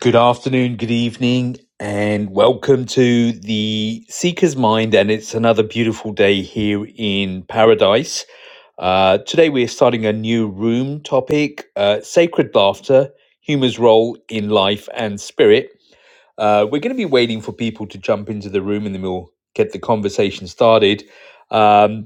Good afternoon, good evening, and welcome to the Seeker's Mind. And it's another beautiful day here in paradise. Uh, today, we're starting a new room topic uh, sacred laughter, humor's role in life and spirit. Uh, we're going to be waiting for people to jump into the room and then we'll get the conversation started. Um,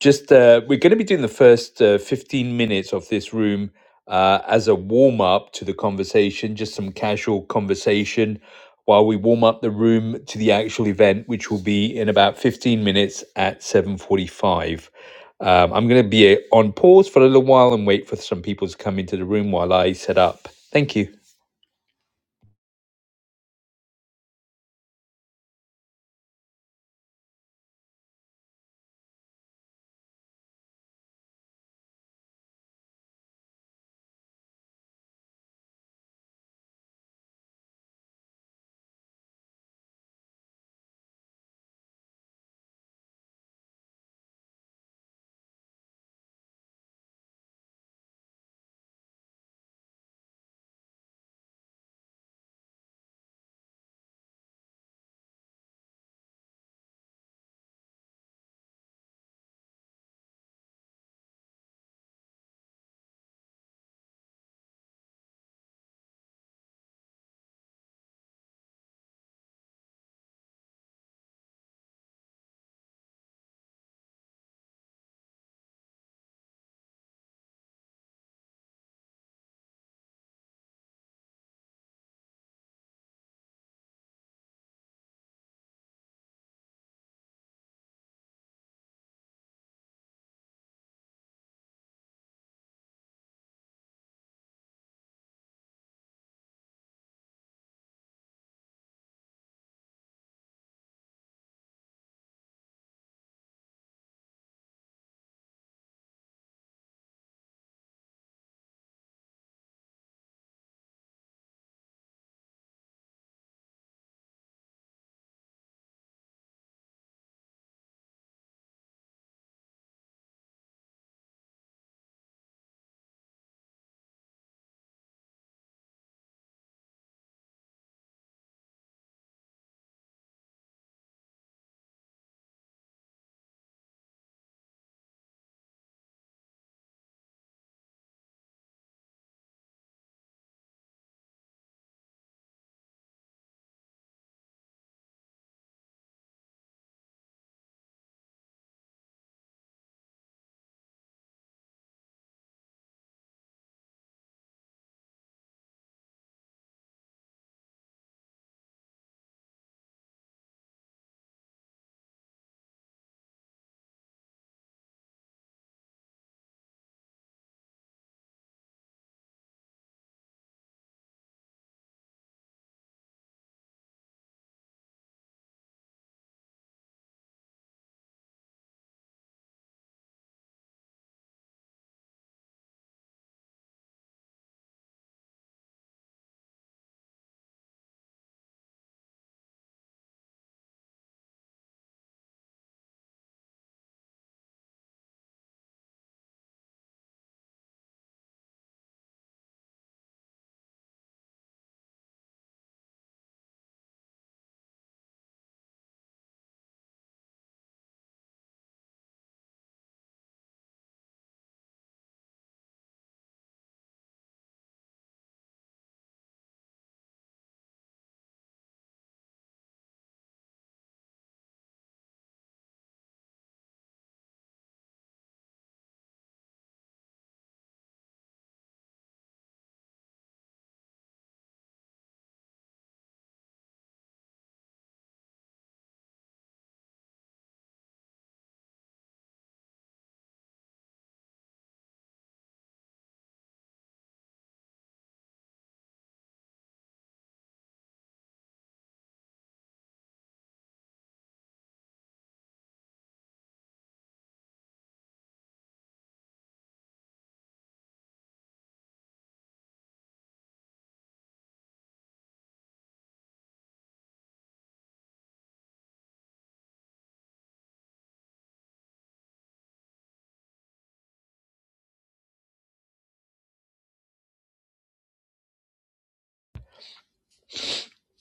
just uh, we're going to be doing the first uh, 15 minutes of this room uh, as a warm up to the conversation, just some casual conversation while we warm up the room to the actual event, which will be in about 15 minutes at 7:45. Um, I'm going to be uh, on pause for a little while and wait for some people to come into the room while I set up. Thank you.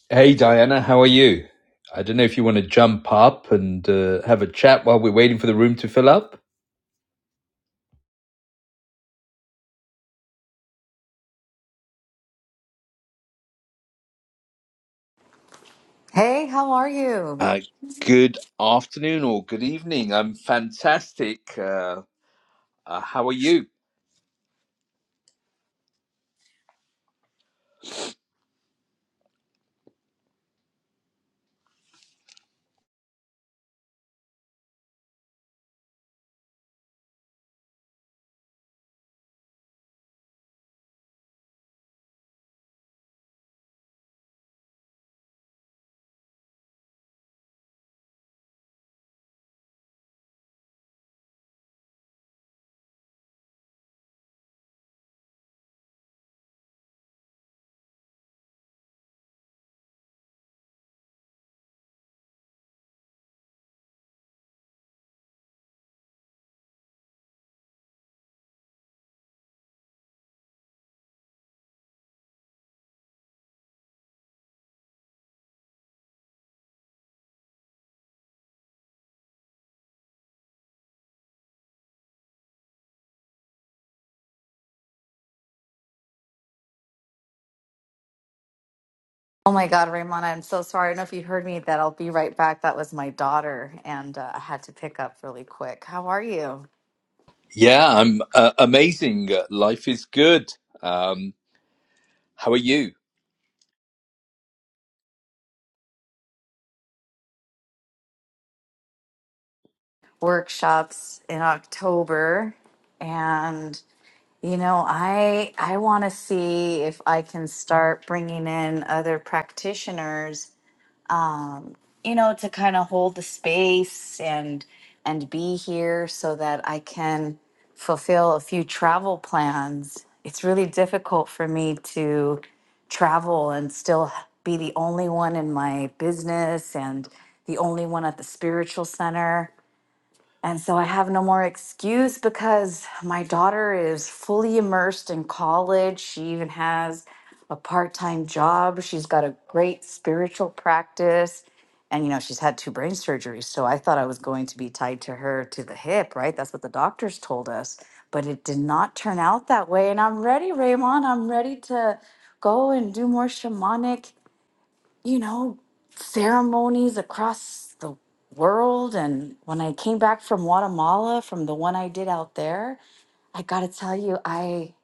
Hey, Diana, how are you? I don't know if you want to jump up and uh, have a chat while we're waiting for the room to fill up. Hey, how are you? Uh, good afternoon or good evening. I'm fantastic. Uh, uh, how are you? Oh my God, Raymond, I'm so sorry. I don't know if you heard me that I'll be right back. That was my daughter, and uh, I had to pick up really quick. How are you? Yeah, I'm uh, amazing. Uh, Life is good. Um, how are you? Workshops in October, and you know, I I want to see if I can start bringing in other practitioners um, you know, to kind of hold the space and and be here so that I can fulfill a few travel plans. It's really difficult for me to travel and still be the only one in my business and the only one at the spiritual center. And so I have no more excuse because my daughter is fully immersed in college. She even has a part time job. She's got a great spiritual practice. And, you know, she's had two brain surgeries. So I thought I was going to be tied to her to the hip, right? That's what the doctors told us. But it did not turn out that way. And I'm ready, Raymond. I'm ready to go and do more shamanic you know, ceremonies across the world. And when I came back from Guatemala, from the one I did out there, I got to tell you, I.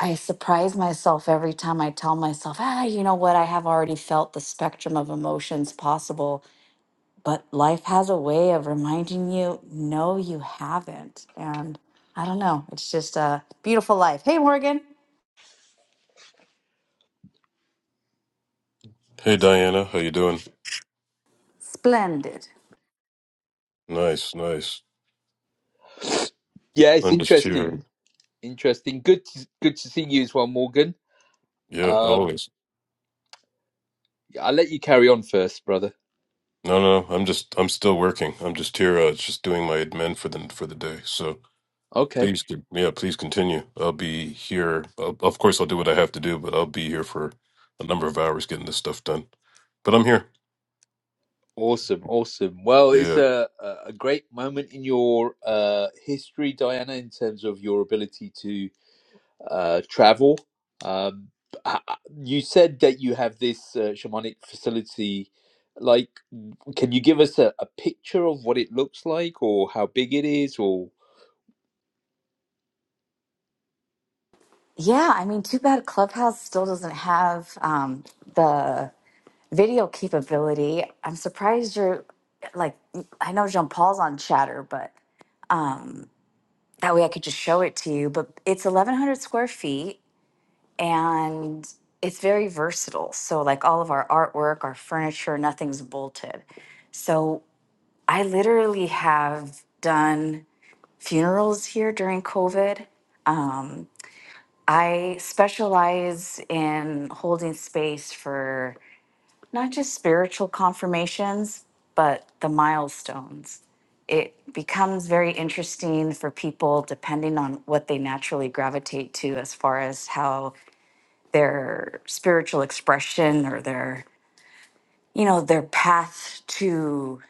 I surprise myself every time I tell myself, ah, you know what? I have already felt the spectrum of emotions possible, but life has a way of reminding you, no, you haven't. And I don't know. It's just a beautiful life. Hey, Morgan. Hey Diana, how you doing? Splendid. Nice, nice. Yeah, it's I'm just here. interesting. Interesting. Good. To, good to see you as well, Morgan. Yeah, Um, always. yeah, I'll let you carry on first, brother. No, no, no, I'm just I'm still working. I'm just here uh just doing my admin for the for the day. So Okay. please con- yeah, please continue. I'll be here. I'll, of course I'll do what I have to do, but I'll be here for a number of hours getting this stuff done. But I'm here. Awesome. Awesome. Well, it's Yeah. a a a great moment in your uh, history, Diana, in terms of your ability to. uh, travel. Um, you said that you have this uh, shamanic facility. Like, can you give us a, a picture of what it looks like or how big it is? Or Yeah, I mean, too bad Clubhouse still doesn't have um, the video capability. I'm surprised you're like I know Jean Paul's on Chatter, but um, that way I could just show it to you. But it's 1,100 square feet and it's very versatile. So like all of our artwork, our furniture, nothing's bolted. So I literally have done funerals here during COVID. I specialize in holding space for not just spiritual confirmations, but the milestones. It becomes very interesting for people depending on what they naturally gravitate to as far as how their spiritual expression or their, you know, their path to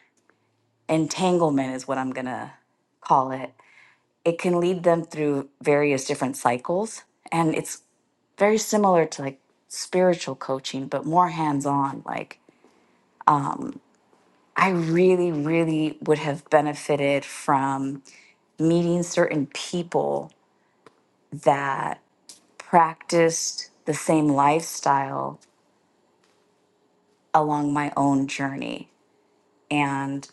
entanglement is what I'm going to call it. It can lead them through various different cycles and it's very similar to like spiritual coaching but more hands on like I really, really would have benefited from meeting certain people that practiced the same lifestyle along my own journey. And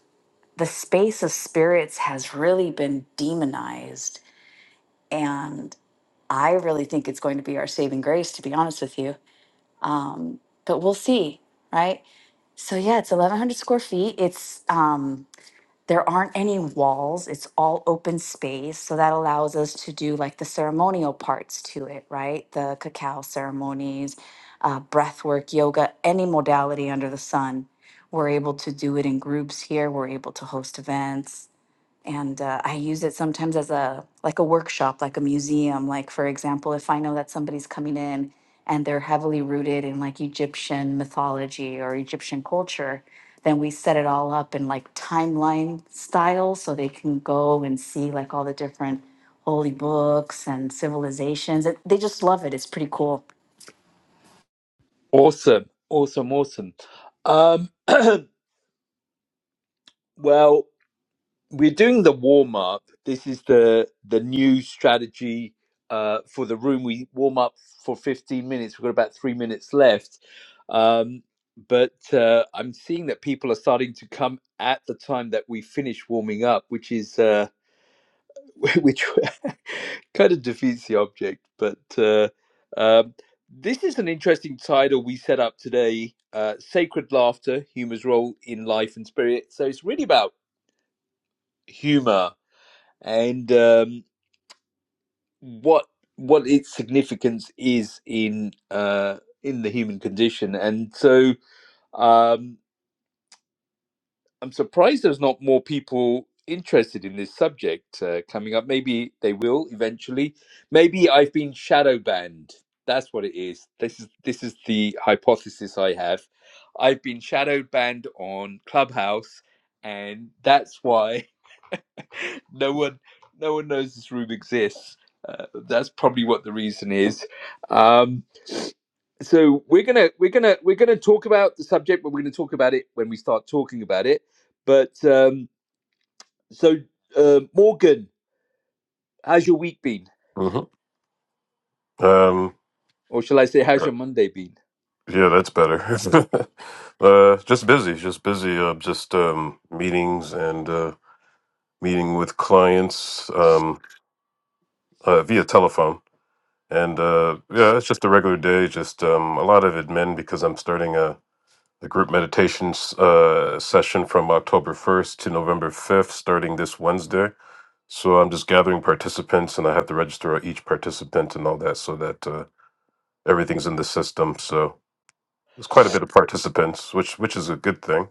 the space of spirits has really been demonized. And I really think it's going to be our saving grace, to be honest with you. But we'll see, right? So yeah, it's 1,100 square feet. It's um, There aren't any walls, it's all open space. So that allows us to do like the ceremonial parts to it, right? The cacao ceremonies, uh, breath work, yoga, any modality under the sun. We're able to do it in groups here. We're able to host events and uh, i use it sometimes as a like a workshop like a museum like for example if i know that somebody's coming in and they're heavily rooted in like egyptian mythology or egyptian culture then we set it all up in like timeline style so they can go and see like all the different holy books and civilizations it, they just love it it's pretty cool awesome, awesome, awesome. Um, well, we're doing the warm up. This is the the new strategy uh, for the room. We warm up for 15 minutes. We've got about three minutes left, um, but uh, I'm seeing that people are starting to come at the time that we finish warming up, which is uh, which kind of defeats the object. But uh, um, this is an interesting title we set up today: uh, "Sacred Laughter: Humor's Role in Life and Spirit." So it's really about humor and um, what what its significance is in uh, in the human condition. And so um, I'm surprised there's not more people interested in this subject uh, coming up. Maybe they will eventually. Maybe I've been shadow banned. That's what it is. This is this is the hypothesis I have. I've been shadow banned on Clubhouse, and that's why no one no one knows this room exists uh, that's probably what the reason is um so we're gonna we're gonna we're gonna talk about the subject but we're gonna talk about it when we start talking about it but um so uh, morgan how's your week been hmm Um uh, or shall i say how's your monday been yeah, that's better. uh just busy, just busy uh, just um meetings and uh meeting with clients um uh, via telephone And uh, yeah, it's just a regular day. Just um, a lot of admin because I'm starting a, a group meditation s- uh, session from October 1st to November 5th, starting this Wednesday. So I'm just gathering participants, and I have to register each participant and all that, so that uh, everything's in the system. So there's quite a bit of participants, which which is a good thing.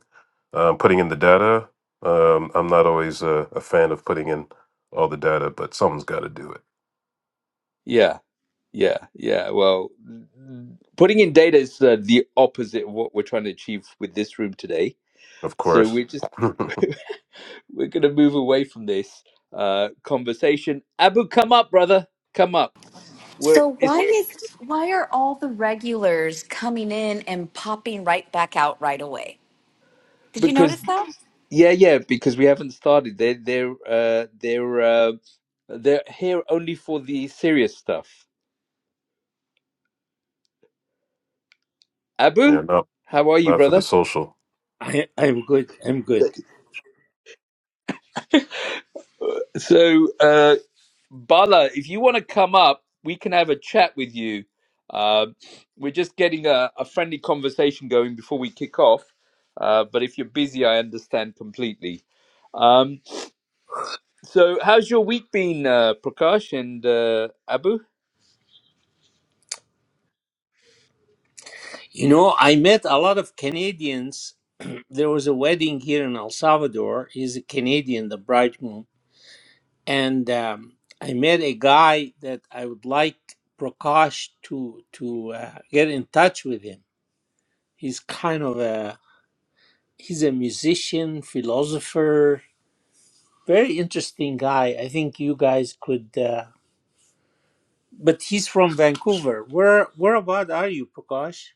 Um, putting in the data, um, I'm not always a, a fan of putting in all the data, but someone's got to do it, yeah yeah yeah well putting in data is uh, the opposite of what we're trying to achieve with this room today of So course. we're just yeah, we're gonna move away from this uh, conversation. Abu, come up, brother, come up. We're So why it's is why are all the regulars coming in and popping right back out right away? Did you because notice that? yeah, yeah, because we haven't started. They're they're uh, they're uh, they're here only for the serious stuff. Abu, not how are you, Not for the brother? social. I, I'm good. I'm good. So uh, Bala, if you want to come up, we can have a chat with you. Uh, we're just getting a, a friendly conversation going before we kick off. Uh, but if you're busy, I understand completely. Um, so, how's your week been, uh, Prakash and uh, Abu? You know, I met a lot of Canadians. there was a wedding here in El Salvador. He's a Canadian, the bridegroom. And um, I met a guy that I would like Prakash to to uh, get in touch with him. He's kind of a he's a musician, philosopher, very interesting guy. I think you guys could. Uh, but he's from Vancouver. Where where about are you, Prakash?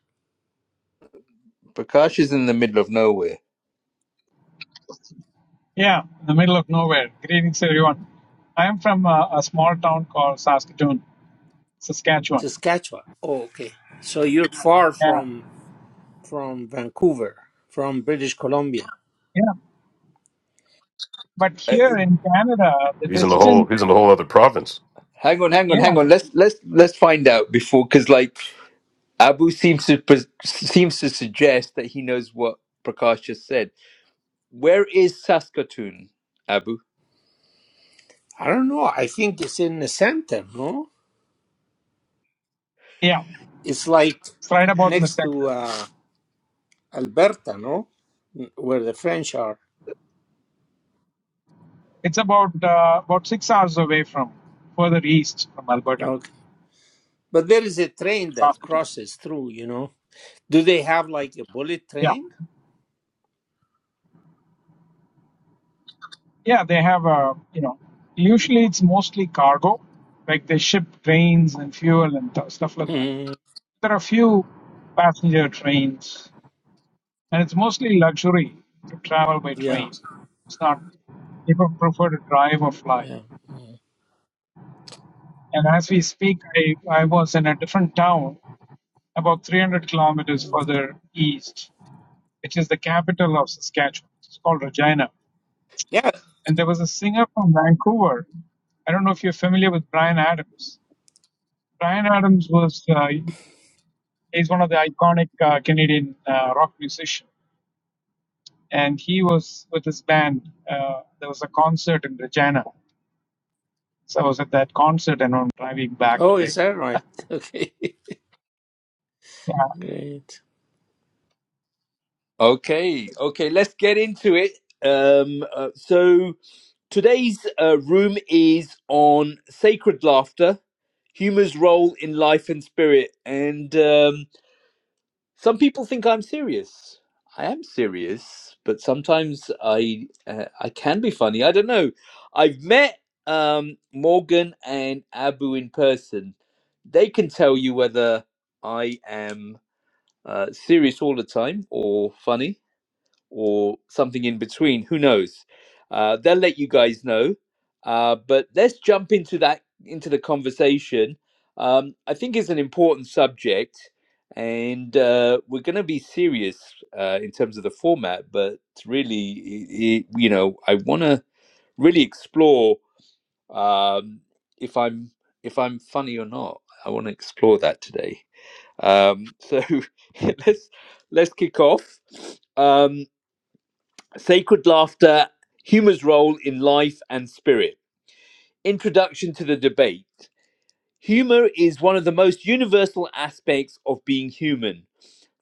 Prakash is in the middle of nowhere. Yeah, in the middle of nowhere. Greetings, everyone. I am from a, a small town called Saskatoon, Saskatchewan. Saskatchewan. Oh, okay. So you're far Yeah, from from Vancouver, from British Columbia. yeah. But Uh, here in Canada, the He's in the whole. distance, He's in the whole other province. hang on, hang on, yeah, hang on. Let's let's let's find out before, because like Abu seems to pres- seems to suggest that he knows what Prakash just said. Where is Saskatoon, Abu? I don't know. I think it's in the center, no? yeah, It's like it's right about in the next to center. uh, Alberta, no? Where the French are. It's about uh, about six hours away from further east from Alberta, Okay. But there is a train that Saskatoon. crosses through, you know. Do they have like a bullet Yeah, train? yeah. They have a you know, usually it's mostly cargo, like they ship grains and fuel and th- stuff like that. Mm, There are a few passenger trains And it's mostly luxury to travel by yeah. train. It's not, people prefer to drive or fly. Yeah. And as we speak, I, I was in a different town about 300 kilometers Mm. further east, which is the capital of Saskatchewan. It's called Regina. Yeah. And there was a singer from Vancouver. I don't know if you're familiar with Brian Adams. Brian Adams was, uh, he's one of the iconic uh, Canadian uh, rock musicians. And he was with his band. Uh, there was a concert in Regina So I was at that concert and I'm driving back Oh, is today. that right? Okay. Yeah. Great. Okay, okay, let's get into it. Um, uh, so today's uh, room is on sacred laughter, humor's role in life and spirit, and um, Some people think I'm serious. I am serious, but sometimes I uh, I can be funny. I don't know. I've met um, Morgan and Abu in person. They can tell you whether I am uh, serious all the time or funny or something in between. Who knows? Uh, they'll let you guys know. Uh, but let's jump into that into the conversation. Um, I think it's an important subject, and uh, we're going to be serious uh, in terms of the format. But really, i i you know, I want to really explore um, if I'm if I'm funny or not. I want to explore that today. Um, so let's let's kick off. Um, Sacred Laughter Humor's Role in Life and Spirit. Introduction to the Debate Humor is one of the most universal aspects of being human.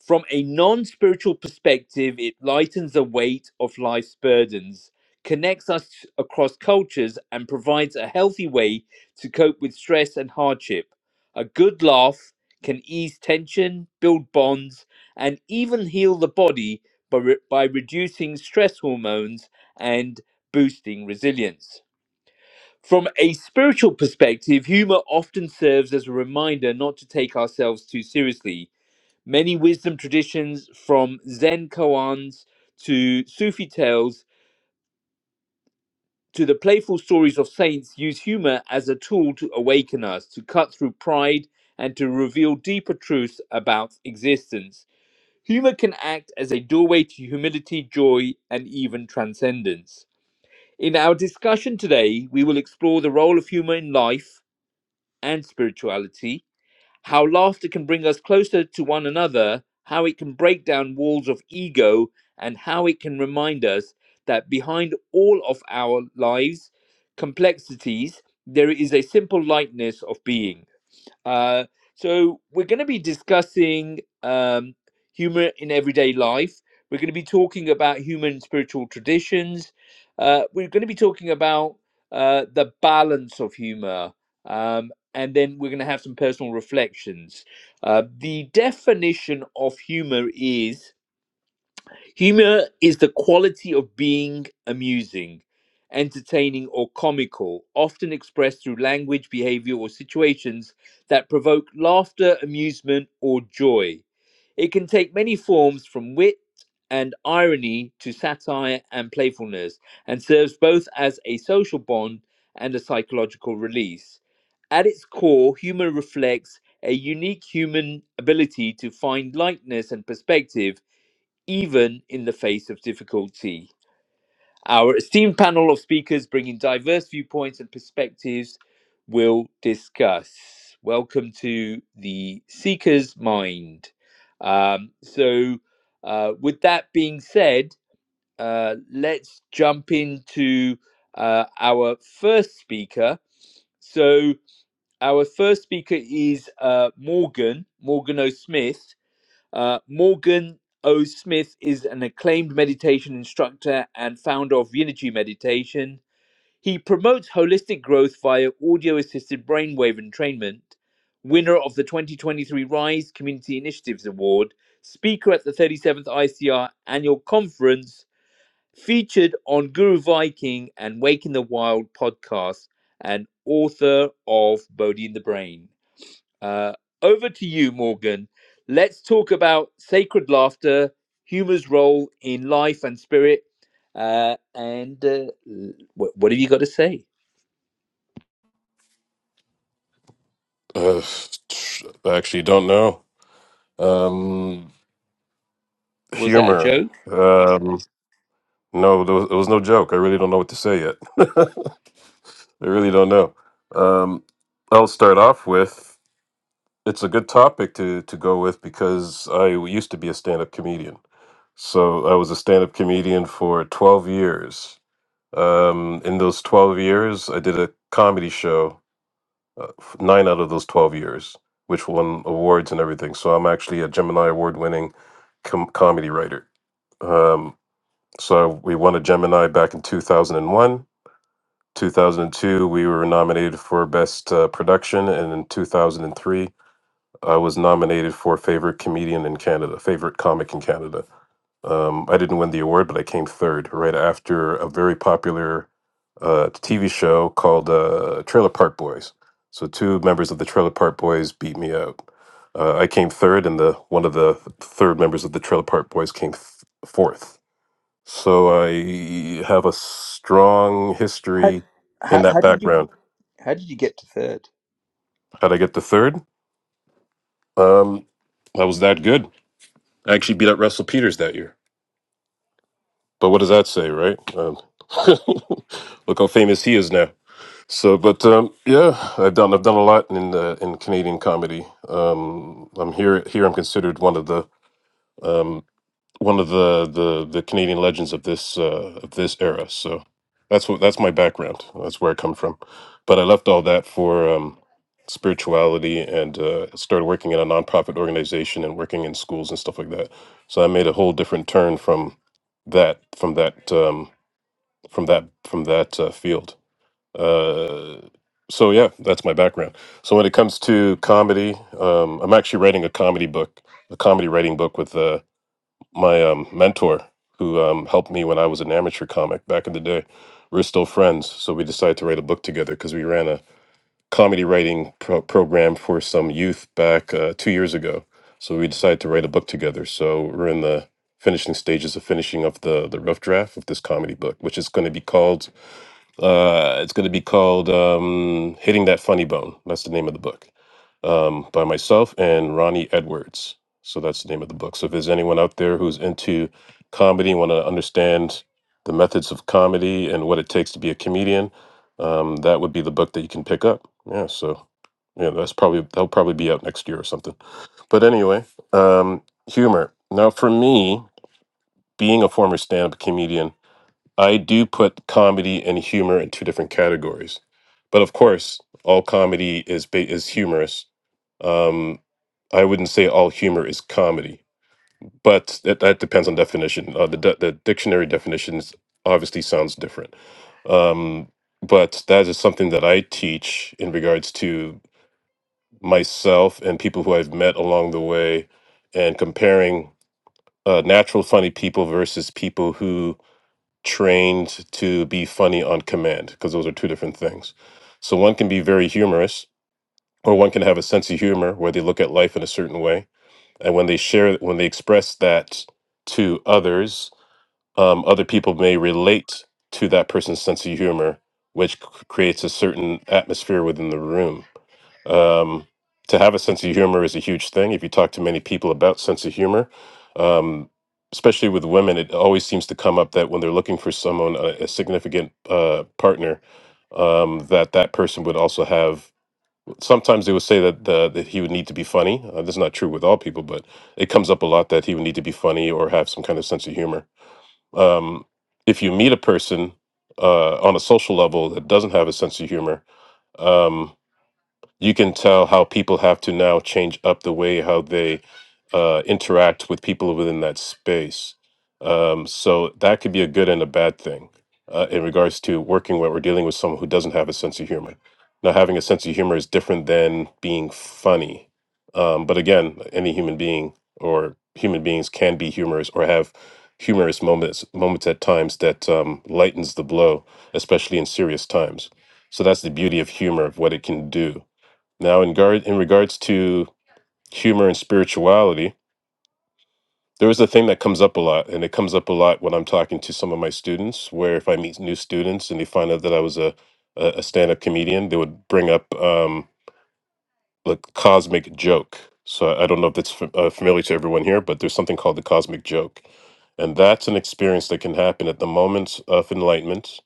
From a non spiritual perspective, it lightens the weight of life's burdens, connects us across cultures, and provides a healthy way to cope with stress and hardship. A good laugh can ease tension, build bonds, and even heal the body by, re- by reducing stress hormones and boosting resilience. From a spiritual perspective, humor often serves as a reminder not to take ourselves too seriously Many wisdom traditions, from Zen koans to Sufi tales to the playful stories of saints, use humor as a tool to awaken us, to cut through pride, and to reveal deeper truths about existence. Humor can act as a doorway to humility, joy, and even transcendence. In our discussion today, we will explore the role of humor in life and spirituality how laughter can bring us closer to one another, how it can break down walls of ego, and how it can remind us that behind all of our lives' complexities, there is a simple lightness of being. Uh, so we're going to be discussing um, humor in everyday life. We're going to be talking about human spiritual traditions. Uh, we're going to be talking about uh, the balance of humor. Um, and then we're going to have some personal reflections. Uh, the definition of humor is Humor is the quality of being amusing, entertaining, or comical, often expressed through language, behavior, or situations that provoke laughter, amusement, or joy. It can take many forms from wit and irony to satire and playfulness, and serves both as a social bond and a psychological release. At its core, humor reflects a unique human ability to find lightness and perspective even in the face of difficulty. Our esteemed panel of speakers bringing diverse viewpoints and perspectives will discuss. Welcome to the Seeker's Mind. Um, so, uh, with that being said, uh, let's jump into uh, our first speaker. So, our first speaker is uh, Morgan, Morgan O. Smith uh, Morgan O. Smith is an acclaimed meditation instructor and founder of Unity Meditation. He promotes holistic growth via audio assisted brainwave entrainment, winner of the 2023 RISE Community Initiatives Award, speaker at the 37th ICR Annual Conference, featured on Guru Viking and Wake in the Wild podcast, and author of Bodhi in the Brain. Uh, over to you, Morgan. Let's talk about sacred laughter, humor's role in life and spirit. Uh, and uh, wh- what have you got to say? Uh, I actually don't know. Um, Was that a humor. joke? Um, no, there was, it was no joke. I really don't know what to say yet. I really don't know. Um, I'll start off with. It's a good topic to to go with because I used to be a stand up comedian. So I was a stand up comedian for twelve years. Um, in those twelve years, I did a comedy show uh, f- nine out of those 12 years, which won awards and everything. So I'm actually a Gemini award winning com- comedy writer. Um, so we won a Gemini back in 2001. 2002, we were nominated for Best uh, Production. And in 2003, I was nominated for favorite comedian in Canada, favorite comic in Canada. Um, I didn't win the award, but I came third right after a very popular uh, TV show called uh, Trailer Park Boys. So two members of the Trailer Park Boys beat me out. Uh, I came third, and the one of the third members of the Trailer Park Boys came th- fourth. So I have a strong How, history in how that how did you background. how did you get to third? How'd I get to third? Um, I was that good. I actually beat up Russell Peters that year. But what does that say, right? Um, look how famous he is now. So, but um, yeah, I've done I've done a lot in uh, in Canadian comedy. Um, I'm here here. I'm considered one of the um, one of the the the Canadian legends of this uh, of this era. So that's what that's my background. That's where I come from. But I left all that for um, spirituality and uh, started working in a nonprofit organization and working in schools and stuff like that. So I made a whole different turn from that from that um, from that from that uh, field. Uh, so yeah, that's my background. So when it comes to comedy, um, I'm actually writing a comedy book, a comedy writing book with uh, my um, mentor who um, helped me when I was an amateur comic back in the day. We're still friends, so we decided to write a book together because we ran a comedy writing pro- program for some youth back uh, two years ago. So we decided to write a book together. So we're in the finishing stages of finishing up the the rough draft of this comedy book, which is going to be called uh, it's going to be called um, "Hitting That Funny Bone." That's the name of the book um, by myself and Ronnie Edwards. So that's the name of the book. So if there's anyone out there who's into comedy, want to understand the methods of comedy and what it takes to be a comedian, um, that would be the book that you can pick up. Yeah. So yeah, that's probably that'll probably be out next year or something. But anyway, um, humor. Now for me, being a former stand-up comedian. I do put comedy and humor in two different categories, but of course, all comedy is ba- is humorous. Um, I wouldn't say all humor is comedy, but that, that depends on definition. Uh, the de- the dictionary definitions obviously sounds different. Um, but that is something that I teach in regards to myself and people who I've met along the way, and comparing uh, natural funny people versus people who trained to be funny on command because those are two different things. So one can be very humorous, or one can have a sense of humor where they look at life in a certain way, and when they share, when they express that to others, um, other people may relate to that person's sense of humor, which c- creates a certain atmosphere within the room. Um, to have a sense of humor is a huge thing. If you talk to many people about sense of humor, um, especially with women, it always seems to come up that when they're looking for someone, a, a significant uh, partner, um, that that person would also have. Sometimes they would say that the, that he would need to be funny. Uh, this is not true with all people, but it comes up a lot that he would need to be funny or have some kind of sense of humor um, if you meet a person uh, on a social level that doesn't have a sense of humor, um, you can tell how people have to now change up the way how they uh, interact with people within that space. Um, so that could be a good and a bad thing uh, in regards to working where we're dealing with someone who doesn't have a sense of humor. Now, having a sense of humor is different than being funny. Um, but again, any human being or human beings can be humorous or have humorous moments moments at times that um, lightens the blow, especially in serious times. So that's the beauty of humor of what it can do now, in guard in regards to humor and spirituality, there is a thing that comes up a lot, and it comes up a lot when I'm talking to some of my students. Where if I meet new students and they find out that I was a a a stand-up comedian, they would bring up um, the cosmic joke. So I I don't know if that's fa- uh, familiar to everyone here, but there's something called the cosmic joke, and that's an experience that can happen at the moment of enlightenment,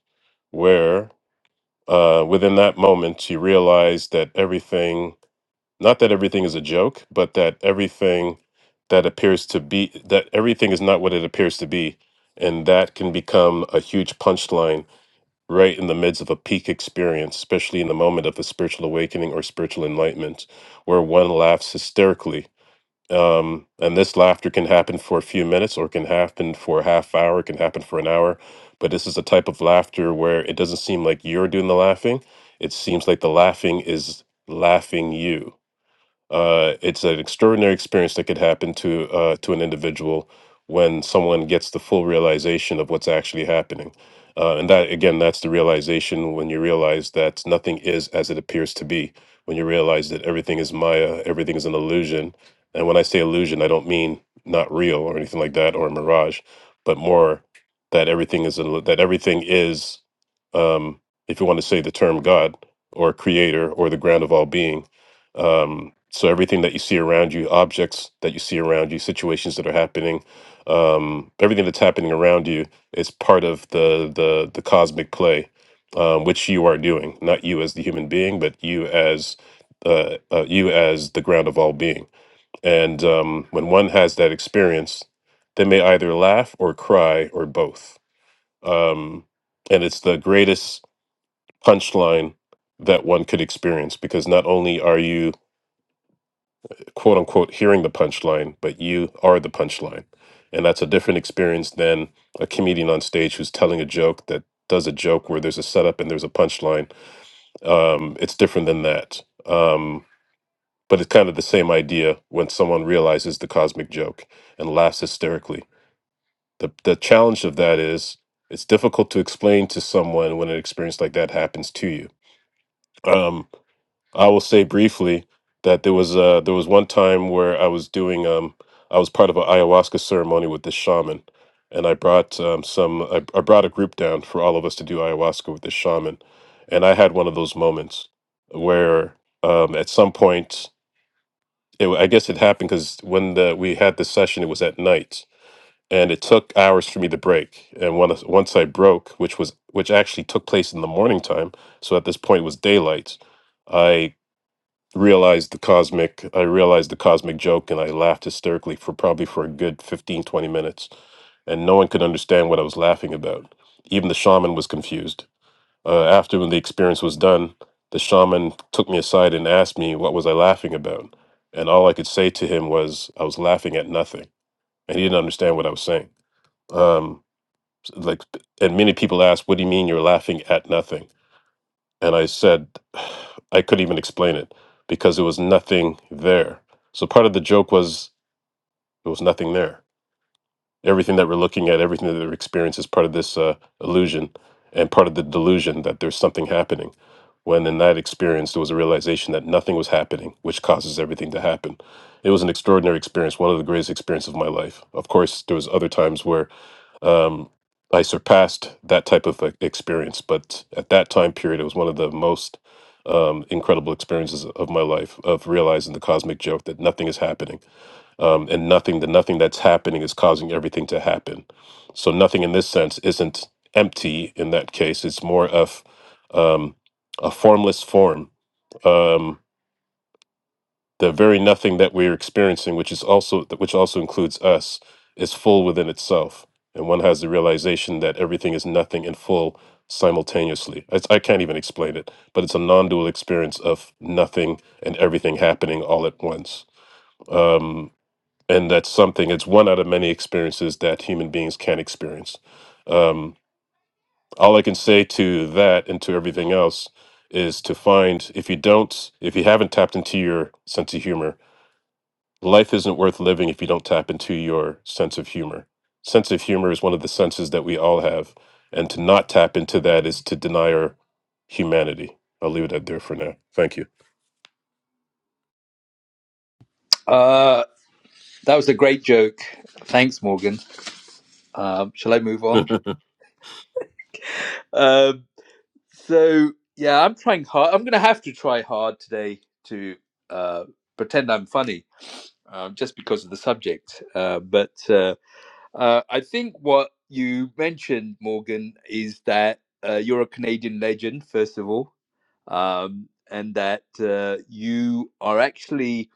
where uh, within that moment you realize that everything Not that everything is a joke, but that everything that appears to be, that everything is not what it appears to be. And that can become a huge punchline right in the midst of a peak experience, especially in the moment of the spiritual awakening or spiritual enlightenment, where one laughs hysterically. Um, and this laughter can happen for a few minutes or it can happen for a half hour, it can happen for an hour. But this is a type of laughter where it doesn't seem like you're doing the laughing. It seems like the laughing is laughing you. Uh, it's an extraordinary experience that could happen to uh, to an individual when someone gets the full realization of what's actually happening. Uh, and that again, that's the realization when you realize that nothing is as it appears to be. When you realize that everything is Maya, everything is an illusion. And when I say illusion, I don't mean not real or anything like that or a mirage, but more that everything is an- that everything is, um, if you want to say the term God or Creator or the ground of all being um, so everything that you see around you, objects that you see around you, situations that are happening, um, everything that's happening around you is part of the the the cosmic play, um, which you are doing. Not you as the human being, but you as uh, uh, you as the ground of all being. And um, when one has that experience, they may either laugh or cry or both. Um, and it's the greatest punchline that one could experience because not only are you quote unquote hearing the punchline, but you are the punchline. And that's a different experience than a comedian on stage who's telling a joke that does a joke where there's a setup and there's a punchline. Um, it's different than that. Um, but it's kind of the same idea when someone realizes the cosmic joke and laughs hysterically. The, the challenge of that is it's difficult to explain to someone when an experience like that happens to you. Um, I will say briefly that there was uh there was one time where I was doing um I was part of an ayahuasca ceremony with this shaman, and I brought um, some I, I brought a group down for all of us to do ayahuasca with this shaman, and I had one of those moments where um at some point it, I guess it happened because when the we had this session it was at night and it took hours for me to break and when, once I broke which was which actually took place in the morning time so at this point it was daylight. I realized the cosmic i realized the cosmic joke and i laughed hysterically for probably for a good 15 20 minutes and no one could understand what i was laughing about even the shaman was confused uh, after when the experience was done the shaman took me aside and asked me what was i laughing about and all i could say to him was i was laughing at nothing and he didn't understand what i was saying um, like and many people ask what do you mean you're laughing at nothing and I said, I couldn't even explain it because there was nothing there. So part of the joke was there was nothing there. Everything that we're looking at, everything that we're experiencing is part of this uh, illusion and part of the delusion that there's something happening. When in that experience, there was a realization that nothing was happening, which causes everything to happen. It was an extraordinary experience, one of the greatest experiences of my life. Of course, there was other times where um, I surpassed that type of e- experience, but at that time period, it was one of the most um, incredible experiences of my life of realizing the cosmic joke that nothing is happening, um, and nothing the nothing that's happening is causing everything to happen. So nothing in this sense isn't empty. In that case, it's more of um, a formless form. Um, the very nothing that we're experiencing which is also which also includes us is full within itself and one has the realization that everything is nothing and full simultaneously It's- i can't even explain it but it's a non-dual experience of nothing and everything happening all at once um, and that's something it's one out of many experiences that human beings can experience um, all i can say to that and to everything else is to find if you don't if you haven't tapped into your sense of humor Life isn't worth living if you don't tap into your sense of humor. Sense of humor is one of the senses that we all have, and to not tap into that is to deny our humanity. I'll leave it at there for now. Thank you. Uh, that was a great joke. Thanks, Morgan. Um, shall I move on? you Um, So yeah, I'm trying hard. I'm gonna have to try hard today to uh, pretend I'm funny, uh, just because of the subject. Uh, but uh, uh, I think what you mentioned, Morgan, is that uh, you're a Canadian legend, first of all, um, and that uh, you are actually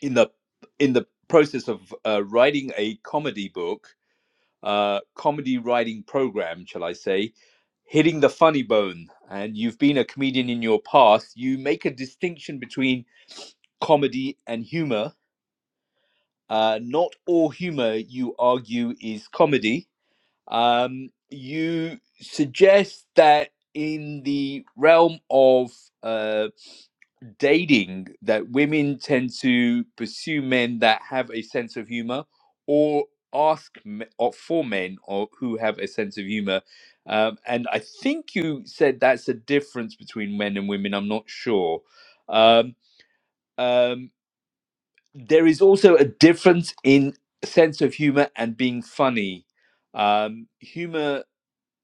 in the in the process of uh, writing a comedy book uh, comedy writing program, shall I say, hitting the funny bone. And you've been a comedian in your past. You make a distinction between comedy and humor. Uh, not all humor, you argue, is comedy. Um, you suggest that in the realm of uh, dating that women tend to pursue men that have a sense of humor or ask me- or for men or who have a sense of humor um, and i think you said that's a difference between men and women i'm not sure um, um, there is also a difference in sense of humor and being funny um, humor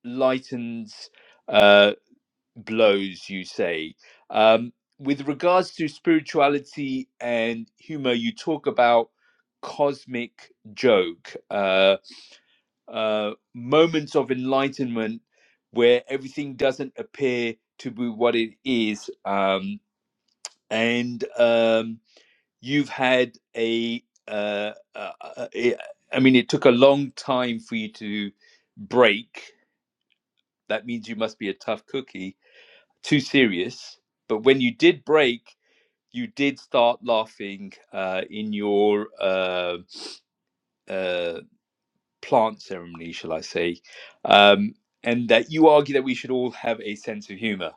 lightens uh, blows, you say. Um, with regards to spirituality and humor, you talk about cosmic joke, uh, uh, moments of enlightenment where everything doesn't appear to be what it is. Um, and um, you've had a, uh, uh, uh, eh, I mean, it took a long time for you to break. That means you must be a tough cookie too serious. But when you did break, you did start laughing uh, in your uh, uh, plant ceremony, shall I say, um, and that you argue that we should all have a sense of humor.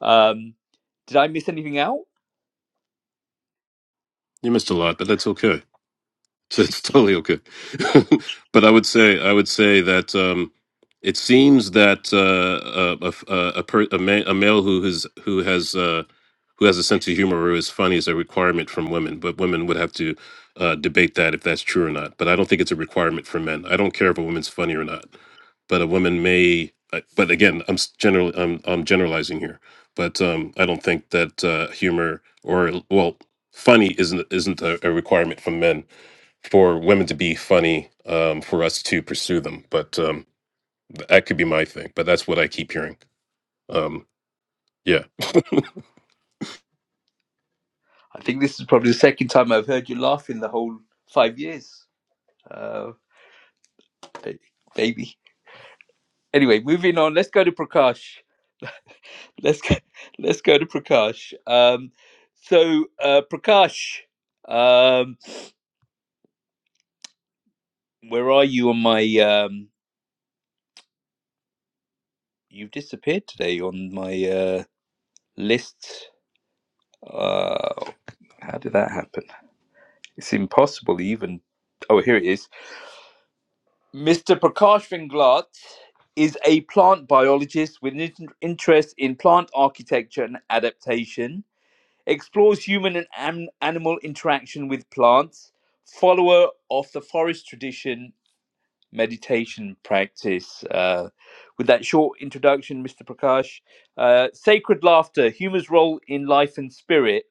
Um, did I miss anything out? missed a lot, but that's okay. So it's totally okay. but I would say I would say that um, it seems that uh, a a a, a, per, a, ma- a male who has who has uh, who has a sense of humor or is funny is a requirement from women. But women would have to uh, debate that if that's true or not. But I don't think it's a requirement for men. I don't care if a woman's funny or not. But a woman may. I- But again, I'm s- general. I'm I'm generalizing here. But um, I don't think that uh, humor or well, funny isn't isn't a, a requirement from men for women to be funny um, for us to pursue them. But um, that could be my thing. But that's what I keep hearing. Um, yeah. I think this is probably the second time I've heard you laugh in the whole five years, uh, ba- baby. Anyway, moving on. Let's go to Prakash. Let's go, let's go to Prakash. Um, so, uh, Prakash. um, Where are you on my um you've disappeared today on my uh list. Uh how did that happen? It's impossible even Oh, here it is. Mr. Prakash Vinglat is a plant biologist with an in- interest in plant architecture and adaptation, explores human and an- animal interaction with plants, follower of the forest tradition meditation practice. Uh, with that short introduction, Mr. Prakash, uh, sacred laughter, humor's role in life and spirit.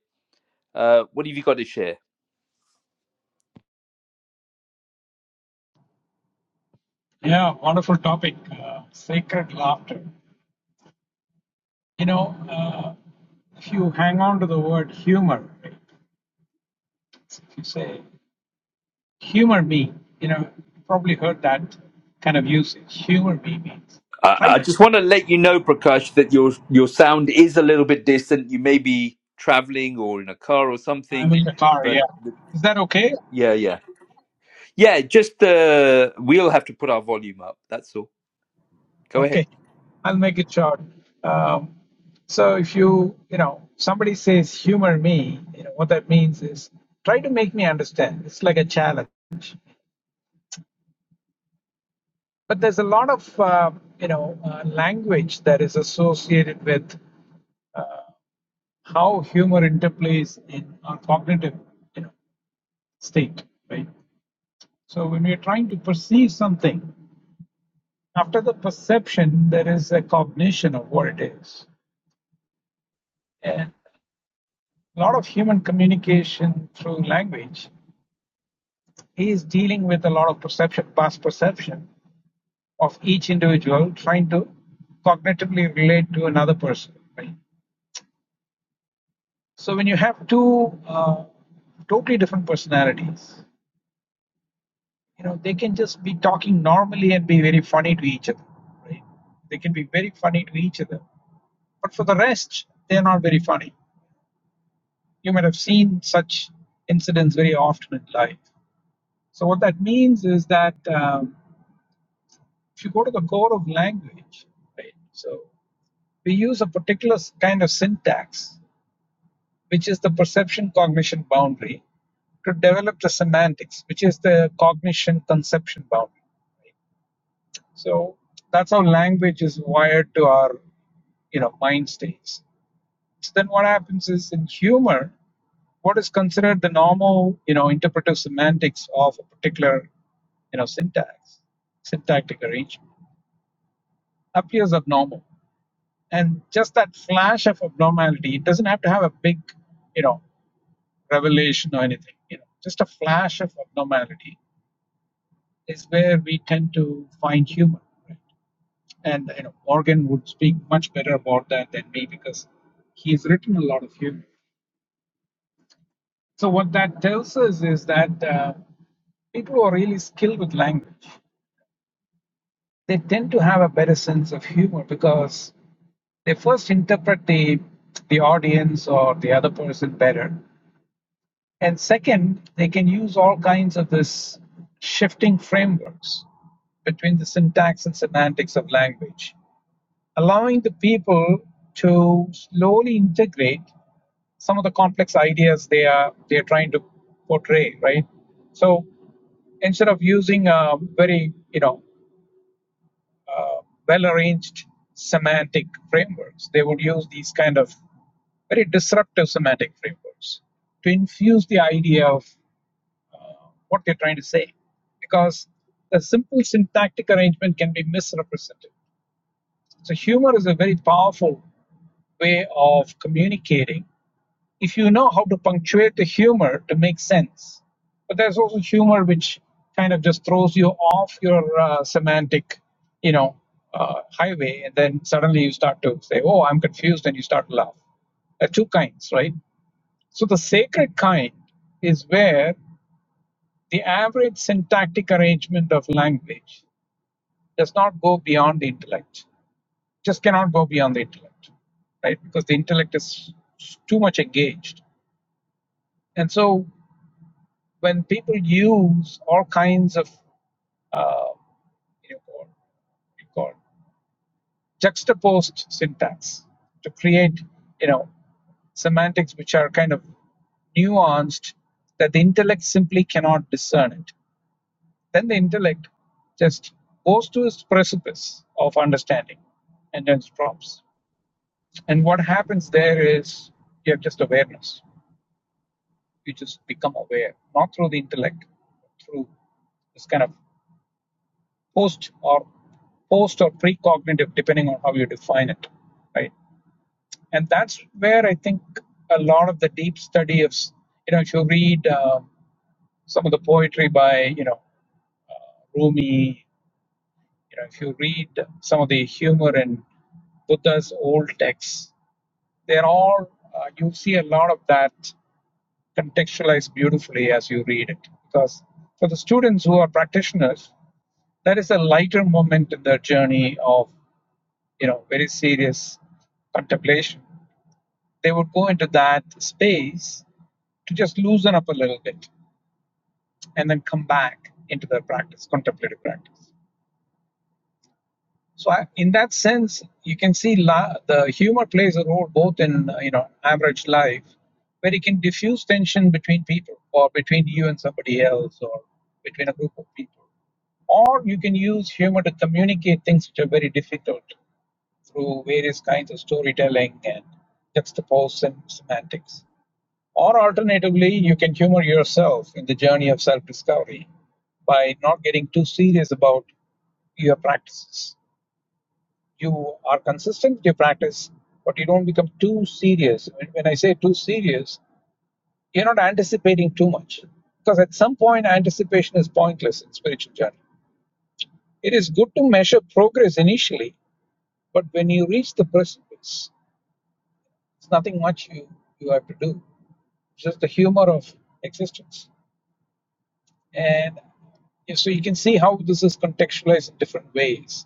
Uh, what have you got to share? Yeah, wonderful topic. Uh, sacred laughter. You know, uh, if you hang on to the word humor, right, if you say, humor me, you know, you probably heard that kind of usage. Humor me means I, try I to. just want to let you know, Prakash, that your your sound is a little bit distant. You may be traveling or in a car or I'm something, in the car, but yeah. Is that okay? yeah, yeah, yeah. Just uh, we'll have to put our volume up. That's all. Go ahead. Okay. I'll make it short. Um, so if you, you know, somebody says humor me, you know, what that means is try to make me understand. It's like a challenge. but there's a lot of uh, you know uh, language that is associated with how humor interplays in our cognitive you know state right so when we're trying to perceive something after the perception there is a cognition of what it is and a lot of human communication through language is dealing with a lot of perception past perception of each individual trying to cognitively relate to another person right So when you have two uh, totally different personalities, you know they can just be talking normally and be very funny to each other. Right? They can be very funny to each other, but for the rest, they are not very funny. You might have seen such incidents very often in life. So what that means is that um, if you go to the core of language, right? So we use a particular kind of syntax which is the perception cognition boundary, to develop the semantics, which is the cognition conception boundary. So that's how language is wired to our, you know, mind states. So then what happens is in humor, what is considered the normal, you know, interpretive semantics of a particular, you know, syntax, syntactic arrangement appears abnormal. And just that flash of abnormality, it doesn't have to have a big, you know, revelation or anything. You know, just a flash of abnormality is where we tend to find humor. Right? And you know, Morgan would speak much better about that than me because he's written a lot of humor. So what that tells us is that uh, people who are really skilled with language, they tend to have a better sense of humor because they first interpret the the audience or the other person better And second, they can use all kinds of this shifting frameworks between the syntax and semantics of language, allowing the people to slowly integrate some of the complex ideas they are they are trying to portray, right? So instead of using a very you know uh, well arranged semantic frameworks, they would use these kind of very disruptive semantic frameworks to infuse the idea of what they're trying to say because the simple syntactic arrangement can be misrepresented. So, humor is a very powerful way of communicating if you know how to punctuate the humor to make sense. But there's also humor which kind of just throws you off your uh, semantic, you know, uh, highway, and then suddenly you start to say, "Oh, I'm confused," and you start to laugh. There are two kinds, right? So the sacred kind is where the average syntactic arrangement of language does not go beyond the intellect. Just cannot go beyond the intellect, right? Because the intellect is too much engaged. And so when people use all kinds of uh, you know, or we call juxtaposed syntax to create, you know, semantics which are kind of nuanced that the intellect simply cannot discern it. Then the intellect just goes to its precipice of understanding and then drops. And what happens there is you have just awareness. You just become aware, not through the intellect, but through this kind of post or post or precognitive, depending on how you define it, right? And that's where I think a lot of the deep study of, you know, if you read um, some of the poetry by, you know, Rumi You know, if you read some of the humor in Buddha's old texts, they're all uh, you see a lot of that contextualized beautifully as you read it. Because for the students who are practitioners, that is a lighter moment in their journey of you know very serious contemplation they would go into that space to just loosen up a little bit and then come back into their practice contemplative practice So I, in that sense, you can see la- the humor plays a role both in uh, you know average life, where it can diffuse tension between people, or between you and somebody else, or between a group of people, or you can use humor to communicate things which are very difficult through various kinds of storytelling and juxtapose and semantics. Or alternatively, you can humor yourself in the journey of self-discovery by not getting too serious about your practices you are consistent with your practice, but you don't become too serious. When I say too serious, you're not anticipating too much. Because at some point, anticipation is pointless in spiritual journey. It is good to measure progress initially, but when you reach the precipice, it's nothing much you, you have to do. It's just the humor of existence. And yeah, so you can see how this is contextualized in different ways.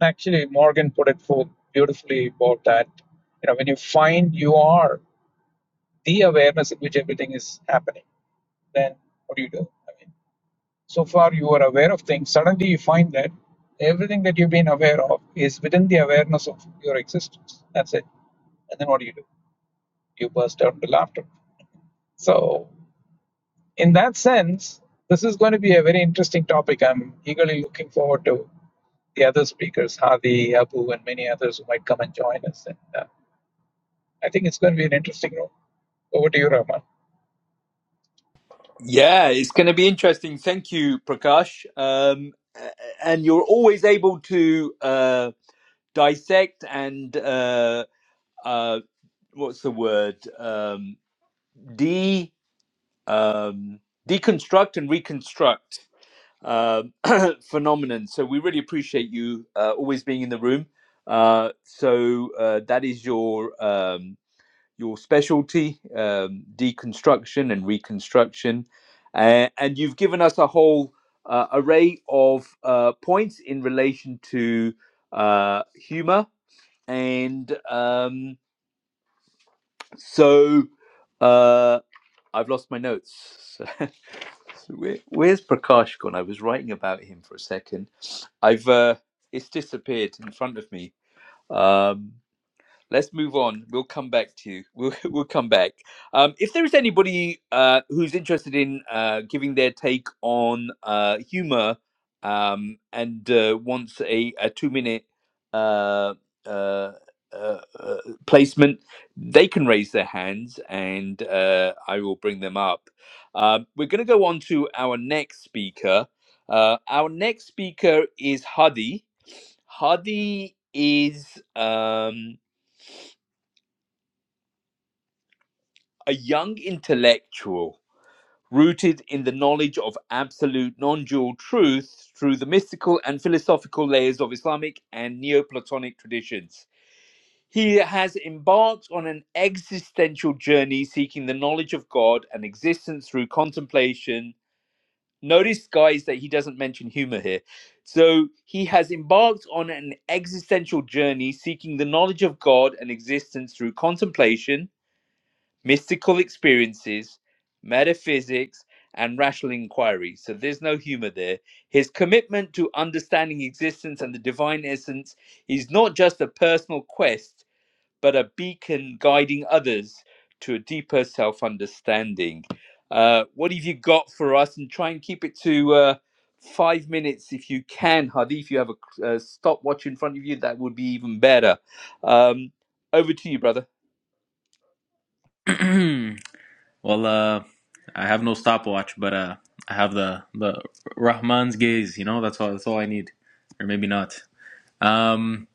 Actually, Morgan put it forth beautifully about that. You know, when you find you are the awareness in which everything is happening, then what do you do? I mean, so far you are aware of things. Suddenly you find that everything that you've been aware of is within the awareness of your existence. That's it. And then what do you do? You burst out into laughter. So in that sense, this is going to be a very interesting topic. I'm eagerly looking forward to the other speakers, Hadi, Abu, and many others who might come and join us. And uh, I think it's going to be an interesting room. Over to you, Rahman. Yeah, it's going to be interesting. Thank you, Prakash. Um, a- and you're always able to uh, dissect and uh, uh, what's the word? Um, de um, deconstruct and reconstruct. uh, phenomenon. So we really appreciate you uh, always being in the room. Uh, so uh, that is your um, your specialty, um, deconstruction and reconstruction, uh, and you've given us a whole uh, array of uh, points in relation to uh, humor, and um, so. uh, I've lost my notes. So, where, where's Prakash gone? I was writing about him for a second. I've uh, it's disappeared in front of me. Um, let's move on. We'll come back to you. We'll we'll come back. Um, if there is anybody uh, who's interested in uh, giving their take on uh, humor um, and uh, wants a, a two minute uh, uh, uh, uh, placement, they can raise their hands and uh, I will bring them up. Um, we're going to go on to our next speaker. Uh, our next speaker is Hadi. Hadi is. Um, a young intellectual rooted in the knowledge of absolute non dual truth through the mystical and philosophical layers of Islamic and Neoplatonic traditions. He has embarked on an existential journey seeking the knowledge of God and existence through contemplation. Notice, guys, that he doesn't mention humor here. So he has embarked on an existential journey seeking the knowledge of God and existence through contemplation mystical experiences, metaphysics, and rational inquiry. So there's no humor there. His commitment to understanding existence and the divine essence is not just a personal quest but a beacon guiding others to a deeper self understanding. Uh, what have you got for us? And try and keep it to uh, five minutes if you can, Hadi. If you have a uh, stopwatch in front of you, that would be even better. Um, over to you, brother. well, uh, I have no stopwatch, but uh, I have the the Rahman's gaze. You know, that's all. That's all I need, or maybe not. Um,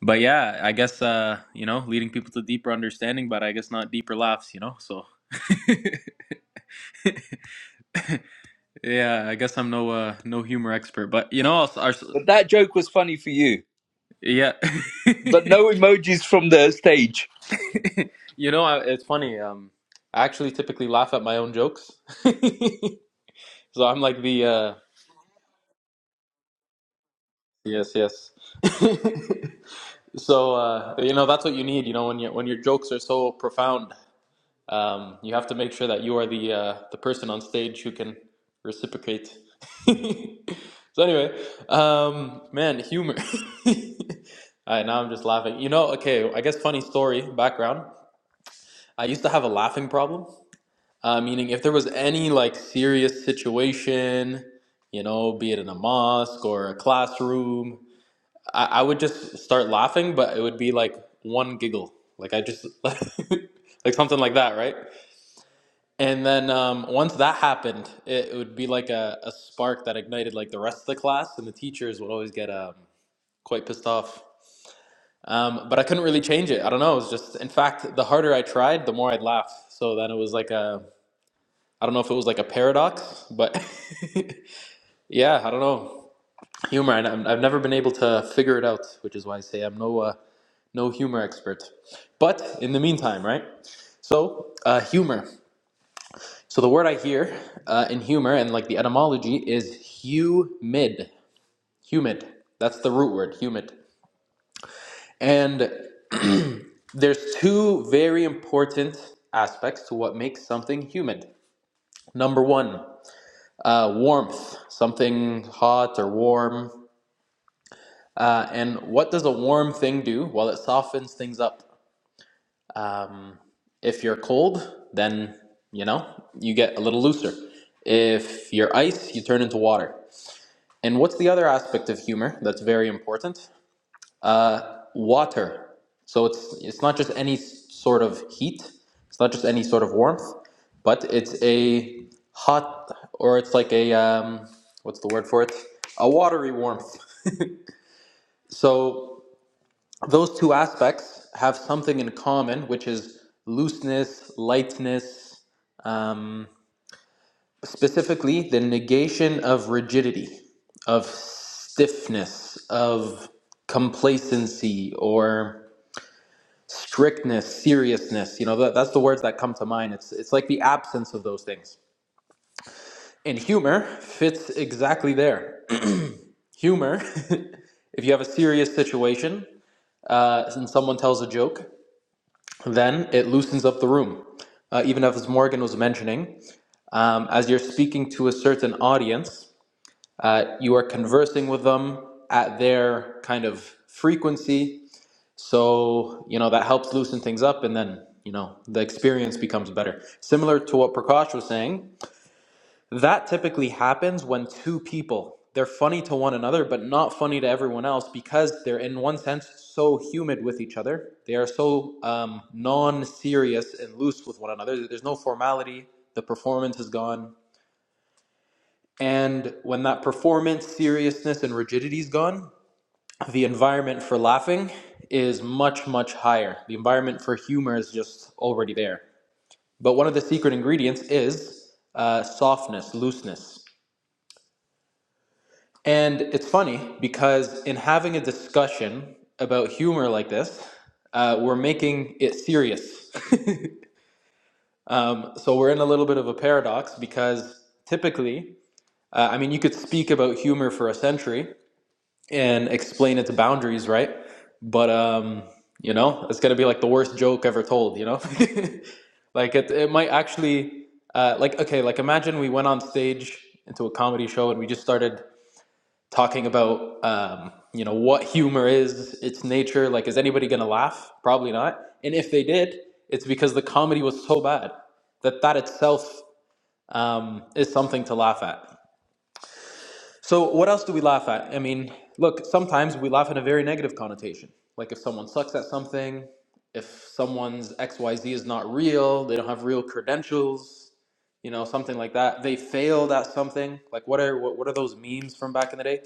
but yeah, I guess uh, you know, leading people to deeper understanding, but I guess not deeper laughs. You know, so yeah, I guess I'm no uh, no humor expert, but you know, I'll, I'll, But that joke was funny for you. yeah, But no emojis from the stage. you know, I, it's funny. Um, I actually typically laugh at my own jokes, so I'm like the uh, yes, yes. So uh, you know that's what you need. You know when you, when your jokes are so profound, um, you have to make sure that you are the uh, the person on stage who can reciprocate. so anyway, um, man, humor. All right, now I'm just laughing. You know, okay, I guess funny story background. I used to have a laughing problem, uh, meaning if there was any like serious situation, you know, be it in a mosque or a classroom, I, I would just start laughing, but it would be like one giggle, like I just like something like that, right? And then um, once that happened, it, it would be like a, a spark that ignited like the rest of the class, and the teachers would always get um, quite pissed off. Um, but I couldn't really change it. I don't know. It was just, in fact, the harder I tried, the more I'd laugh. So then it was like a, I don't know if it was like a paradox, but yeah, I don't know humor, and I'm, I've never been able to figure it out, which is why I say I'm no uh, no humor expert. But in the meantime, right? So, uh, humor. So the word I hear uh, in humor and like the etymology is humid. Humid. That's the root word, humid. And there's two very important aspects to what makes something humid. Number one, uh, warmth. Something hot or warm. Uh, and what does a warm thing do? Well, it softens things up. Um, if you're cold, then you know you get a little looser. If you're ice, you turn into water. And what's the other aspect of humor that's very important? Uh, water. So it's it's not just any sort of heat. It's not just any sort of warmth, but it's a hot or it's like a um, what's the word for it? A watery warmth. So those two aspects have something in common, which is looseness, lightness, um, specifically the negation of rigidity, of stiffness, of complacency or strictness, seriousness. You know, that, that's the words that come to mind. It's, it's like the absence of those things. And humor fits exactly there. Humor, if you have a serious situation uh, and someone tells a joke, then it loosens up the room. Uh, even as Morgan was mentioning, um, as you're speaking to a certain audience, uh, you are conversing with them at their kind of frequency. So, you know, that helps loosen things up and then, you know, the experience becomes better. Similar to what Prakash was saying, that typically happens when two people, they're funny to one another, but not funny to everyone else because they're, in one sense, so humid with each other. They are so um, non serious and loose with one another. There's no formality. The performance is gone. And when that performance, seriousness, and rigidity is gone, the environment for laughing is much, much higher. The environment for humor is just already there. But one of the secret ingredients is uh, softness, looseness. And it's funny because in having a discussion about humor like this, uh, we're making it serious. um, so we're in a little bit of a paradox because typically, uh, I mean, you could speak about humor for a century and explain its boundaries, right? But, um, you know, it's going to be like the worst joke ever told, you know? like, it, it might actually, uh, like, okay, like imagine we went on stage into a comedy show and we just started talking about um, you know what humor is, its nature. Like, is anybody gonna laugh? Probably not. And if they did, it's because the comedy was so bad that that itself um, is something to laugh at. So, what else do we laugh at? I mean, look, sometimes we laugh in a very negative connotation. Like if someone sucks at something, if someone's XYZ is not real, they don't have real credentials, you know, something like that. They failed at something. Like what are what, what are those memes from back in the day?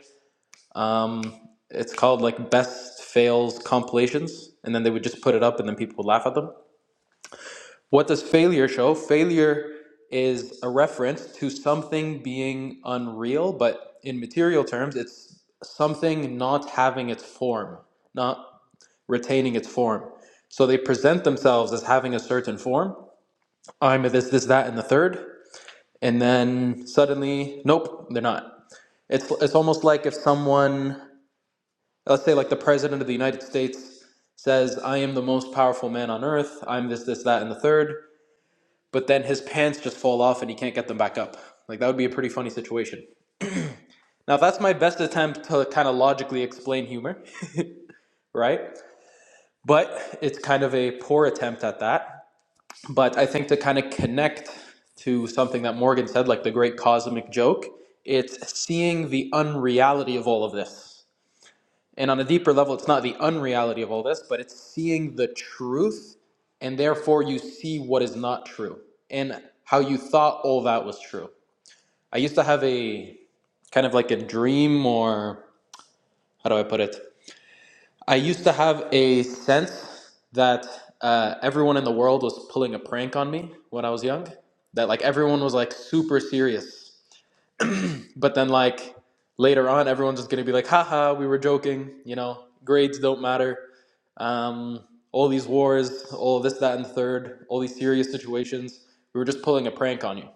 Um, it's called like best fails compilations, and then they would just put it up, and then people would laugh at them. What does failure show? Failure is a reference to something being unreal, but in material terms, it's something not having its form, not retaining its form. So they present themselves as having a certain form. I'm a this, this, that, and the third, and then suddenly, nope, they're not. It's it's almost like if someone let's say like the president of the United States says, "I am the most powerful man on earth. I'm this, this, that, and the third. But then his pants just fall off and he can't get them back up. Like that would be a pretty funny situation. Now that's my best attempt to kind of logically explain humor, right? But it's kind of a poor attempt at that. But I think to kind of connect to something that Morgan said, like the great cosmic joke, it's seeing the unreality of all of this And on a deeper level, it's not the unreality of all this, but it's seeing the truth, and therefore you see what is not true and how you thought all that was true. I used to have a kind of like a dream, or how do I put it? I used to have a sense that uh, everyone in the world was pulling a prank on me when I was young, that like everyone was like super serious. But then, like, later on, everyone's just gonna be like, haha, we were joking, you know, grades don't matter um, all these wars, all this, that, and the third, all these serious situations. We were just pulling a prank on you.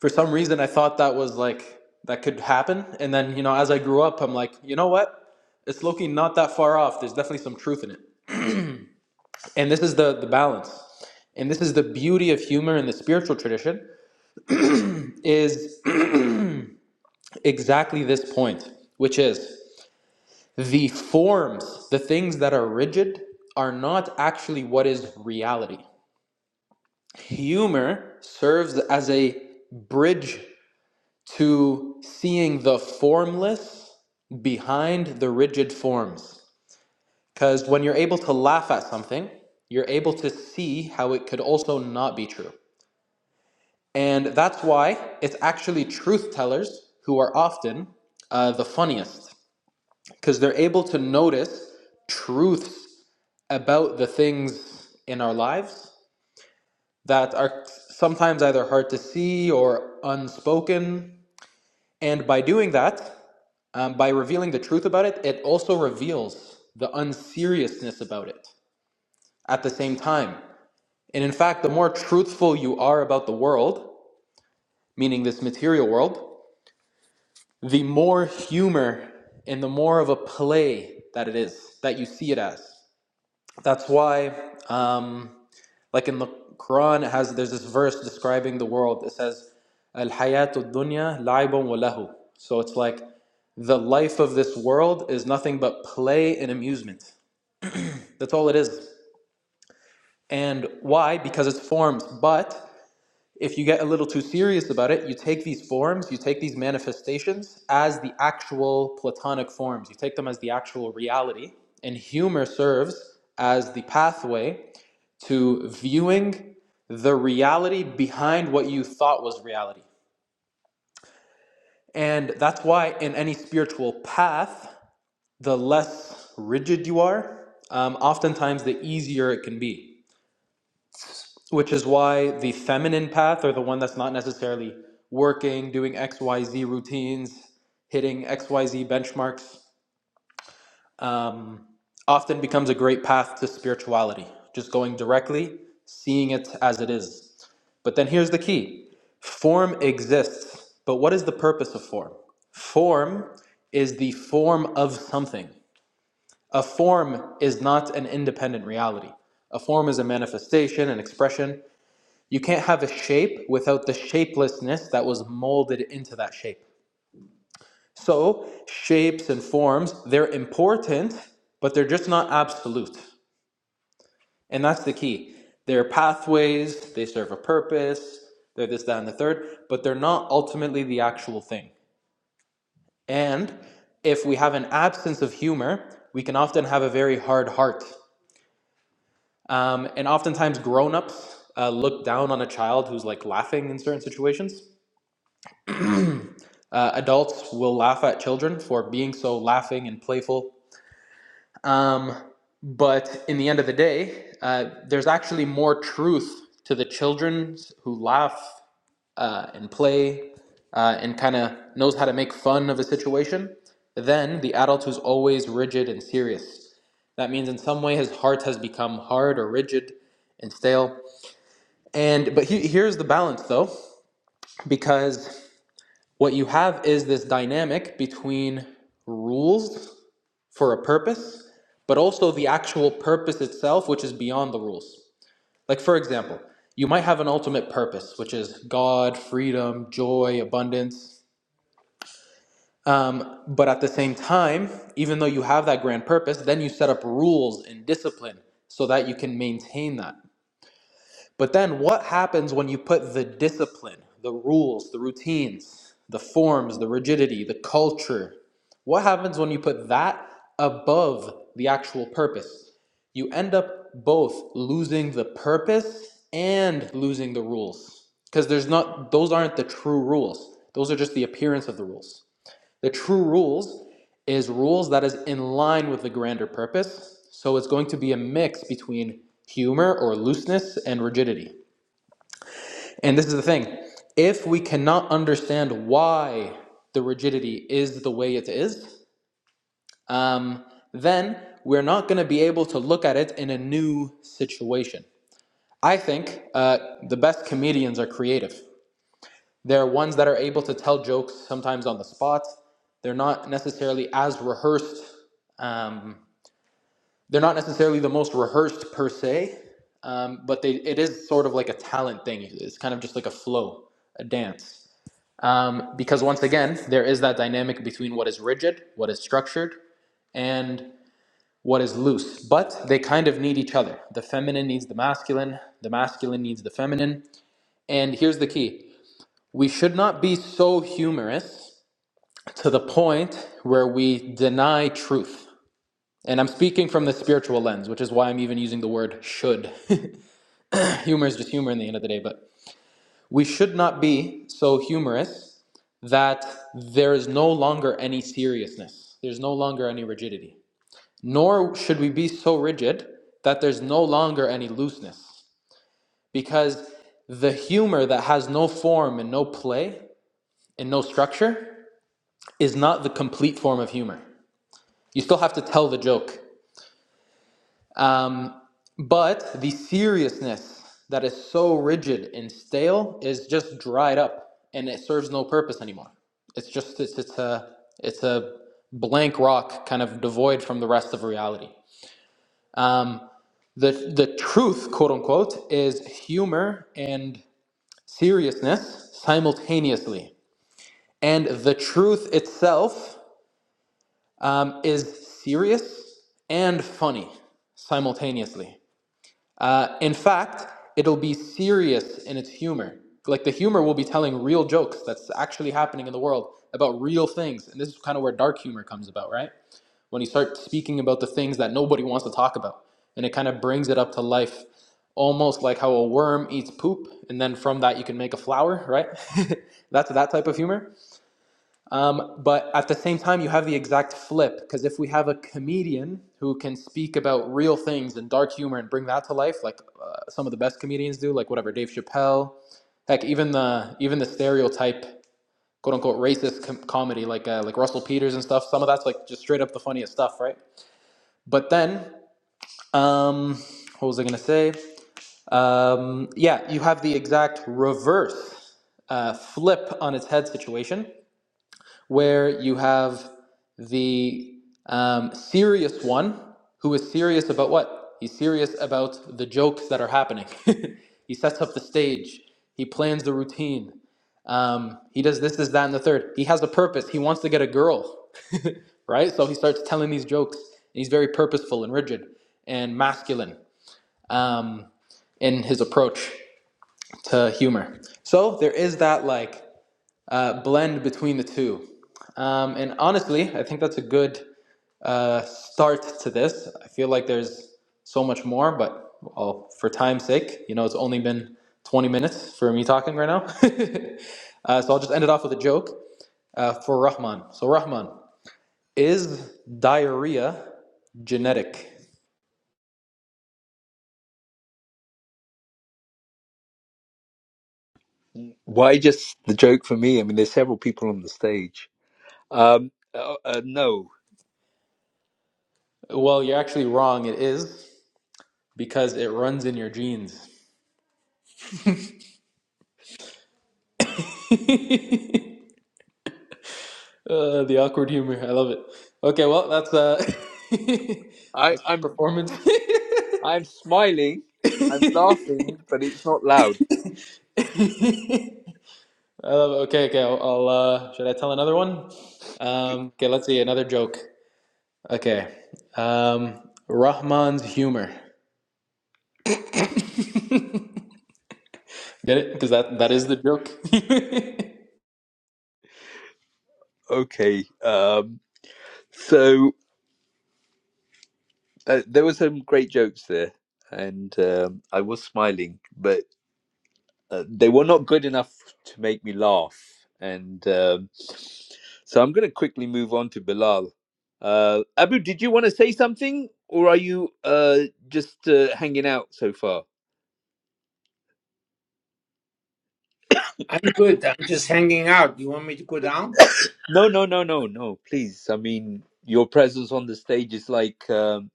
For some reason, I thought that was like, that could happen. And then, you know, as I grew up, I'm like, you know what? It's looking not that far off. There's definitely some truth in it. And this is the, the balance. And this is the beauty of humor in the spiritual tradition is exactly this point, which is the forms, the things that are rigid, are not actually what is reality. Humor serves as a bridge to seeing the formless behind the rigid forms. Because when you're able to laugh at something, you're able to see how it could also not be true. And that's why it's actually truth tellers who are often uh, the funniest, because they're able to notice truths about the things in our lives that are sometimes either hard to see or unspoken. And by doing that, um, by revealing the truth about it, it also reveals the unseriousness about it at the same time. And in fact, the more truthful you are about the world, meaning this material world, the more humor and the more of a play that it is, that you see it as. That's why um, Like in the Quran, it has there's this verse describing the world. It says, "Al hayatu dunya laibun wa So it's like the life of this world is nothing but play and amusement. That's all it is. And why? Because it's forms. But if you get a little too serious about it, you take these forms, you take these manifestations as the actual platonic forms. You take them as the actual reality. And humor serves as the pathway to viewing the reality behind what you thought was reality. And that's why, in any spiritual path, the less rigid you are, um, oftentimes the easier it can be. Which is why the feminine path, or the one that's not necessarily working, doing XYZ routines, hitting XYZ benchmarks, um, often becomes a great path to spirituality. Just going directly, seeing it as it is. But then here's the key form exists. But what is the purpose of form? Form is the form of something. A form is not an independent reality. A form is a manifestation, an expression. You can't have a shape without the shapelessness that was molded into that shape. So, shapes and forms, they're important, but they're just not absolute. And that's the key. They're pathways, they serve a purpose, they're this, that, and the third, but they're not ultimately the actual thing. And if we have an absence of humor, we can often have a very hard heart. Um, and oftentimes, grown ups uh, look down on a child who's like laughing in certain situations. Uh, adults will laugh at children for being so laughing and playful. Um, but in the end of the day, uh, there's actually more truth to the children who laugh uh, and play uh, and kind of knows how to make fun of a situation Then the adult who's always rigid and serious. That means in some way his heart has become hard or rigid and stale. And but he, here's the balance though, because what you have is this dynamic between rules for a purpose, but also the actual purpose itself, which is beyond the rules. Like for example, you might have an ultimate purpose, which is God, freedom, joy, abundance, Um, but at the same time, even though you have that grand purpose, then you set up rules and discipline so that you can maintain that. But then what happens when you put the discipline, the rules, the routines, the forms, the rigidity, the culture? What happens when you put that above the actual purpose? You end up both losing the purpose and losing the rules because there's not those aren't the true rules. Those are just the appearance of the rules. The true rules is rules that is in line with the grander purpose. So it's going to be a mix between humor or looseness and rigidity. And this is the thing if we cannot understand why the rigidity is the way it is, um, then we're not going to be able to look at it in a new situation. I think uh, the best comedians are creative. They're ones that are able to tell jokes sometimes on the spot. They're not necessarily as rehearsed. Um, they're not necessarily the most rehearsed per se, um, but they, it is sort of like a talent thing. It's kind of just like a flow, a dance. Um, because once again, there is that dynamic between what is rigid, what is structured, and what is loose. But they kind of need each other. The feminine needs the masculine, the masculine needs the feminine. And here's the key we should not be so humorous to the point where we deny truth. And I'm speaking from the spiritual lens, which is why I'm even using the word should. humor is just humor in the end of the day, but we should not be so humorous that there is no longer any seriousness, there's no longer any rigidity. Nor should we be so rigid that there's no longer any looseness, because the humor that has no form and no play and no structure is not the complete form of humor. You still have to tell the joke. Um, but the seriousness that is so rigid and stale is just dried up, and it serves no purpose anymore. It's just it's, it's a it's a blank rock, kind of devoid from the rest of reality. Um, the the truth, quote unquote, is humor and seriousness simultaneously, and the truth itself um, is serious and funny simultaneously. Uh, in fact, it'll be serious in its humor. Like the humor will be telling real jokes that's actually happening in the world about real things. And this is kind of where dark humor comes about, right? When you start speaking about the things that nobody wants to talk about. And it kind of brings it up to life, almost like how a worm eats poop. And then from that, you can make a flower, right? that's that type of humor. Um, but at the same time, you have the exact flip because if we have a comedian who can speak about real things and dark humor and bring that to life, like uh, some of the best comedians do, like whatever Dave Chappelle, heck, even the even the stereotype quote unquote racist com- comedy, like uh, like Russell Peters and stuff. Some of that's like just straight up the funniest stuff, right? But then, um, what was I gonna say? Um, yeah, you have the exact reverse uh, flip on its head situation where you have the um, serious one who is serious about what? He's serious about the jokes that are happening. he sets up the stage, he plans the routine, um, he does this, this, that, and the third. He has a purpose. He wants to get a girl, right? So he starts telling these jokes, and he's very purposeful and rigid and masculine um, in his approach to humor. So there is that like uh, blend between the two. Um, and honestly, I think that's a good uh, start to this. I feel like there's so much more, but well, for time's sake, you know, it's only been 20 minutes for me talking right now. uh, so I'll just end it off with a joke uh, for Rahman. So, Rahman, is diarrhea genetic? Why just the joke for me? I mean, there's several people on the stage. Um, uh, uh, no, Well, you're actually wrong. It is because it runs in your genes. Uh, the awkward humor. I love it. Okay, well, that's uh, I, that's I'm performance. I'm smiling, I'm laughing, but it's not loud. I love it. Okay, okay. I'll, I'll uh, should I tell another one? G- Um, okay, let's see another joke. Okay, um, Rahman's humor. Get it? Because that that is the joke. Okay, um, so uh, there were some great jokes there, and um, I was smiling, but. uh, they were not good enough to make me laugh. And um, so I'm going to quickly move on to Bilal. Uh, Abu, did you want to say something or are you uh, just uh, hanging out so far? I'm good. I'm just hanging out. You want me to go down? No, no, no, no, no, please. I mean, your presence on the stage is like um,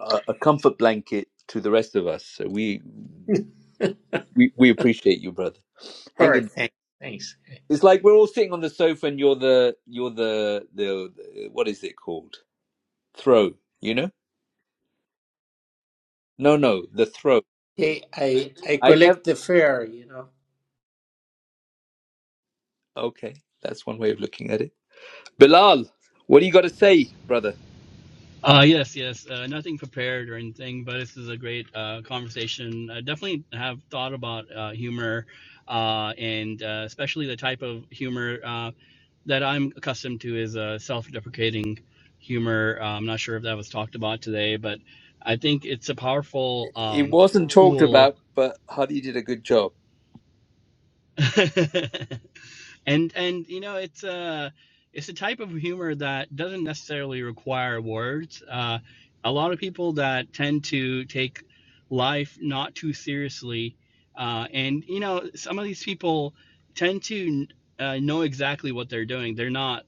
a, a comfort blanket to the rest of us. So we, we, we appreciate you, brother. Hang Sorry. in. Thanks, thanks, It's thanks. like we're all sitting on the sofa and you're the, you're the, the, what is it called? Throw, you know? No, no, the throat. I, I, I I never. collect the fare, you know. Okay, that's one way of looking at it. Bilal, what do you got to say, brother? Uh, yes, yes. Uh, nothing prepared or anything, but this is a great uh, conversation. I definitely have thought about uh, humor, uh, and uh, especially the type of humor uh, that I'm accustomed to is uh, self-deprecating humor. Uh, I'm not sure if that was talked about today, but I think it's a powerful It um, wasn't talked tool about, but Hadi did a good job. and and you know it's uh it's a type of humor that doesn't necessarily require words uh a lot of people that tend to take life not too seriously uh and you know some of these people tend to uh, know exactly what they're doing they're not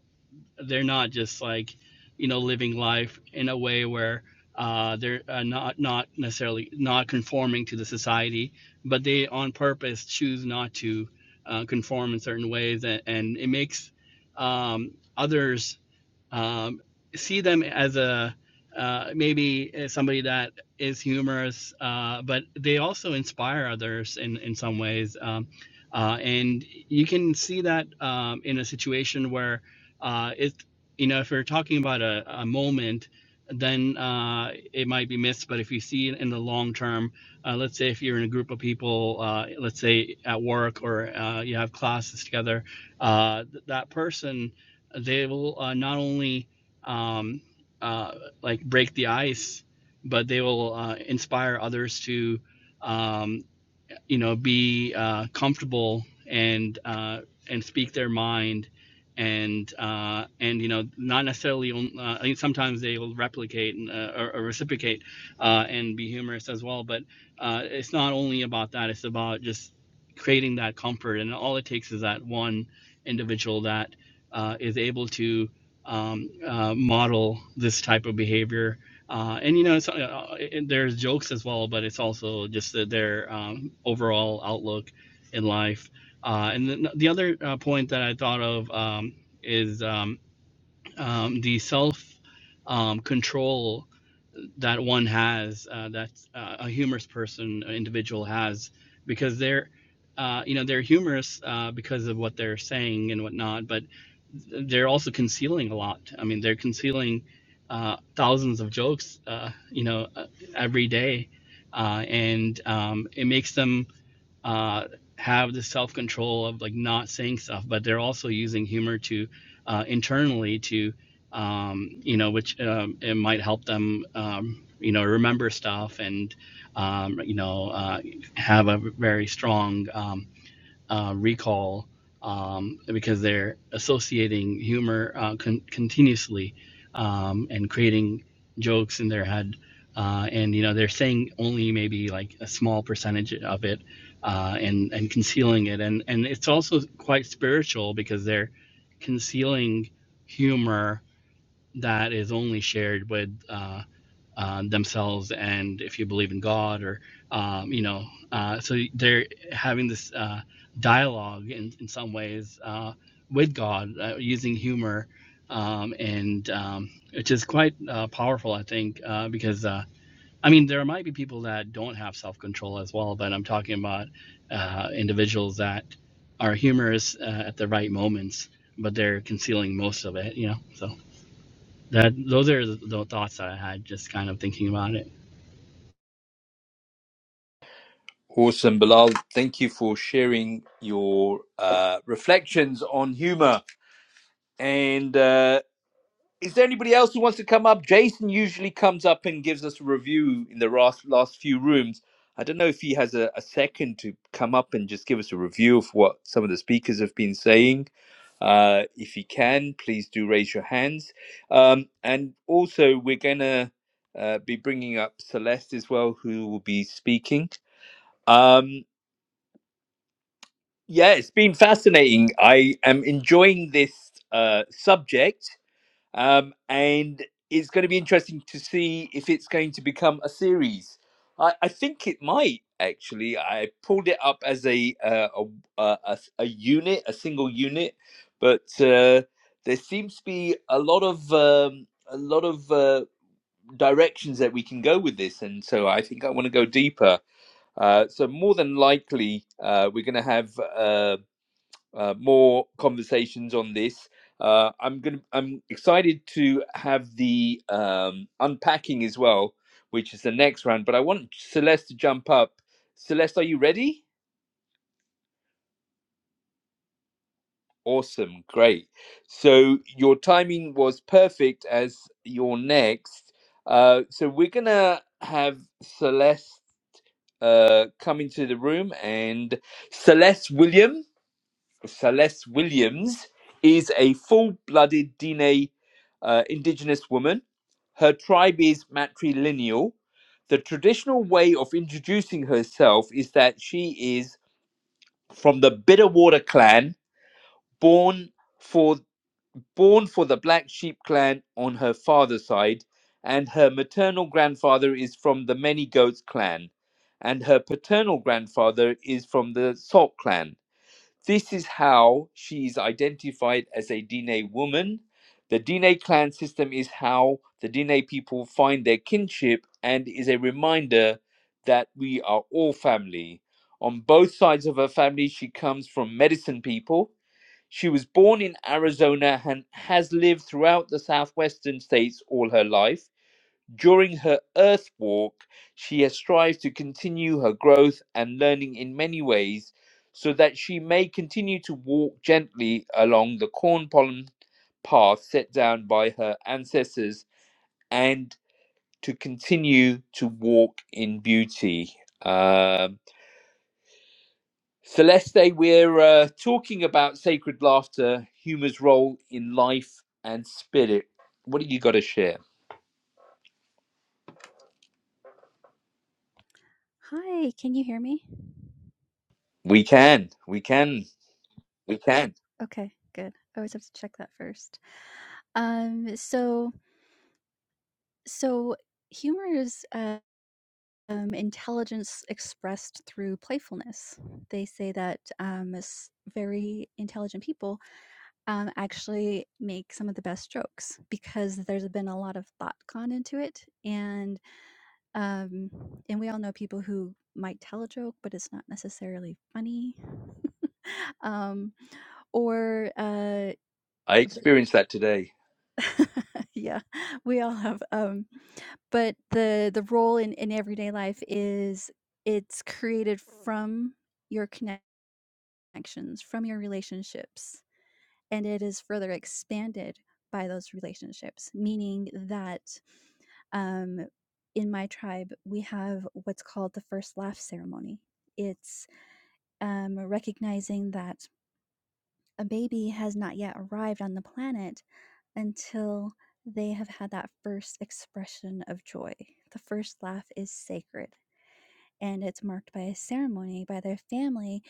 they're not just like you know living life in a way where uh, they're uh, not not necessarily not conforming to the society, but they on purpose choose not to uh, conform in certain ways, and, and it makes um, others um, see them as a uh, maybe somebody that is humorous, uh, but they also inspire others in in some ways. Um, uh, and you can see that um, in a situation where uh, it you know if we're talking about a, a moment, then uh, it might be missed. But if you see it in the long term, uh, let's say if you're in a group of people, uh, let's say at work or uh, you have classes together, uh, th- that person they will uh, not only um, uh, like break the ice, but they will uh, inspire others to um, you know be uh, comfortable and uh, and speak their mind and uh, and you know not necessarily on- uh, I mean sometimes they will replicate and, uh, or, or reciprocate uh, and be humorous as well but uh, it's not only about that it's about just creating that comfort and all it takes is that one individual that uh, is able to um, uh, model this type of behavior uh, and you know, it's, uh, and there's jokes as well, but it's also just the- their um, overall outlook in life. Uh, and then the other uh, point that I thought of um, is um, um, the self um, control that one has uh, that uh, a humorous person an individual has because they're uh, you know they're humorous uh, because of what they're saying and whatnot but they're also concealing a lot i mean they're concealing uh, thousands of jokes uh, you know uh, every day uh, and um, it makes them uh, have the self control of like not saying stuff, but they're also using humor to uh, internally to um, you know which um, it might help them um, you know remember stuff and um, you know uh, have a very strong um, uh, recall um, because they're associating humor uh, con- continuously um, and creating jokes in their head. Uh, and you know they're saying only maybe like a small percentage of it, uh, and and concealing it, and and it's also quite spiritual because they're concealing humor that is only shared with uh, um, themselves and if you believe in God or um, you know uh, so they're having this uh, dialogue in, in some ways uh, with God uh, using humor um, and um, which is quite uh, powerful I think uh, because uh, I mean there might be people that don't have self-control as well but I'm talking about uh, individuals that are humorous uh, at the right moments but they're concealing most of it you know so that those are the the thoughts that I had just kind of thinking about it. Awesome, Bilal. Thank you for sharing your uh, reflections on humor. And uh, Is there anybody else who wants to come up? Jason usually comes up and gives us a review in the last last few rooms. I don't know if he has a, a second to come up and just give us a review of what some of the speakers have been saying. Uh, if he can, please do raise your hands. Um, and also, we're going to uh, be bringing up Celeste as well, who will be speaking. Um, yeah, it's been fascinating. I am enjoying this uh, subject um, and it's going to be interesting to see if it's going to become a series. I, I think it might actually. I pulled it up as a uh, a, a, a s- a unit, a single unit, but uh, there seems to be a lot of um, a lot of uh, directions that we can go with this, and so I think I want to go deeper. Uh, so more than likely, uh, we're going to have. uh, uh, more conversations on this. Uh, I'm gonna. I'm excited to have the um, unpacking as well, which is the next round. But I want Celeste to jump up. Celeste, are you ready? Awesome, great. So your timing was perfect as your next. Uh, so we're gonna have Celeste uh, come into the room and Celeste Williams. Celeste Williams is a full blooded Dene uh, indigenous woman. Her tribe is matrilineal. The traditional way of introducing herself is that she is from the Bitterwater clan, born for born for the Black Sheep clan on her father's side, and her maternal grandfather is from the Many Goats clan, and her paternal grandfather is from the Salt clan. This is how she's identified as a Dine woman. The Dine clan system is how the Dine people find their kinship and is a reminder that we are all family. On both sides of her family, she comes from medicine people. She was born in Arizona and has lived throughout the southwestern states all her life. During her Earth walk, she has strived to continue her growth and learning in many ways so that she may continue to walk gently along the corn pollen path set down by her ancestors and to continue to walk in beauty. Um, Celeste, we're uh, talking about sacred laughter, humor's role in life and spirit. What do you got to share? Hi, can you hear me? We can, we can. We can. Okay, good. I always have to check that first. Um, so so humor is uh, um, intelligence expressed through playfulness. They say that um, s- very intelligent people um, actually make some of the best jokes because there's been a lot of thought gone into it, and um, and we all know people who might tell a joke, but it's not necessarily funny. um, or uh, I experienced that today. Yeah, we all have, um, but the the role in in everyday life is it's created from your connections, from your relationships, and it is further expanded by those relationships, meaning that, um, in my tribe, we have what's called the first laugh ceremony. It's, um, recognizing that a baby has not yet arrived on the planet until they have had that first expression of joy. The first laugh is sacred, and it's marked by a ceremony by their family,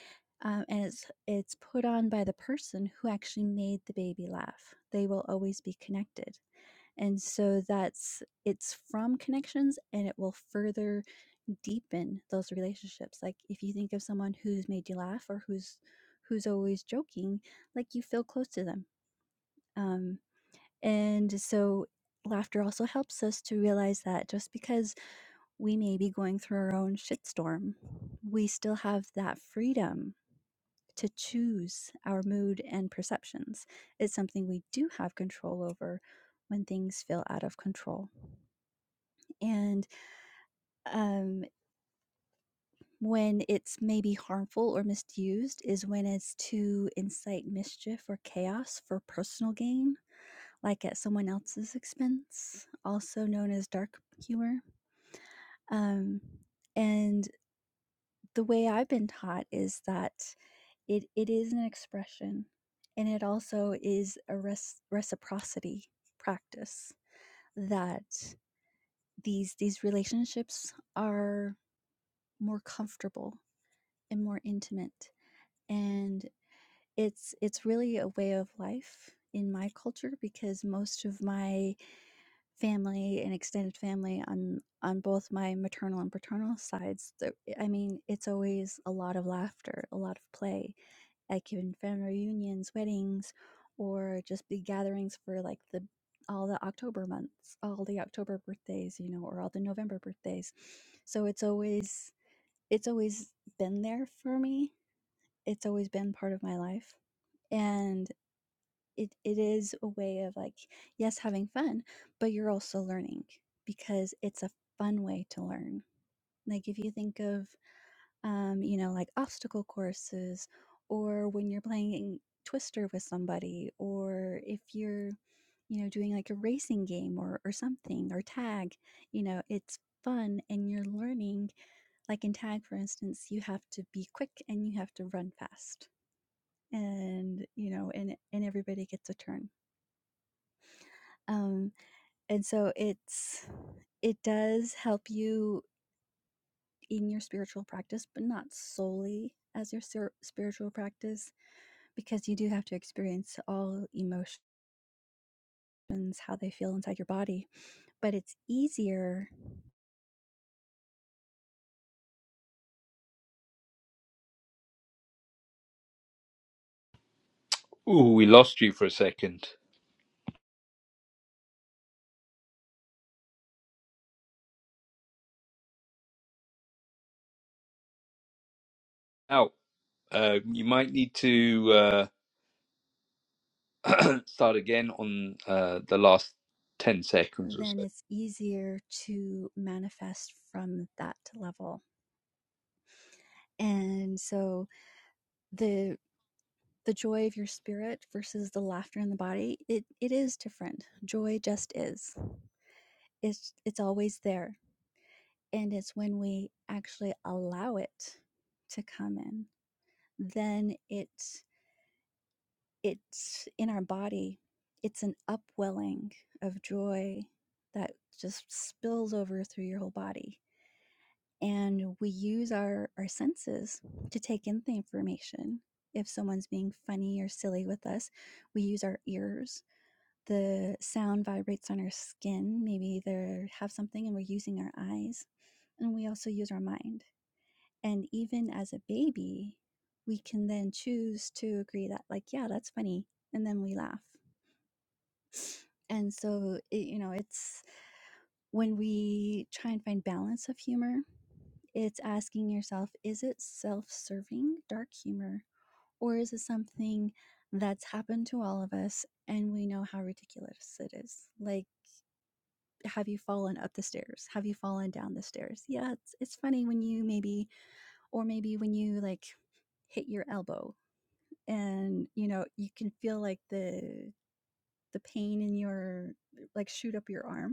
um, and it's it's put on by the person who actually made the baby laugh. They will always be connected, and so that's it's from connections, and it will further deepen those relationships. Like if you think of someone who's made you laugh or who's who's always joking, like you feel close to them. Um, and so laughter also helps us to realize that just because we may be going through our own shitstorm, we still have that freedom to choose our mood and perceptions. It's something we do have control over when things feel out of control. And um, when it's maybe harmful or misused is when it's to incite mischief or chaos for personal gain, like at someone else's expense, also known as dark humor Um, and the way I've been taught is that it it is an expression, and it also is a res- reciprocity practice that these these relationships are more comfortable and more intimate, and it's it's really a way of life in my culture because most of my family and extended family on on both my maternal and paternal sides the- i mean it's always a lot of laughter a lot of play like in family reunions weddings or just big gatherings for like the all the october months all the october birthdays you know or all the november birthdays so it's always it's always been there for me it's always been part of my life and it it is a way of like yes having fun but you're also learning because it's a fun way to learn like if you think of um you know like obstacle courses or when you're playing twister with somebody or if you're you know doing like a racing game or or something or tag you know it's fun and you're learning like in tag for instance you have to be quick and you have to run fast and you know and and everybody gets a turn Um And so it's it does help you in your spiritual practice, but not solely as your spir- spiritual practice because you do have to experience all emotions, how they feel inside your body. But it's easier Ooh, we lost you for a second. Now, uh, you might need to uh, start again on uh, the last 10 seconds or then so. it's easier to manifest from that level. and so the the joy of your spirit versus the laughter in the body it it is different joy just is it's it's always there and it's when we actually allow it to come in then it it's in our body it's an upwelling of joy that just spills over through your whole body and we use our our senses to take in the information if someone's being funny or silly with us we use our ears the sound vibrates on our skin maybe they have something and we're using our eyes and we also use our mind and even as a baby we can then choose to agree that like yeah that's funny and then we laugh and so it, you know it's when we try and find balance of humor, it's asking yourself is it self serving dark humor or is it something that's happened to all of us and we know how ridiculous it is? Like, have you fallen up the stairs? Have you fallen down the stairs? Yeah, it's, it's funny when you maybe, or maybe when you like hit your elbow and you know, you can feel like the, the pain in your, like shoot up your arm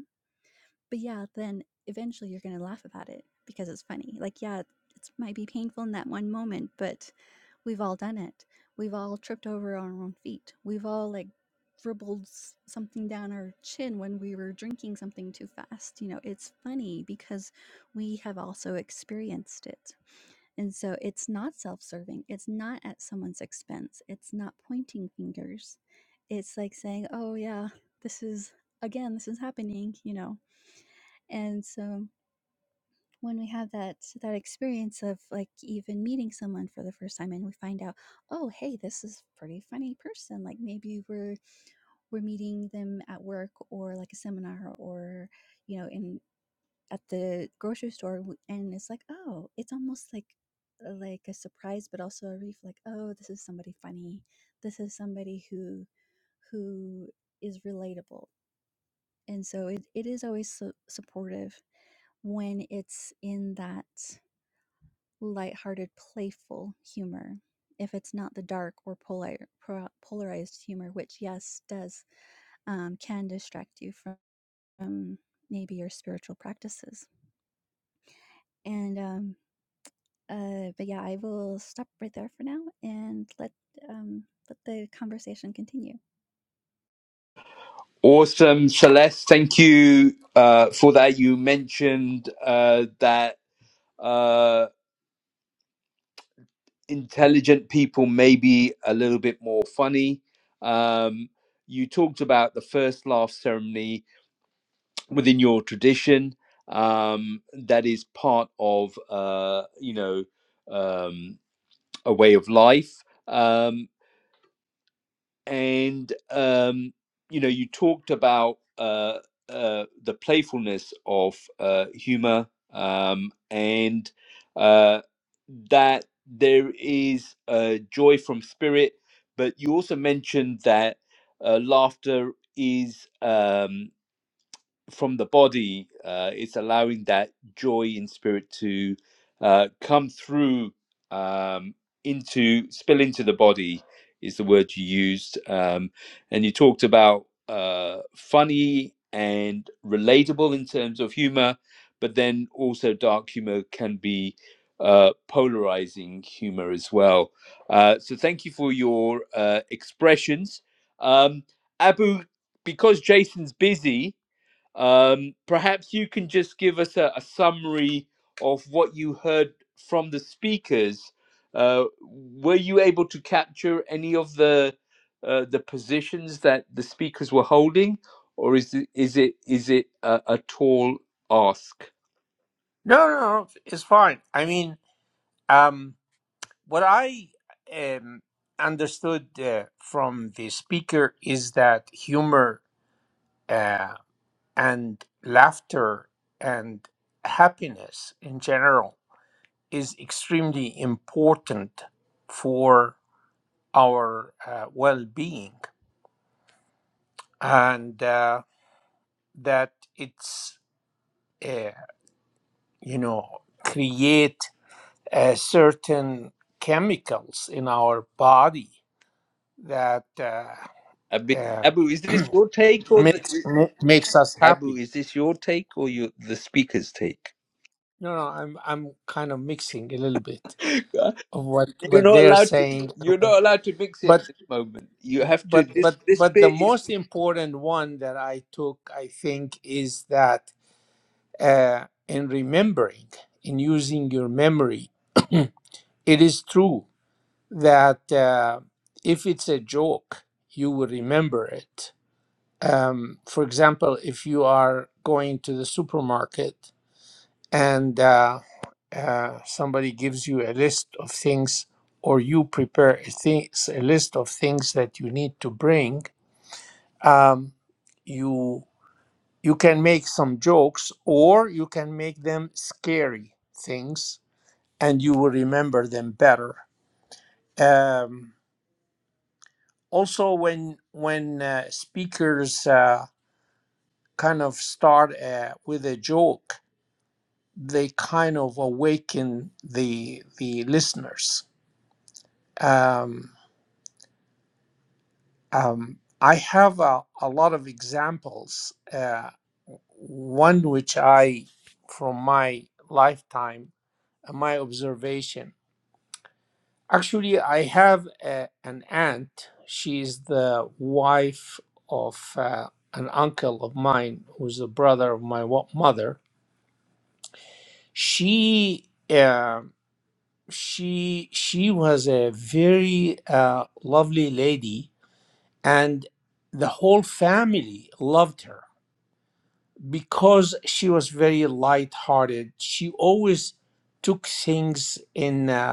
But yeah, then eventually you're gonna laugh about it because it's funny. Like, yeah, it might be painful in that one moment, but we've all done it. We've all tripped over on our own feet. We've all like dribbled s- something down our chin when we were drinking something too fast. You know, it's funny because we have also experienced it. And so it's not self serving. It's not at someone's expense. It's not pointing fingers. It's like saying, oh, yeah, this is, again, this is happening, you know and so when we have that that experience of like even meeting someone for the first time and we find out oh hey this is a pretty funny person like maybe we're we're meeting them at work or like a seminar or you know in at the grocery store and it's like oh it's almost like like a surprise but also a relief like oh this is somebody funny this is somebody who who is relatable and so it, it is always so supportive when it's in that lighthearted, playful humor. If it's not the dark or polar, pro- polarized humor, which yes does um, can distract you from um, maybe your spiritual practices. And um, uh, but yeah, I will stop right there for now and let um, let the conversation continue. Awesome, Celeste. Thank you uh, for that. You mentioned uh, that uh, intelligent people may be a little bit more funny. Um, you talked about the first laugh ceremony within your tradition. Um, that is part of, uh, you know, um, a way of life. Um, and um, you know, you talked about uh, uh, the playfulness of uh, humor, um, and uh, that there is uh, joy from spirit. But you also mentioned that uh, laughter is. Um, from the body, uh, it's allowing that joy in spirit to uh, come through um, into spill into the body is the word you used, um, and you talked about uh, funny and relatable in terms of humor, but then also dark humor can be uh, polarizing humor as well. Uh, so thank you for your uh, expressions, um, Abu. Because Jason's busy, um, perhaps you can just give us a, a summary of what you heard from the speakers. Uh, were you able to capture any of the uh, the positions that the speakers were holding, or is it is it is it a, a tall ask? No, no, no, it's fine. I mean, um, what I um, understood uh, from the speaker is that humor uh, and laughter and happiness in general is extremely important for our uh, well being, and uh, that it's. uh, you know, create uh, certain chemicals in our body that uh, Abi- uh, Abu, is this your take or the, makes makes us Abu? happy. Is this your take or your the speaker's take? No, no, I'm I'm kind of mixing a little bit of what Uh, you're what not they're allowed to. saying, You're but not allowed to mix it at this moment. You have to. but This but this but the bit is most important one that I took, I think, is that uh, in remembering, in using your memory, it is true that uh, if it's a joke, you will remember it. Um, for example, if you are going to the supermarket and uh, uh, somebody gives you a list of things, or you prepare a, things, a list of things that you need to bring, um, you you can make some jokes, or you can make them scary things, and you will remember them better. Um, also when when uh, speakers uh, kind of start uh, with a joke they kind of awaken the the listeners um, um, i have a, a lot of examples uh, one which i from my lifetime uh, my observation Actually, I have a, an aunt. She's the wife of uh, an uncle of mine, who's the brother of my wa- mother. She uh, she she was a very uh, lovely lady, and the whole family loved her because she was very light-hearted. She always took things in. Uh,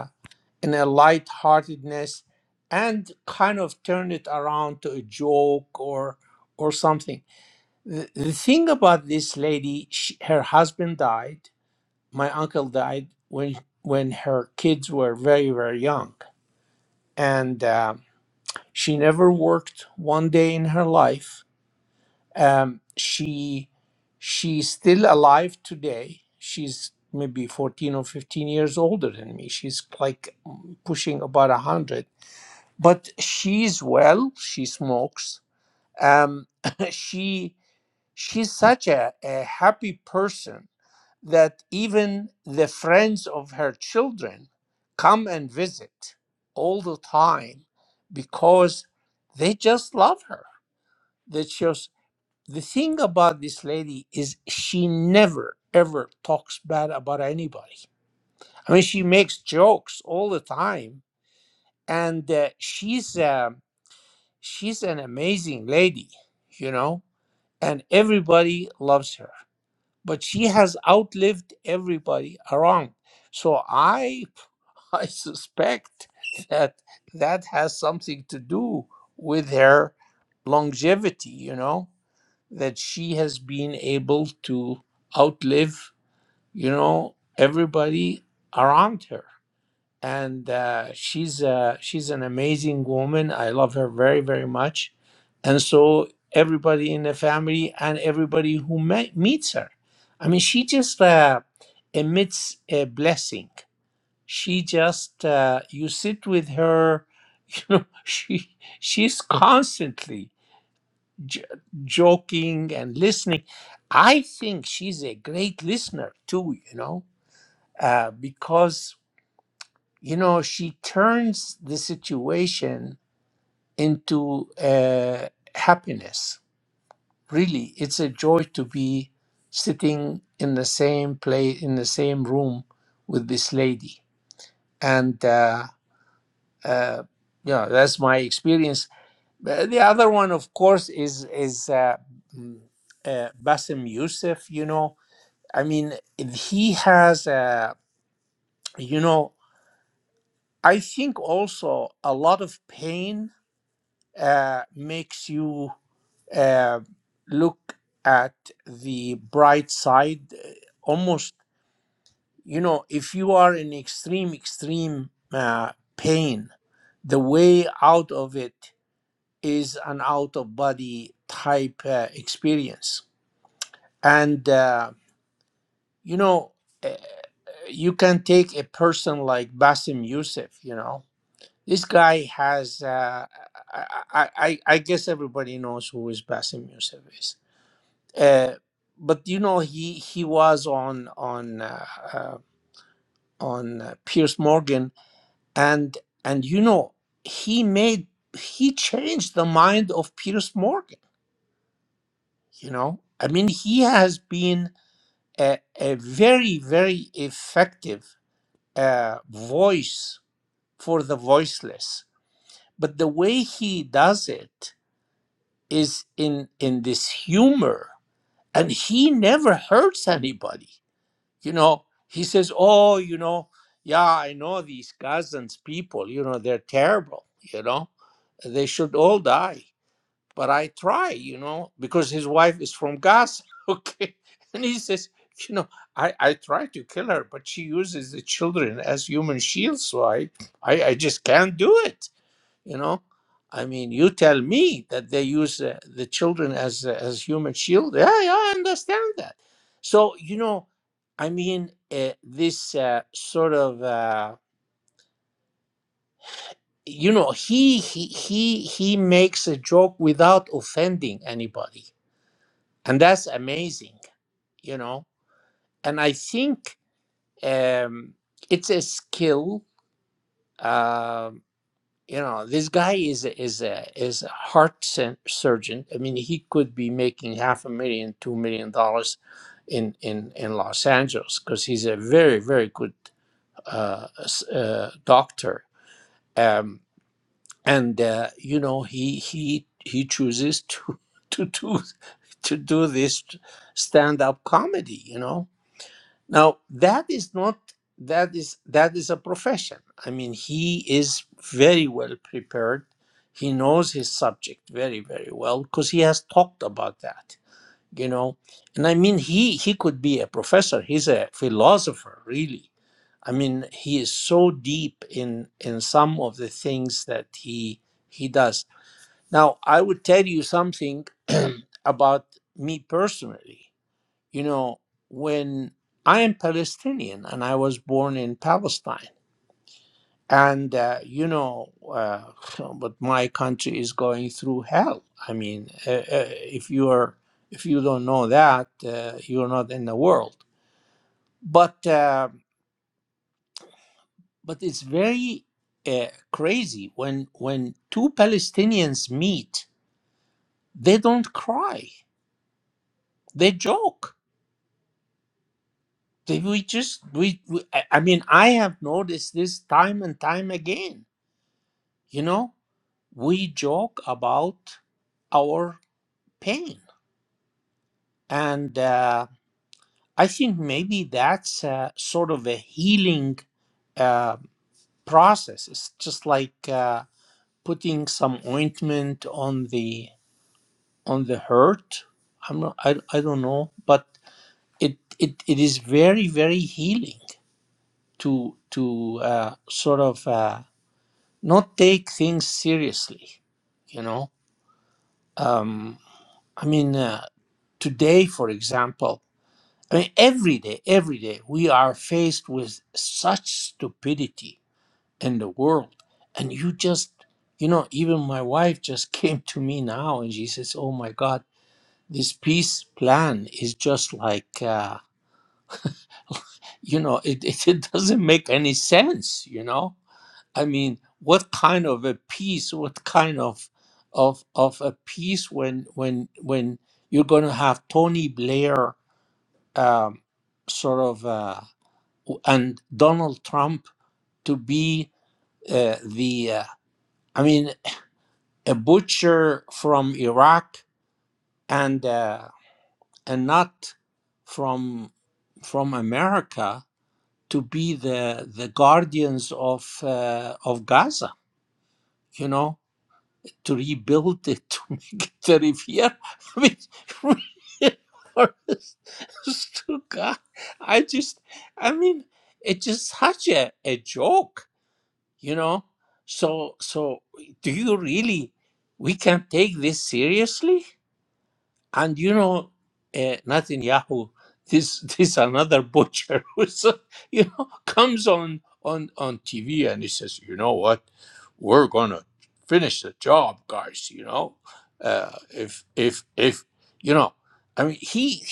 in a lightheartedness and kind of turn it around to a joke or or something. The, the thing about this lady, she, her husband died. My uncle died when when her kids were very very young, and um, she never worked one day in her life. Um, she she's still alive today. She's maybe 14 or 15 years older than me. She's like mm, pushing about 100 but she's well she smokes um she she's such a, a happy person that even the friends of her children come and visit all the time because they just love her that shows the thing about this lady is she never ever talks bad about anybody i mean she makes jokes all the time and uh, she's um, she's an amazing lady, you know, and everybody loves her. But she has outlived everybody around. So I I suspect that that has something to do with her longevity, you know, that she has been able to outlive, you know, everybody around her and uh, she's uh, she's an amazing woman. I love her very very much, and so everybody in the family and everybody who me- meets her, I mean, she just uh, emits a blessing. She just uh, you sit with her, you know, she she's constantly j- joking and listening. I think she's a great listener too, you know, uh, because you know, she turns the situation into uh, happiness. Really, it's a joy to be sitting in the same place, in the same room with this lady. And, uh, uh, you know, that's my experience. Uh, The other one, of course, is, is uh, mm, uh, Bassem Youssef, you know. I mean, he has, uh, you know, I think also a lot of pain uh, makes you uh, look at the bright side. uh, Almost, you know, if you are in extreme, extreme uh, pain, the way out of it is an out of body type uh, experience. And, uh, you know, uh, you can take a person like Basim Youssef, you know. This guy has, uh, I, I, I I guess everybody knows who is Basim Youssef is Uh, but you know, he he was on on uh, uh, on uh, Pierce Morgan, and and you know, he made he changed the mind of Pierce Morgan. You know, I mean, he has been a, a very very effective uh, voice for the voiceless. But the way he does it is in in this humor, and he never hurts anybody you know he says oh you know yeah i know these cousins people you know they're terrible you know they should all die but i try you know because his wife is from gaza okay and he says you know i i try to kill her but she uses the children as human shields so i i, I just can't do it you know i mean you tell me that they use uh, the children as uh, as human shield yeah yeah i understand that so you know i mean uh, this uh, sort of uh, you know he, he he he makes a joke without offending anybody and that's amazing you know and i think um it's a skill um you know this guy is a, is a is a heart sen- surgeon i mean he could be making half a million two million dollars in in in los angeles because he's a very very good uh, s- uh doctor um and uh, you know he he he chooses to to do to do this stand-up comedy you know now that is not that is that is a profession. I mean, he is very well prepared. He knows his subject very very well because he has talked about that. You know, and I mean, he he could be a professor. He's a philosopher, really. I mean, he is so deep in in some of the things that he he does. Now, I would tell you something about me personally. You know, when I am Palestinian and I was born in Palestine, and uh, you know, uh, but my country is going through hell. I mean, uh, uh, if you are, if you don't know that, uh, you're not in the world. But uh, but it's very uh, crazy when when two Palestinians meet, they don't cry, they joke. They, we just we, we I I mean I have noticed this time and time again You know, we joke about our pain. And uh, I think maybe that's uh, sort of a healing uh, process. It's just like uh, putting some ointment on the on the hurt. I'm not, I, I don't know, but it, it, it is very very healing to to uh, sort of uh, not take things seriously. You know, um, I mean, uh, today, for example, I mean, every day, every day, we are faced with such stupidity in the world. And you just, you know, even my wife just came to me now and she says, Oh my God, this peace plan is just like, uh, you know, it, it, it doesn't make any sense, you know? I mean, what kind of a peace, what kind of of of a peace when when when you're going to have Tony Blair um, sort of uh, and Donald Trump to be uh, the uh, I mean a butcher from Iraq and uh, and not from from America to be the the guardians of uh, of Gaza. You know, to rebuild it to make it a riviera. I mean, honest to God, I just, I mean, it's just such a, a joke, you know. So, so do you really? We can take this seriously? And you know, uh, Netanyahu, this this another butcher who's uh, you know comes on on on TV and he says, you know what, we're gonna finish the job, guys. You know, uh, if if if you know, I mean, he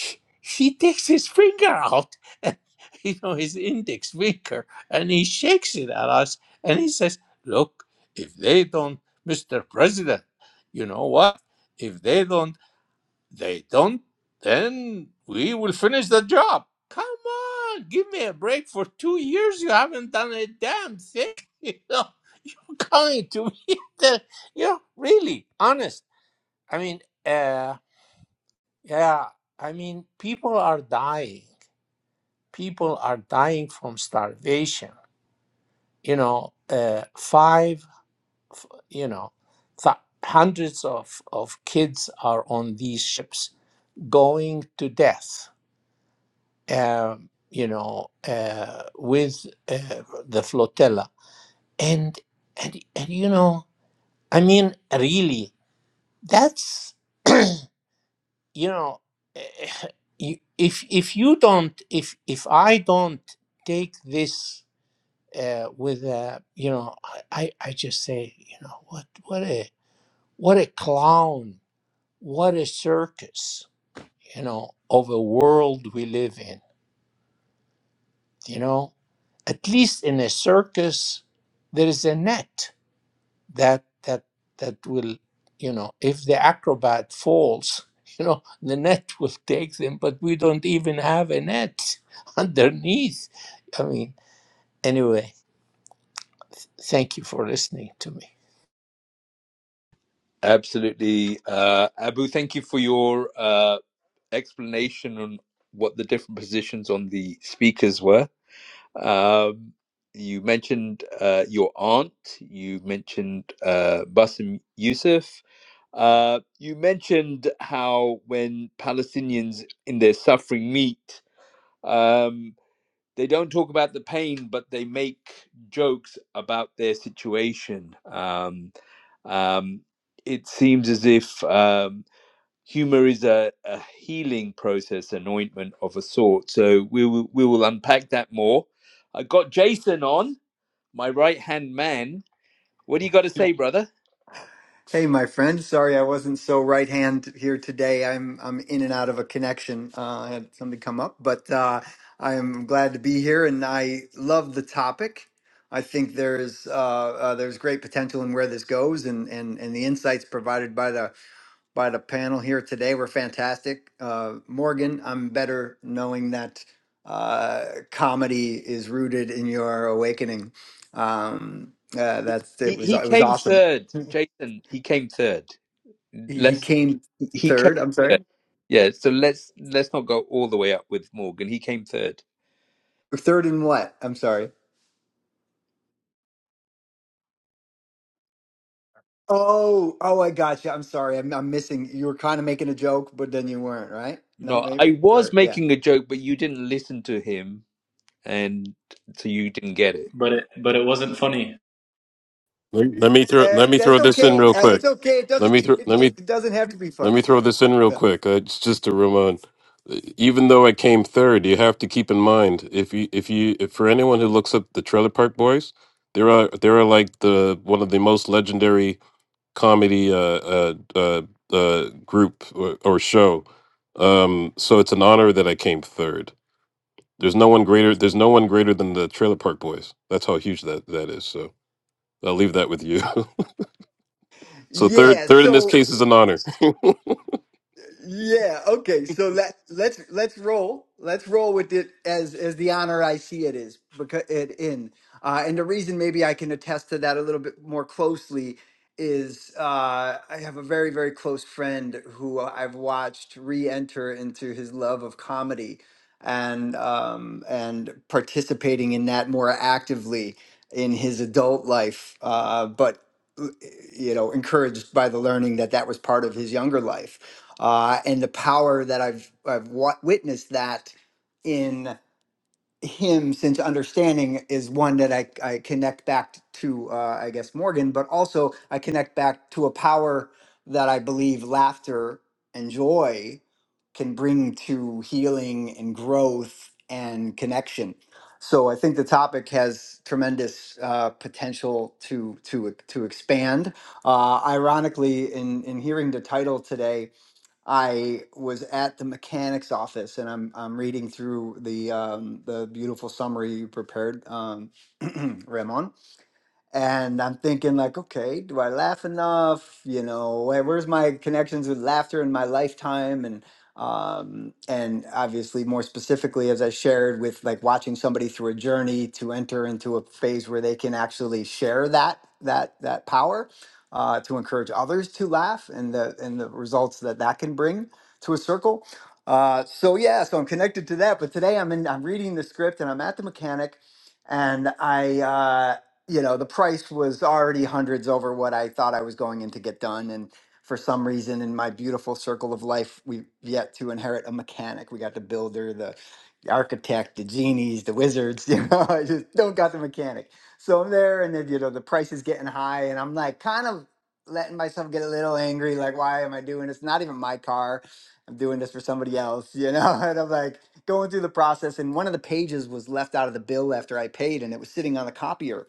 he takes his finger out, you know, his index finger, and he shakes it at us, and he says, look, if they don't, Mister President, you know what? If they don't they don't, then we will finish the job. Come on, give me a break for two years. You haven't done a damn thing. You know, you're coming to me. The, you know, really honest. I mean, uh, yeah. I mean, people are dying. People are dying from starvation. You know, uh, five. f- You know, th- hundreds of of kids are on these ships going to death um, you know, uh, with uh, the flotilla. And, and, and, you know, I mean, really, that's, you know, eh, eh, you- if, if you don't, if, if I don't take this uh, with, a, you know, I, I I just say, you know, what, what a, what a clown, what a circus, you know, of a world we live in you know at least in a circus there is a net that that that will you know if the acrobat falls you know the net will take them but we don't even have a net underneath i mean anyway thank you for listening to Absolutely. Uh, Abu, thank you for your uh, explanation on what the different positions on the speakers were. Um, you mentioned uh, your aunt, you mentioned uh, Bassem Youssef. Uh, you mentioned how when Palestinians in their suffering meet, um, they don't talk about the pain, but they make jokes about their situation. Um, um, it seems as if um, humor is a, a healing process, an ointment of a sort. So we will, we will unpack that more. I got Jason on, my right hand man. What do you got to Yeah. say, brother? Hey, my friend. Sorry I wasn't so right hand here today. I'm I'm in Mm. and out of a connection. Uh, I had something come up, but uh, I am glad to be here, and I love the topic. I think there's uh, uh, there's great potential in where this goes, and, and and the insights provided by the by the panel here today were fantastic. Uh, Morgan, I'm better knowing that uh, comedy is rooted in your awakening. Um, uh, that's He, it was he it was came awesome. third, Jason. He came third. He he Let's came he came third. I'm sorry. third. Yeah, so let's let's not go all the way up with Morgan. He came third. Third in what? I'm sorry. Oh, oh, I got you. I'm sorry. I'm, I'm missing. You were kind of making a joke, but then you weren't, right? No, No, maybe I was or yeah. making a joke, but you didn't listen to him, and so you didn't get it. but it but it wasn't funny. Let, let me throw let Uh, me throw that's this in okay. real Uh, quick. It's okay. It Let doesn't. me throw It, let me it doesn't have to be let funny. me throw Yeah, this yeah, in real yeah. quick. Uh, it's just a Ramon. Uh, Even though I came third, you have to keep in mind if you if you if for anyone who looks up the Trailer Park Boys, there are there are like the one of the most legendary comedy uh, uh, uh, uh, group or, or show. Um, so it's an honor that I came third. There's no one greater. There's no one greater than the Trailer Park Boys. That's how huge that that is. So I'll leave that with you. so third, Yeah. third in this So case is an honor. Yeah, okay. So let let's let's roll. Let's roll with it as as the honor I see it is because it in. Uh and the reason maybe I can attest to that a little bit more closely is uh I have a very very close friend who I've watched re-enter into his love of comedy and um and participating in that more actively in his adult life uh but you know encouraged by the learning that that was part of his younger life uh, and the power that I've I've wa- witnessed that in him since understanding is one that I, I connect back to uh, I guess Morgan, but also I connect back to a power that I believe laughter and joy can bring to healing and growth and connection. So I think the topic has tremendous uh, potential to to to expand. Uh, ironically, in in hearing the title today, I was at the mechanic's office and I'm I'm reading through the um, the beautiful summary you prepared, um, Ramon and I'm thinking like, okay, do I laugh enough? You know, where, where's my connections with laughter in my lifetime? And um, and obviously more specifically, as I shared with like watching somebody through a journey to enter into a phase where they can actually share that that that power uh, to encourage others to laugh and the and the results that that can bring to a circle. Uh, so yeah, so I'm connected to that. But today I'm in, I'm reading the script and I'm at the mechanic and I uh, you know the price was already hundreds over what i thought i was going in to get done and for some reason in my beautiful circle of life we've yet to inherit a mechanic we got the builder the the architect the genies the wizards you know i just don't got the mechanic so i'm there and then you know the price is getting high and i'm like kind of letting myself get a little angry like why am i doing this not even my car i'm doing this for somebody else you know and i'm like going through the process and one of the pages was left out of the bill after i paid and it was sitting on the copier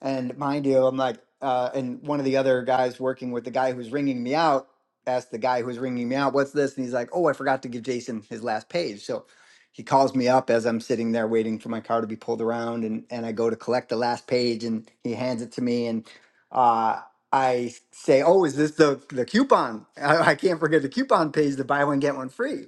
and mind you, I'm like, uh, and one of the other guys working with the guy who's ringing me out asked the guy who's ringing me out, what's this? And he's like, oh, I forgot to give Jason his last page. So he calls me up as I'm sitting there waiting for my car to be pulled around. And, and I go to collect the last page and he hands it to me. And uh, I say, oh, is this the, the coupon? I, I can't forget the coupon page, the buy one, get one free.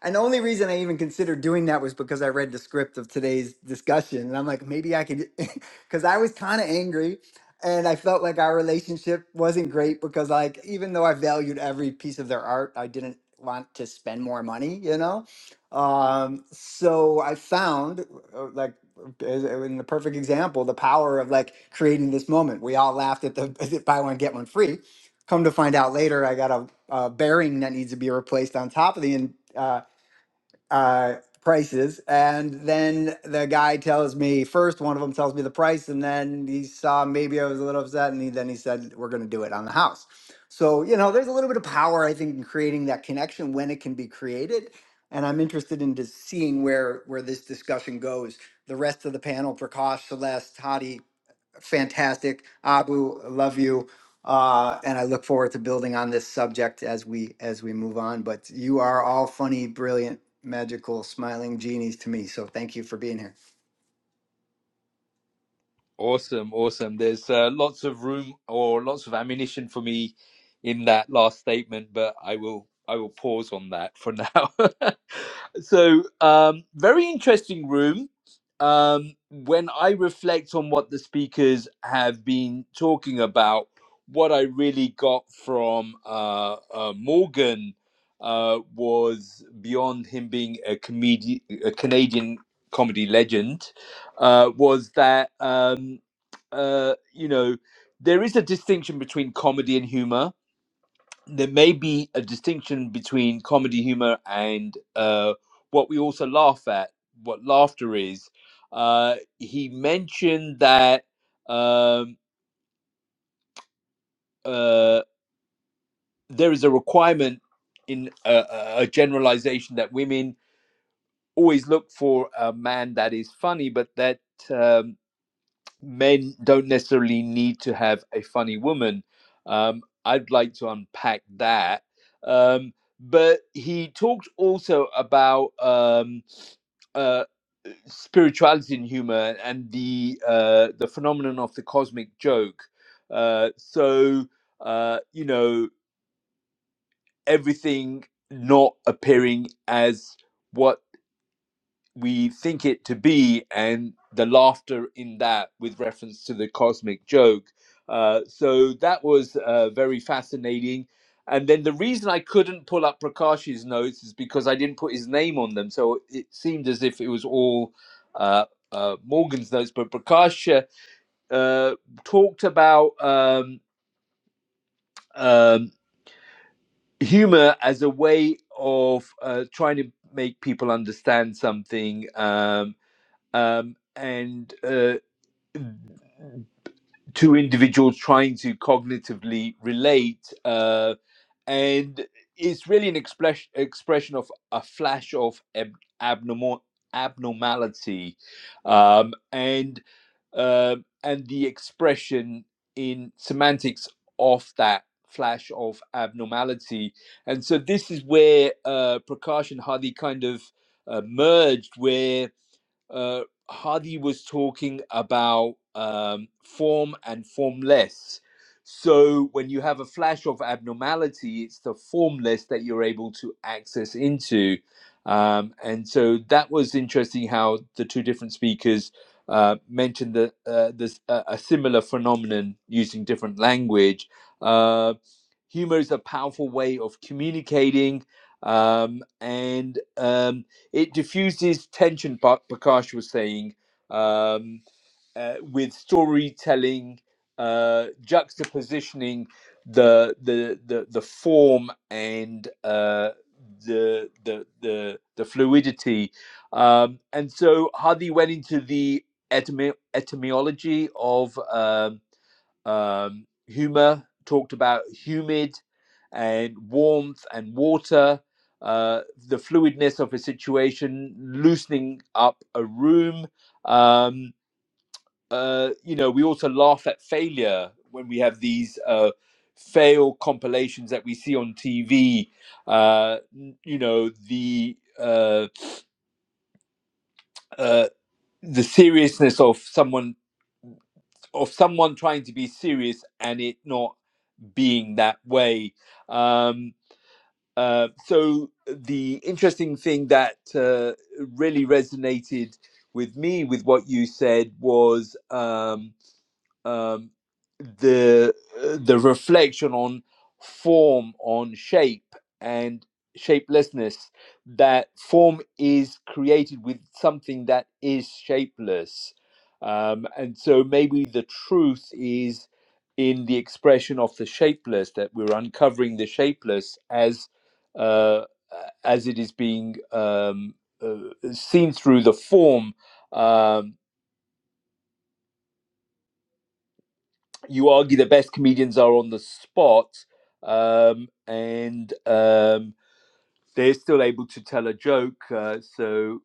And the only reason I even considered doing that was because I read the script of today's discussion. And I'm like, maybe I could because I was kind of angry and I felt like our relationship wasn't great because, like, even though I valued every piece of their art, I didn't want to spend more money, you know? Um, so I found, uh, like, as- uh, in the perfect example, the power of like creating this moment. We all laughed at the buy one, get one free. Come to find out later, I got a, a bearing that needs to be replaced on top of the in, uh, uh, prices. And then the guy tells me first, one of them tells me the price, and then he saw maybe I was a little upset, and he, then he said, "We're going to do it on the house." So you know, there's a little bit of power I think in creating that connection when it can be created. And I'm interested in just seeing where where this discussion goes. The rest of the panel, Prakash, Celeste, Hadi, fantastic. Abu, I love you. Uh, and I look forward to building on this subject as we as we move on. But you are all funny, brilliant, magical, smiling genies to me. So thank you for being here. Awesome, awesome. There's uh, lots of room or lots of ammunition for me in that last statement, but I will I will pause on that for now. so um, very interesting room. Um, when I reflect on what the speakers have been talking about, what I really got from uh, uh, Morgan uh, was beyond him being a comedian, a Canadian comedy legend, uh, was that um, uh, you know there is a distinction between comedy and humor there may be a distinction between comedy humor and uh, what we also laugh at, what laughter is. Uh, he mentioned that um, uh, there is a requirement in a, a a generalization that women always look for a man that is funny, but that um, men don't necessarily need to have a funny woman. Um, I'd like to unpack that. Um, but he talked also about um, uh, spirituality and humor and the uh, the phenomenon of the cosmic joke. Uh, so uh, you know everything not appearing as what we think it to be, and the laughter in that with reference to the cosmic joke. Uh, so that was uh, very fascinating. And then the reason I couldn't pull up Prakash's notes is because I didn't put his name on them. So it seemed as if it was all uh, uh, Morgan's notes. But Prakash uh, uh, talked about um, um, humor as a way of uh, trying to make people understand something. Um, um, and uh, two individuals trying to cognitively relate. Uh, and it's really an express, expression of a flash of ab- abnormal abnormality um, and um, and the expression in semantics of that flash of abnormality. And so this is where uh, Prakash and Hadi kind of uh, merged, where uh, Hadi was talking about um, form and formless. So when you have a flash of abnormality, it's the formless that you're able to access into. Um, and so that was interesting how the two different speakers uh, mentioned that uh, there's a, a similar phenomenon using different language. Uh, humor is a powerful way of communicating, um, and um, it diffuses tension. Pa- Prakash was saying. um, uh, with storytelling, uh, juxtapositioning the the the, the form and uh, the, the the the fluidity, um, and so Hadi went into the etymo- etymology of um, um, humor, talked about humid and warmth and water. Uh, the fluidness of a situation, loosening up a room, Um, uh, you know, we also laugh at failure when we have these uh, fail compilations that we see on TV. Uh, n- you know, the uh, uh, the seriousness of someone of someone trying to be serious and it not being that way. Um, uh, so the interesting thing that uh, really resonated with me with what you said was. Um, um, the uh, the reflection on form on shape and shapelessness that form is created with something that is shapeless um, and so maybe the truth is in the expression of the shapeless that we're uncovering the shapeless as uh, as it is being um, uh, seen through the form um. you argue the best comedians are on the spot um, and um, they're still able to tell a joke. Uh, so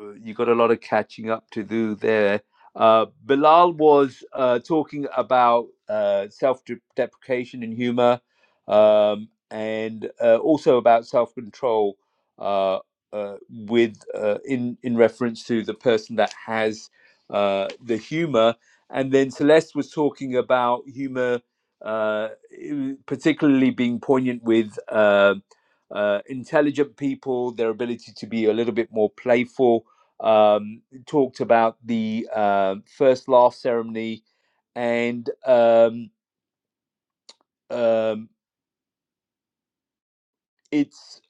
uh, you got a lot of catching up to do there. Uh, Bilal was uh, talking about uh, self deprecation and humor, um, and uh, also about self control. Uh, uh, with uh, in in reference to the person that has uh, the humor, and then Celeste was talking about humor, uh, particularly being poignant with. um uh, intelligent people, their ability to be a little bit more playful. Um, talked about the uh, first laugh ceremony, and um, um, it's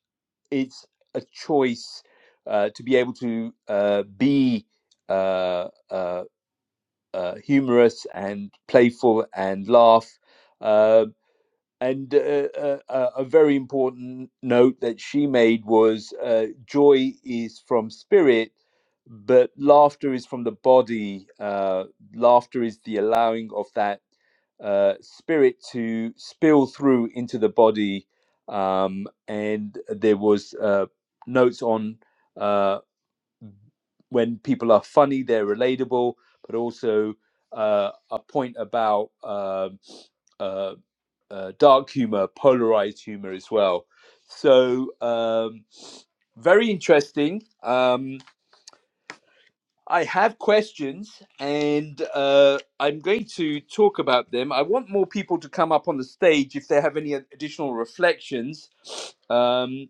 it's a choice uh, to be able to uh, be uh, uh, uh, humorous and playful and laugh. Uh, And uh, uh, uh, a very important note that she made was uh, joy is from spirit, but laughter is from the body. Uh, laughter is the allowing of that uh, spirit to spill through into the body. Um, and there was uh, notes on uh, when people are funny, they're relatable, but also uh, a point about. um uh, uh, dark humor, polarized humor as well. So um, very interesting. Um, I have questions, and uh, I'm going to talk about them. I want more people to come up on the stage if they have any additional reflections. Um,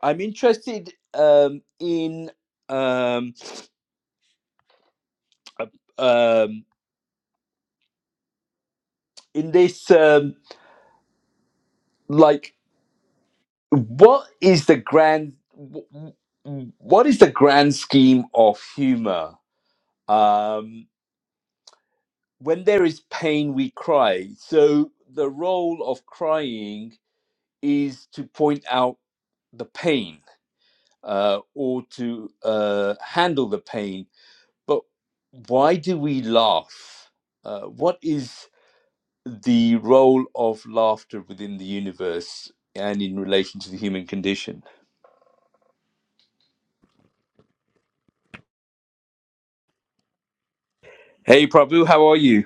I'm interested um, in um, uh, um, in this um, like what is the grand wh- wh- what is the grand scheme of humor Um, when there is pain, we cry. So the role of crying is to point out the pain uh, or to uh, handle the pain. But why do we laugh? Uh, what is the role of laughter within the universe and in relation to the human condition? Hey, Prabhu, how are you?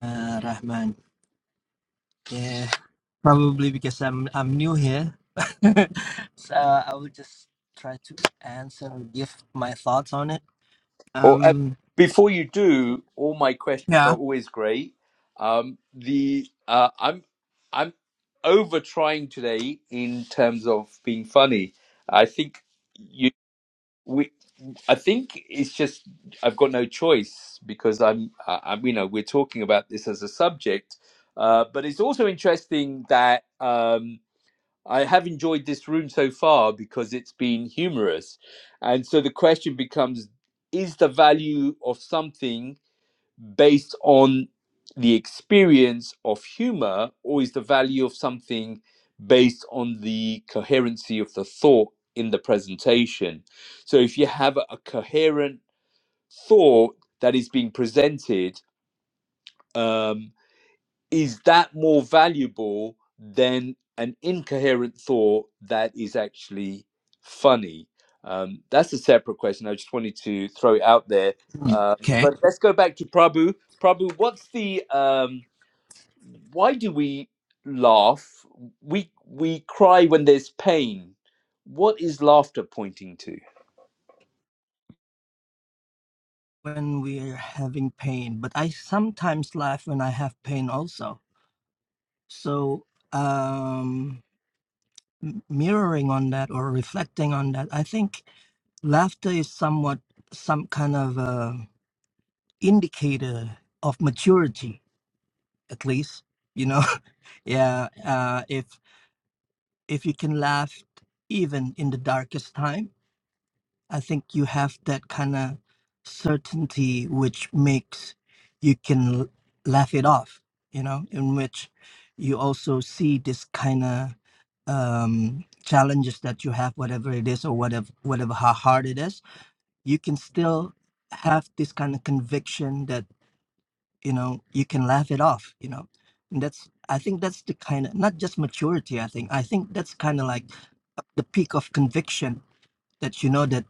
Uh, Rahman. Yeah, probably because I'm I'm new here, so I will just try to answer and give my thoughts on it. Well, uh, Um, before you do, all my questions yeah, are always great. Um, the uh, I'm I'm over trying today in terms of being funny. I think you we I think it's just I've got no choice because I'm I, I'm you know we're talking about this as a subject, uh, but it's also interesting that. Um, I have enjoyed this room so far because it's been humorous. And so the question becomes is the value of something based on the experience of humor, or is the value of something based on the coherency of the thought in the presentation? So if you have a a coherent thought that is being presented, um, is that more valuable than an incoherent thought that is actually funny? Um, that's a separate question. I just wanted to throw it out there. Uh, okay. but let's go back to Prabhu. Prabhu, what's the um, why do we laugh? We we cry when there's pain. What is laughter pointing to? When we're having pain, but I sometimes laugh when I have pain also. So, um, m- mirroring on that or reflecting on that, I think laughter is somewhat some kind of a indicator of maturity at least you know yeah uh if if you can laugh even in the darkest time i think you have that kind of certainty which makes you can l- laugh it off you know in which you also see this kind of um challenges that you have whatever it is or whatever whatever how hard it is you can still have this kind of conviction that you know you can laugh it off you know and that's i think that's the kind of not just maturity i think i think that's kind of like the peak of conviction that you know that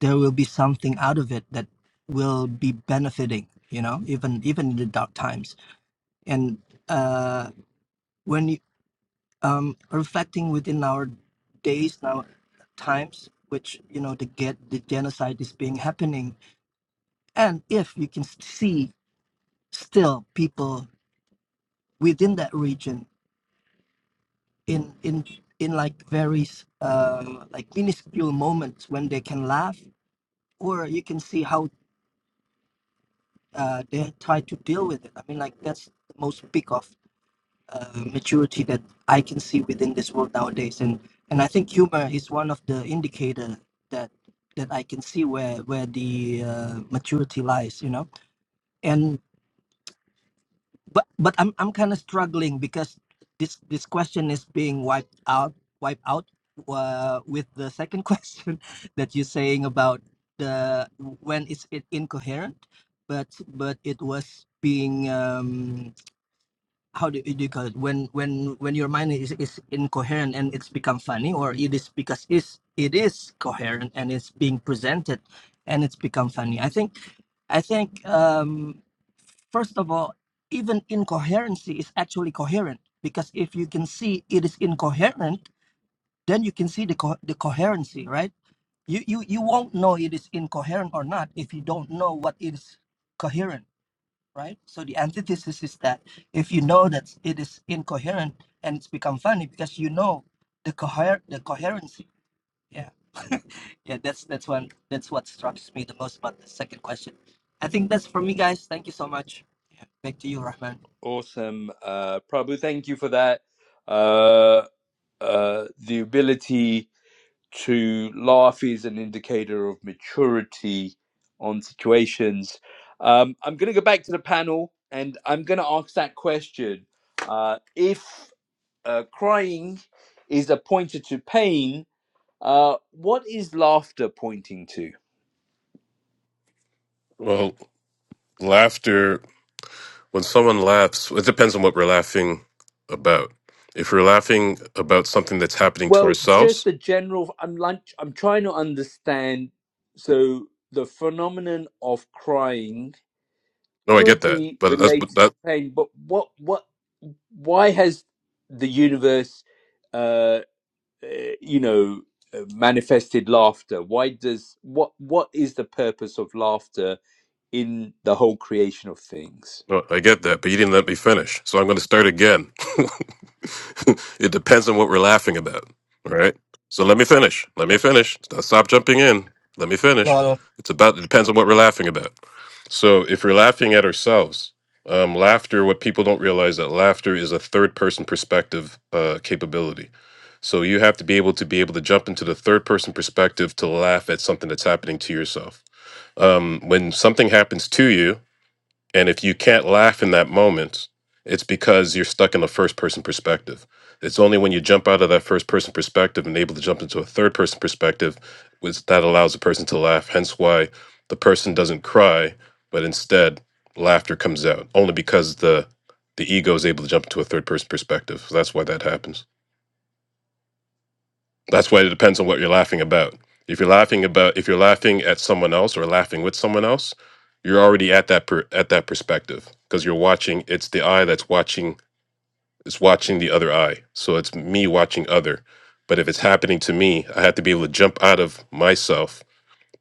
there will be something out of it that will be benefiting you know even even in the dark times and uh when you um reflecting within our days now times which you know the get the genocide is being happening and if you can see still people within that region in in in like very uh, like minuscule moments when they can laugh, or you can see how uh, they try to deal with it. I mean, like that's the most peak of uh, maturity that I can see within this world nowadays, and and I think humor is one of the indicator that that I can see where where the uh, maturity lies, you know, and but but I'm I'm kind of struggling because this this question is being wiped out wiped out uh, with the second question that you're saying about the when is it incoherent, but but it was being um how do you, do you call it when when when your mind is, is incoherent and it's become funny or it is because is it is coherent and it's being presented and it's become funny i think i think um First of all, even incoherency is actually coherent because if you can see it is incoherent, then you can see the, co- the coherency, right? You, you, you won't know it is incoherent or not if you don't know what is coherent, right? So the antithesis is that if you know that it is incoherent and it's become funny because you know the coher- the coherency. Yeah. yeah, that's that's one that's what strikes me the most about the second question. I think that's for me guys. Thank you so much. Yeah, back to you, Rahman. Awesome, uh, Prabhu. Thank you for that. Uh, uh, the ability to laugh is an indicator of maturity on situations. Um, I'm going to go back to the panel and I'm going to ask that question. Uh, if uh, crying is a pointer to pain, uh, what is laughter pointing to? Well, laughter, when someone laughs, it depends on what we're laughing about. If we're laughing about something that's happening to Well, just ourselves, the general. I'm like I'm trying to understand. So the phenomenon of crying no, I get could that. be But that's, but related that, to pain, but what what why has the universe, uh, uh, you know, uh, manifested laughter? Why does what what is the purpose of laughter in the whole creation of things? No, I get that, but you didn't let me finish. So I'm going to start again. it depends on what we're laughing about. All right. So let me finish. Let me finish. Stop stop jumping in. Let me finish. Well, It's about, it depends on what we're laughing about. So if we're laughing at ourselves, um, laughter, what people don't realize that laughter is a third person perspective uh, capability. So you have to be able to be able to jump into the third person perspective to laugh at something that's happening to yourself. Um, when something happens to you, and if you can't laugh in that moment, it's because you're stuck in a first person perspective. It's only when you jump out of that first person perspective and able to jump into a third person perspective which that allows the person to laugh. Hence why the person doesn't cry, but instead laughter comes out only because the the ego is able to jump into a third person perspective. So that's why that happens. That's why it depends on what you're laughing about. If you're laughing about if you're laughing at someone else or laughing with someone else, you're already at that per, at that perspective because you're watching it's the eye that's watching It's watching the other eye. So it's me watching other. But if it's happening to me, I have to be able to jump out of myself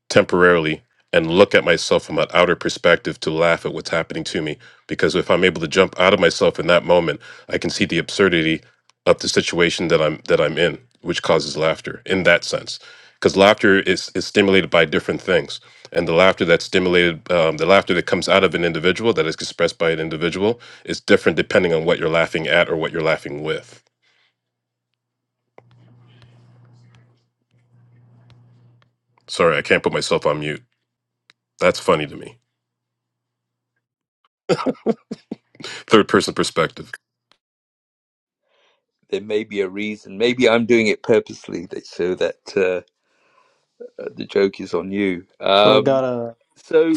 temporarily and look at myself from an outer perspective to laugh at what's happening to me. Because if I'm able to jump out of myself in that moment, I can see the absurdity of the situation that I'm that I'm in, which causes laughter in that sense. Because laughter is, is stimulated by different things. And the laughter that's stimulated, um, the laughter that comes out of an individual, that is expressed by an individual, is different depending on what you're laughing at or what you're laughing with. Sorry, I can't put myself on mute. That's funny to me. Third person perspective. There may be a reason. Maybe I'm doing it purposely that, so that uh, the joke is on you. So I got Um, a so.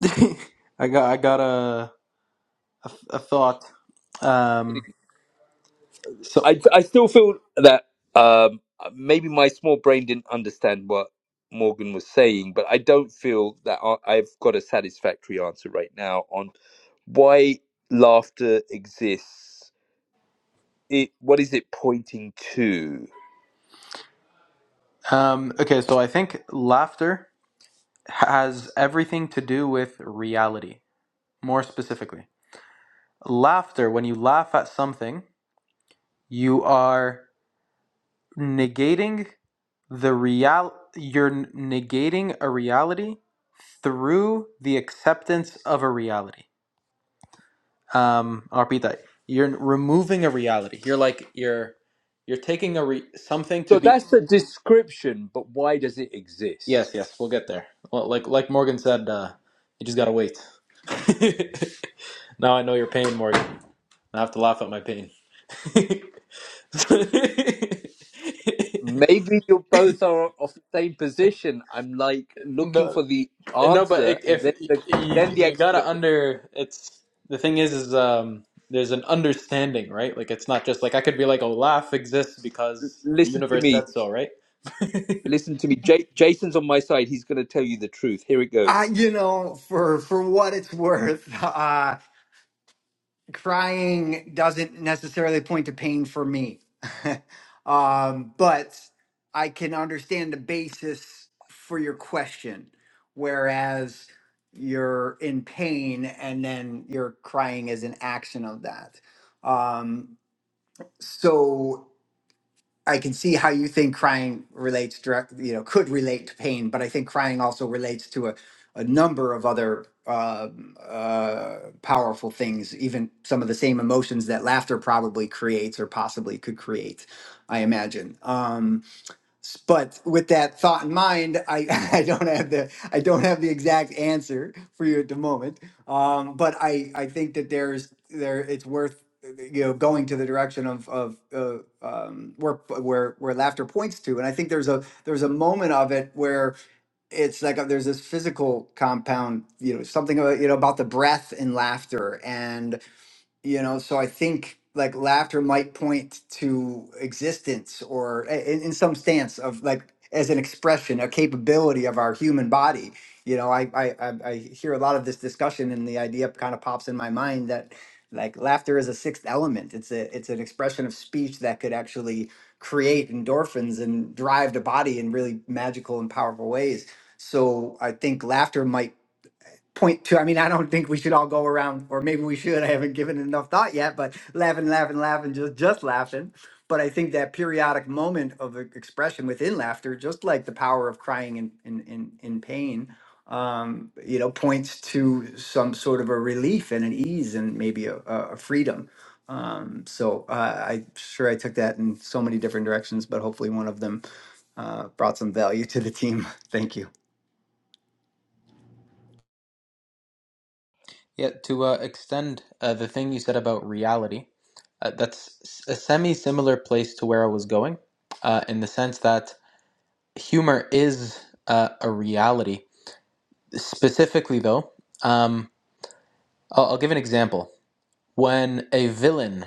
I got I got a a, a thought. Um, so I I still feel that um, maybe my small brain didn't understand what Morgan was saying, but I don't feel that I- I've got a satisfactory answer right now on why laughter exists. It what is it pointing to? um, okay, so I think laughter. has everything to do with reality. More specifically, laughter, when you laugh at something, you are negating the real you're negating a reality through the acceptance of a reality. Um, I'll repeat that. You're removing a reality. You're like you're you're taking a re- something So to be. that's the description, but why does it Yes, exist? yes, we'll get there. Well, like like Morgan said, uh, you just gotta wait. now I know your pain, Morgan. I have to laugh at my pain. Maybe you both are of the same position. I'm like looking no, for the no, but answer, i- and if then you, the, then the you explanation. gotta under, it's the thing is, is um, there's an understanding, right? Like it's not just like I could be like, oh, laugh exists because the Listen to universe me said so, right? Listen to me. J- Jason's on my side. He's going to tell you the truth. Here it Uh, goes. you know, for for what it's worth, uh, crying doesn't necessarily point to pain for me. um, but I can understand the basis for your question. Whereas you're in pain and then you're crying as an action of that. Um, so I can see how you think crying relates direct, you know, could relate to pain, but I think crying also relates to a, a number of other um uh, powerful things, even some of the same emotions that laughter probably creates or possibly could create, I imagine. Um, but with that thought in mind, I, I don't have the I don't have the exact answer for you at the moment. Um, but I, I think that there's there it's worth uh, you know going to the direction of of uh, um, where where where laughter points to, and I think there's a there's a moment of it where it's like a, there's this physical compound, you know, something about, you know about the breath in laughter and you know so i think like laughter might point to existence or i- in, in some stance of like as an expression a capability of our human body you know I, I i I hear a lot of this discussion and the idea kind of pops in my mind that like laughter is a sixth element it's a it's an expression of speech that could actually create endorphins and drive the body in really magical and powerful ways so i think laughter might point two. I mean, I don't think we should all go around, or maybe we should. I haven't given it enough thought yet, but laughing, laughing, laughing, just just laughing. But I think that periodic moment of e- expression within laughter, just like the power of crying in in in, in pain, um, you know, points to some sort of a relief and an ease and maybe a, a a freedom. Um, so uh, i sure I took that in so many different directions, but hopefully one of them uh, brought some value to the team. Thank you. Yeah. To uh, extend uh, the thing you said about reality, uh, that's a a semi-similar place to where I was going, uh, in the sense that humor is uh, a reality. Specifically, though. Um, I'll, I'll give an example. When a villain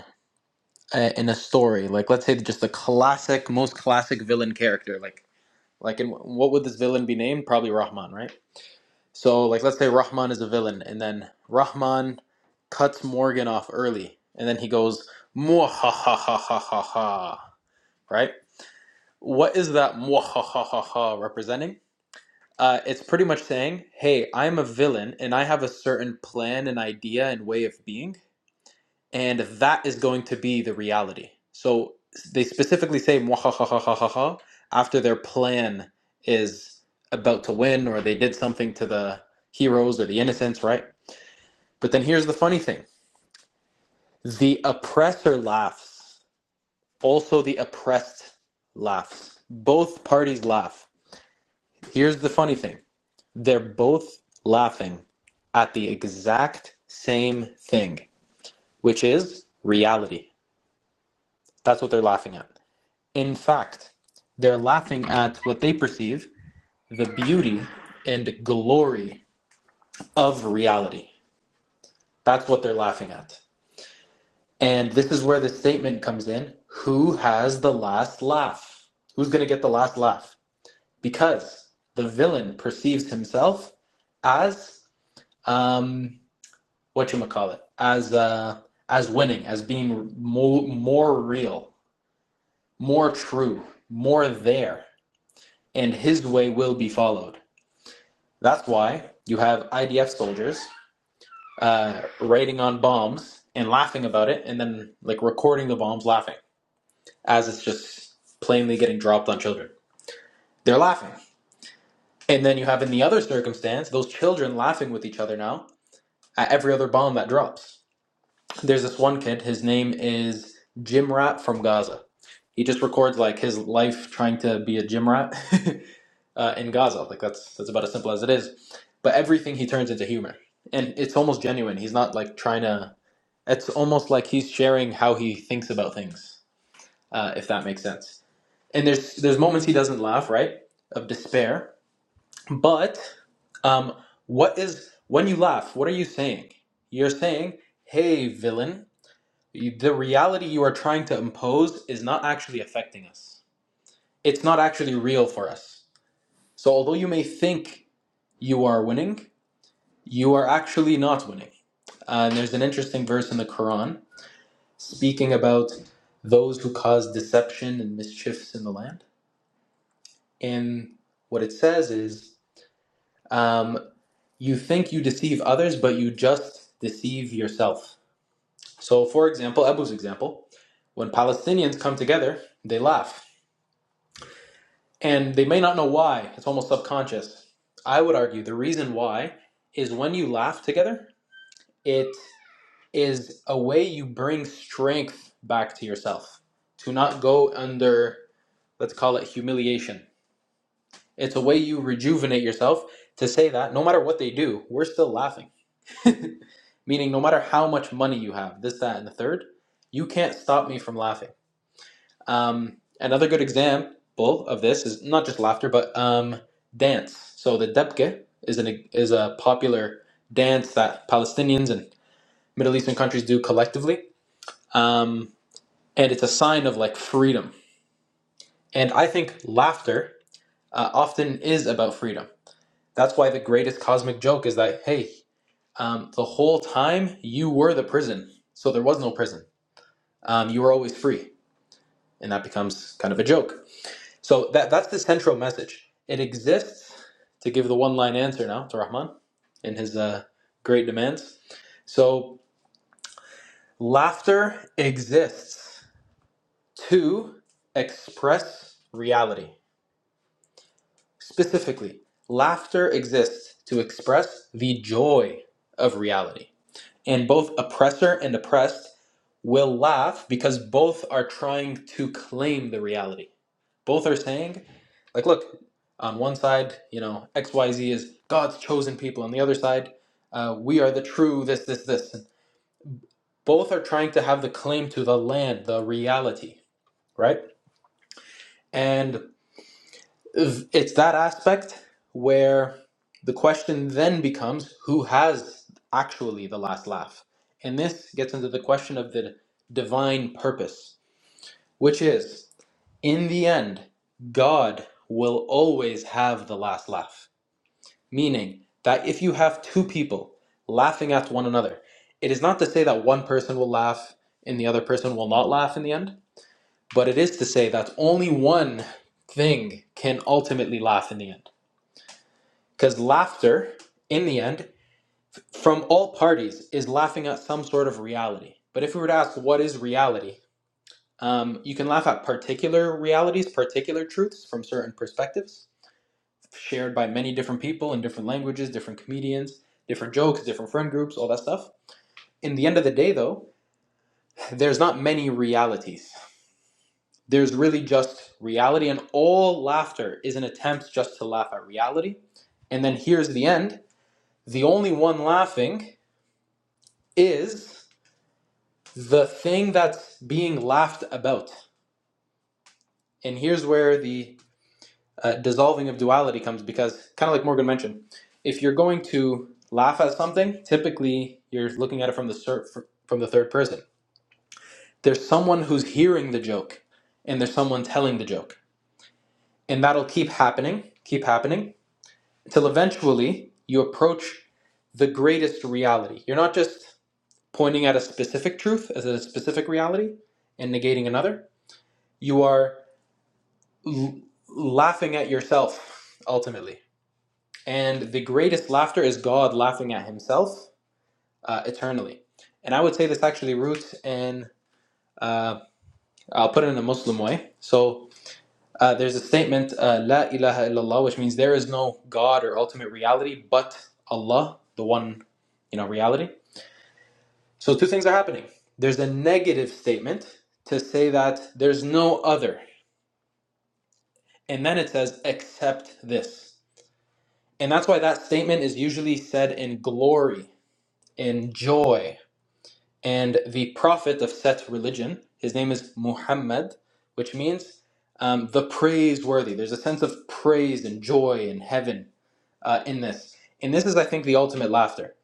uh, in a story, like let's say just the classic, most classic villain character, like like in what would this villain be named? Probably Rahman, right? So like let's say Rahman is a villain, and then Rahman cuts Morgan off early, and then he goes "Mwah, ha ha ha ha ha ha," right? What is that "Mwah, ha ha ha ha" representing? Uh, it's pretty much saying, "Hey, I'm a villain, and I have a certain plan and idea and way of being." and that is going to be the reality. So they specifically say "Mwahahahahaha" after their plan is about to win, or they did something to the heroes or the innocents, right? But then here's the funny thing: the oppressor laughs, also the oppressed laughs. Both parties laugh. Here's the funny thing: they're both laughing at the exact same thing, which is reality. That's what they're laughing at. In fact, they're laughing at what they perceive the beauty and glory of reality. That's what they're laughing at. And this is where the statement comes in who has the last laugh? Who's going to get the last laugh? Because the villain perceives himself as um what you call it as uh as winning as being more more real more true more there and his way will be followed That's why you have IDF soldiers uh, raiding on bombs and laughing about it, and then like recording the bombs laughing as it's just plainly getting dropped on children. They're laughing, and then you have in the other circumstance those children laughing with each other now at every other bomb that drops. There's this one kid. His name is Jim Rat from Gaza. He just records like his life trying to be a gym rat, uh, in Gaza. Like that's that's about as simple as it is. But everything he turns into humor, and it's almost genuine. He's not like trying to. It's almost like he's sharing how he thinks about things, uh, if that makes sense. And there's there's moments he doesn't laugh, right, of despair. But um, what is when you laugh? What are you saying? You're saying, "Hey, villain." you- The reality you are trying to impose is not actually affecting us. It's not actually real for us. So, although you may think you are winning, you are actually not winning. Uh, And there's an interesting verse in the Quran speaking about those who cause deception and mischiefs in the land. And what it says is, um, you think you deceive others, but you just deceive yourself. So, for example, Abu's example, when Palestinians come together, they laugh. And they may not know why, it's almost subconscious. I would argue the reason why is when you laugh together, it is a way you bring strength back to yourself to not go under, let's call it humiliation. It's a way you rejuvenate yourself to say that no matter what they do, we're still laughing. Meaning, no matter how much money you have, this, that, and the third, you can't stop me from laughing. Um, another good example of this is not just laughter, but um, dance. So the debke is an is a popular dance that Palestinians and Middle Eastern countries do collectively. Um, and it's a sign of like freedom. And I think laughter uh, often is about freedom. That's why the greatest cosmic joke is that hey, um, the whole time you were the prison, so there was no prison. Um, you were always free, and that becomes kind of a joke. So that that's the central message. It exists to give the one-line answer now to Rahman in his uh, great demands. So laughter exists to express reality Specifically, laughter exists to express the joy of reality. And both oppressor and oppressed will laugh because both are trying to claim the reality. Both are saying, like, look, on one side, you know, XYZ is God's chosen people. On the other side, uh, we are the true this, this, this. Both are trying to have the claim to the land, the reality, right? And it's that aspect where the question then becomes who has actually the last laugh and this gets into the question of the divine purpose which is in the end god will always have the last laugh meaning that if you have two people laughing at one another it is not to say that one person will laugh and the other person will not laugh in the end but it is to say that only one thing can ultimately laugh in the end Because laughter, in the end, from all parties, is laughing at some sort of reality. But if we were to ask, what is reality? Um, you can laugh at particular realities, particular truths from certain perspectives, shared by many different people in different languages, different comedians, different jokes, different friend groups, all that stuff. In the end of the day, though, there's not many realities. There's really just reality, and all laughter is an attempt just to laugh at reality. And then here's the end the only one laughing is the thing that's being laughed about. And here's where the uh, dissolving of duality comes because, kind of like Morgan mentioned, if you're going to laugh at something, typically you're looking at it from the from the third person. There's someone who's hearing the joke, and there's someone telling the joke, and that'll keep happening, keep happening, until eventually you approach the greatest reality. You're not just pointing at a specific truth as a specific reality and negating another You are l- laughing at yourself, ultimately. And the greatest laughter is God laughing at himself uh, eternally. And I would say this actually roots in, uh, I'll put it in a Muslim way. So uh, there's a statement, uh, La ilaha illallah, which means there is no God or ultimate reality but Allah, the one, you know, reality. So two things are happening. There's a negative statement to say that there's no other. And then it says, except this. And that's why that statement is usually said in glory, in joy. And the prophet of Set's religion, his name is Muhammad, which means um, the praiseworthy. There's a sense of praise and joy and heaven uh, in this. And this is, I think, the ultimate laughter.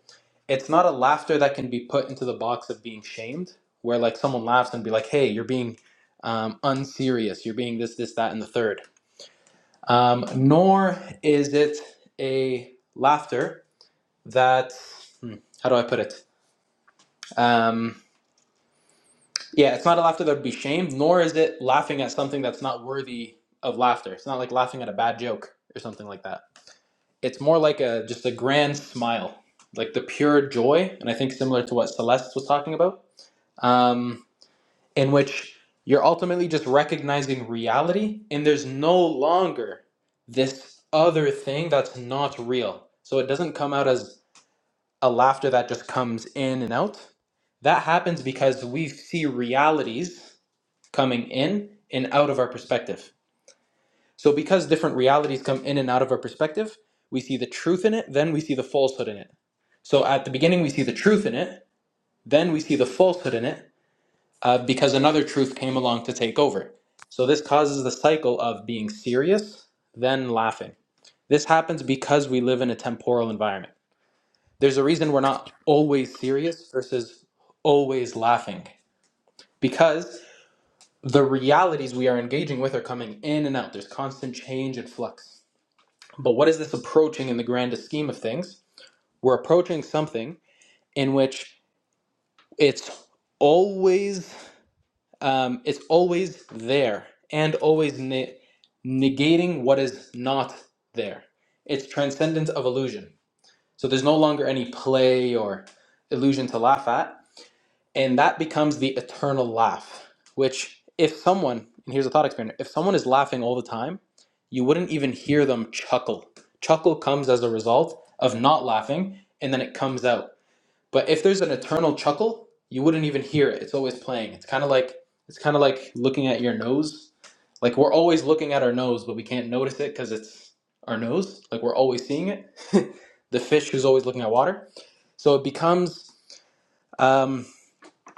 It's not a laughter that can be put into the box of being shamed, where like someone laughs and be like, hey, you're being um, unserious, you're being this, this, that, and the third. Um, nor is it a laughter that hmm, how do I put it? Um, yeah, it's not a laughter that would be shamed, nor is it laughing at something that's not worthy of laughter. It's not like laughing at a bad joke or something like that. It's more like a just a grand smile, like the pure joy, and I think similar to what Celeste was talking about, um, in which you're ultimately just recognizing reality, and there's no longer this other thing that's not real. So it doesn't come out as a laughter that just comes in and out. That happens because we see realities coming in and out of our perspective. So, because different realities come in and out of our perspective, we see the truth in it, then we see the falsehood in it. So, at the beginning, we see the truth in it, then we see the falsehood in it uh, because another truth came along to take over. So, this causes the cycle of being serious, then laughing. This happens because we live in a temporal environment. There's a reason we're not always serious versus always laughing because the realities we are engaging with are coming in and out. There's constant change and flux. But what is this approaching in the grandest scheme of things? We're approaching something in which it's always um, it's always there and always ne- negating what is not there. It's transcendence of illusion. So there's no longer any play or illusion to laugh at and that becomes the eternal laugh which if someone and here's a thought experiment if someone is laughing all the time you wouldn't even hear them chuckle chuckle comes as a result of not laughing and then it comes out but if there's an eternal chuckle you wouldn't even hear it it's always playing it's kind of like it's kind of like looking at your nose like we're always looking at our nose but we can't notice it because it's our nose like we're always seeing it the fish who's always looking at water so it becomes um,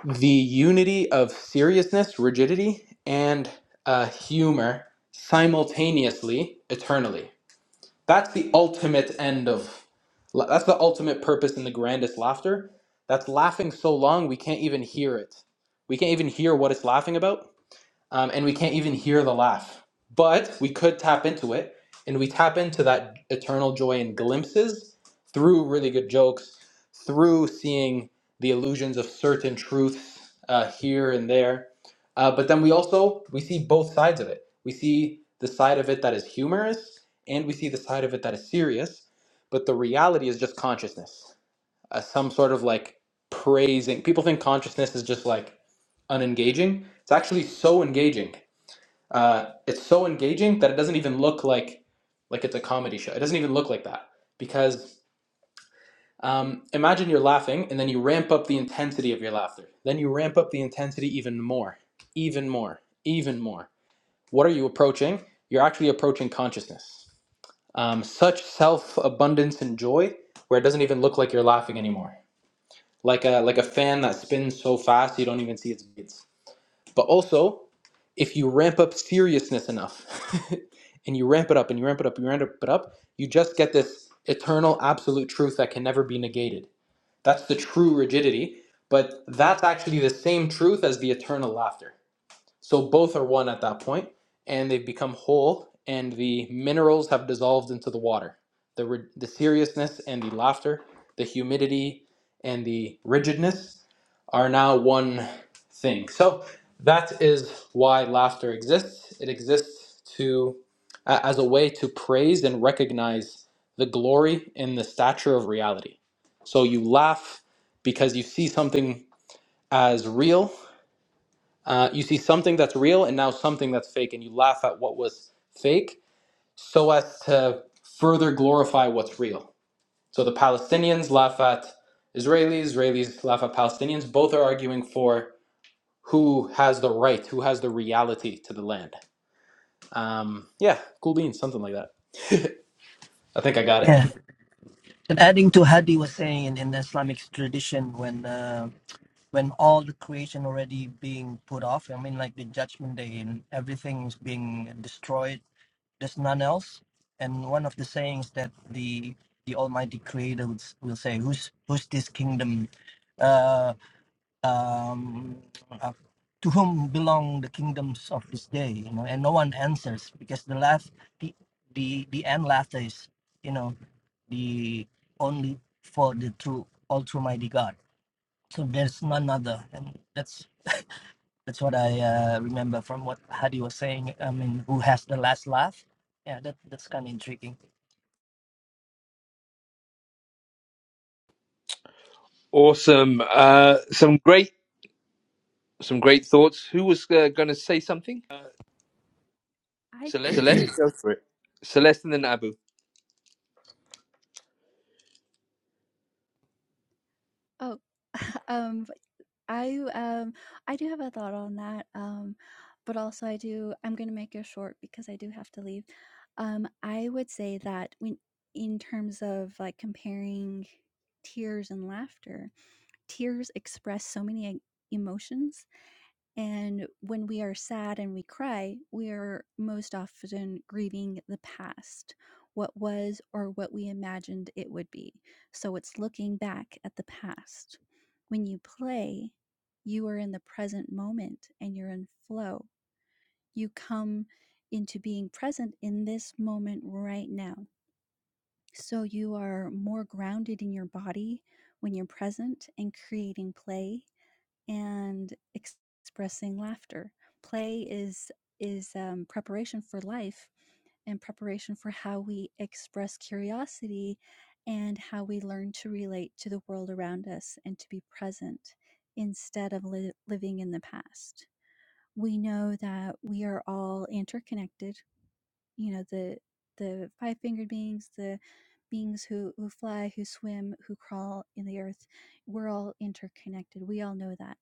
the unity of seriousness, rigidity, and uh, humor simultaneously, eternally. That's the ultimate end of, that's the ultimate purpose in the grandest laughter. That's laughing so long we can't even hear it. We can't even hear what it's laughing about um, and we can't even hear the laugh. But we could tap into it, and we tap into that eternal joy in glimpses through really good jokes, through seeing the illusions of certain truths uh, here and there. Uh, but then we also we see both sides of it. We see the side of it that is humorous, and we see the side of it that is serious. But the reality is just consciousness uh, some sort of like praising. People think consciousness is just like unengaging. It's actually so engaging. Uh, it's so engaging that it doesn't even look like like it's a comedy show. It doesn't even look like that because um, imagine you're laughing and then you ramp up the intensity of your laughter. Then you ramp up the intensity even more, even more, even more. What are you approaching? You're actually approaching consciousness. Um, such self abundance and joy where it doesn't even look like you're laughing anymore like a like a fan that spins so fast you don't even see its blades. But also, if you ramp up seriousness enough, and you ramp it up and you ramp it up, you ramp it up, you just get this eternal absolute truth that can never be negated. That's the true rigidity, but that's actually the same truth as the eternal laughter. So both are one at that point, and they've become whole, and the minerals have dissolved into the water. The, the seriousness and the laughter, the humidity and the rigidness are now one thing. So that is why laughter exists. It exists to a- as a way to praise and recognize the glory and the stature of reality. So you laugh because you see something as real uh, you see something that's real and now something that's fake, and you laugh at what was fake so as to further glorify what's real. So the Palestinians laugh at Israelis, Israelis laugh at Palestinians. Both are arguing for who has the right, who has the reality to the land. Um, yeah, cool beans, something like that. I think I got it. Yeah. And adding to Hadi was saying in, in the Islamic tradition, when uh, when all the creation already being put off, I mean, like the judgment day and everything is being destroyed, there's none else. And one of the sayings that the the Almighty Creator would, s- will say, "Who's who's this kingdom?" Uh, um, uh, to whom belong the kingdoms of this day you know and no one answers because the last the the, the end laughter is you know the only for the true all true mighty god so there's none other and that's that's what i uh, remember from what hadi was saying i mean who has the last laugh yeah that, that's kind of intriguing Awesome. Uh, some great, some great thoughts. Who was uh, going to say something? Uh, I Celeste? me Celeste. Go for it. Celeste and then Abu. oh um, I, um, I do have a thought on that, um, but also I do I'm gonna make it short because I do have to leave. Um, I would say that when in terms of like comparing tears and laughter, tears express so many e emotions and when we are sad and we cry, we are most often grieving the past, what was or what we imagined it would be. So it's looking back at the past. When you play, you are in the present moment and you're in flow. You come into being present in this moment right now. So you are more grounded in your body when you're present and creating play and expressing laughter. Play is is um, preparation for life and preparation for how we express curiosity and how we learn to relate to the world around us and to be present instead of li- living in the past. We know that we are all interconnected. You know the the five fingered beings, the beings who, who fly, who swim, who crawl in the earth, we're all interconnected. We all know that.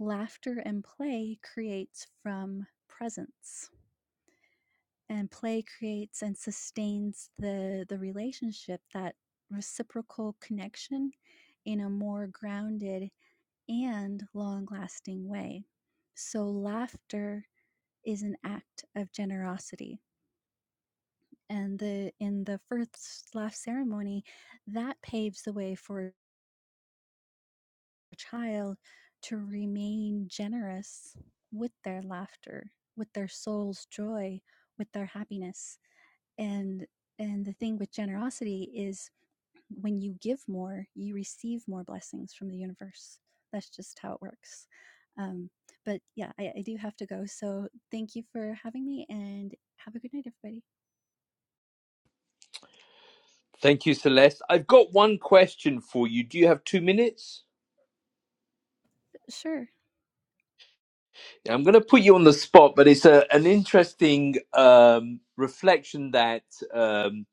Laughter and play creates from presence, and play creates and sustains the, the relationship, that reciprocal connection in a more grounded and long lasting way. So, laughter is an act of generosity. And the in the first laugh ceremony, that paves the way for child to remain generous with their laughter, with their soul's joy, with their happiness. And and the thing with generosity is when you give more, you receive more blessings from the universe. That's just how it works. Um, but yeah, I, I do have to go. So thank you for having me and have a good night, everybody. Thank you, Celeste. I've got one question for you. Do you have two minutes? Sure. Yeah, I'm going to put you on the spot, but it's a, an interesting um, reflection that um,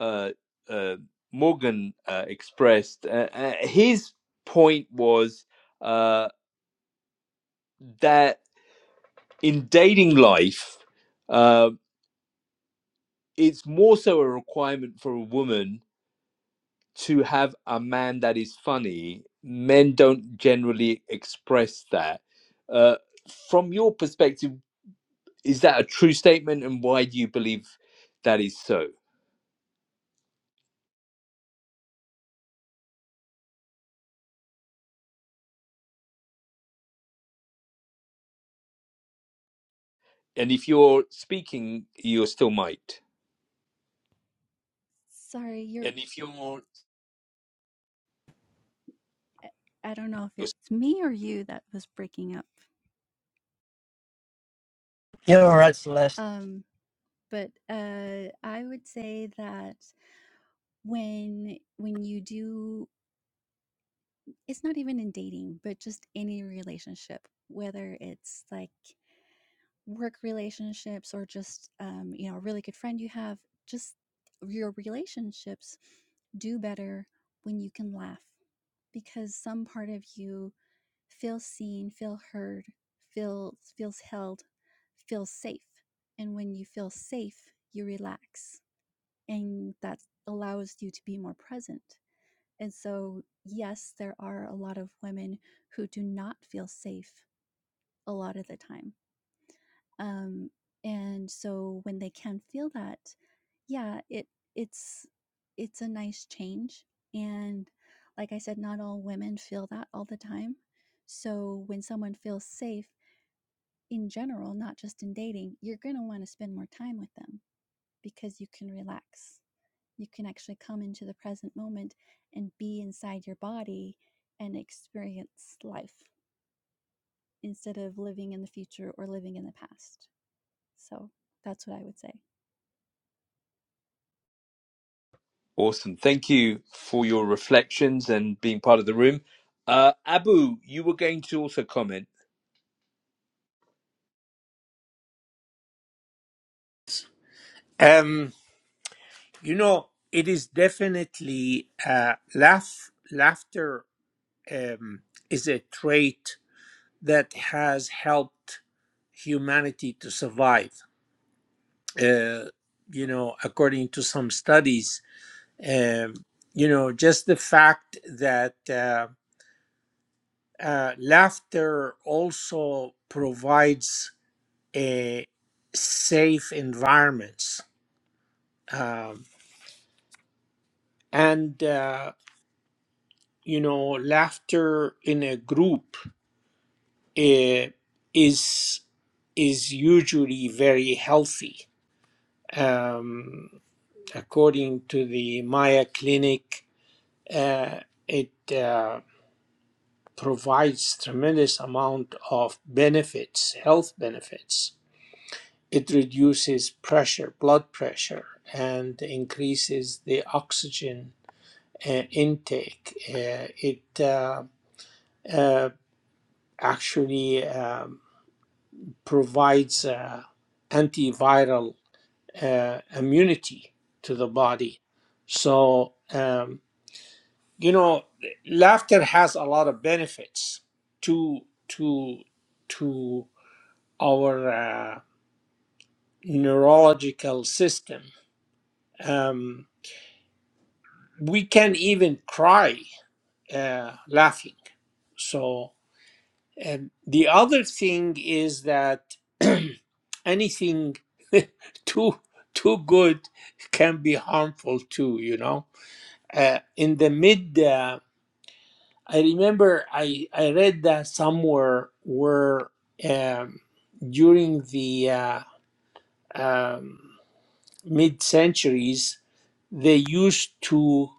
uh, uh, Morgan uh, expressed. Uh, uh, his point was uh, that in dating life, uh, it's more so a requirement for a woman to have a man that is funny. Men don't generally express that. Uh, from your perspective, is that a true statement, and why do you believe that is so? And if you're speaking, you're still mic. Sorry, you're And if you want I don't know if it's me or you that was breaking up. yeah all right Celeste. Um, but uh, I would say that when when you do, it's not even in dating, but just any relationship, whether it's like work relationships or just um, you know a really good friend you have, just your relationships do better when you can laugh because some part of you feels seen, feel heard, feels feels held, feels safe, and when you feel safe, you relax and that allows you to be more present. And so, yes, there are a lot of women who do not feel safe a lot of the time. Um, and so, when they can feel that, yeah, it it's it's a nice change. And like I said, not all women feel that all the time. So when someone feels safe in general, not just in dating, you're going to want to spend more time with them because you can relax you can actually come into the present moment and be inside your body and experience life instead of living in the future or living in the past. So that's what I would say. Awesome. Thank you for your reflections and being part of the room. Uh, Abu, you were going to also comment. um you know it is definitely uh laugh laughter um is a trait that has helped humanity to survive. Uh, you know, according to some studies, um, you know, just the fact that uh, uh, laughter also provides a safe environments, um, and uh, you know, laughter in a group uh, is is usually very healthy. Um, according to the Maya Clinic, uh, it uh, provides tremendous amount of benefits, health benefits. It reduces pressure, blood pressure, and increases the oxygen uh, intake. Uh, it uh, uh, actually um, provides uh, antiviral uh, immunity to the body. So um, you know laughter has a lot of benefits to to to our uh, neurological system um, we can even cry uh, laughing so and the other thing is that anything too too good can be harmful too you know uh, in the mid Uh, I remember I, I read that somewhere where um, during the uh, um, mid centuries they used to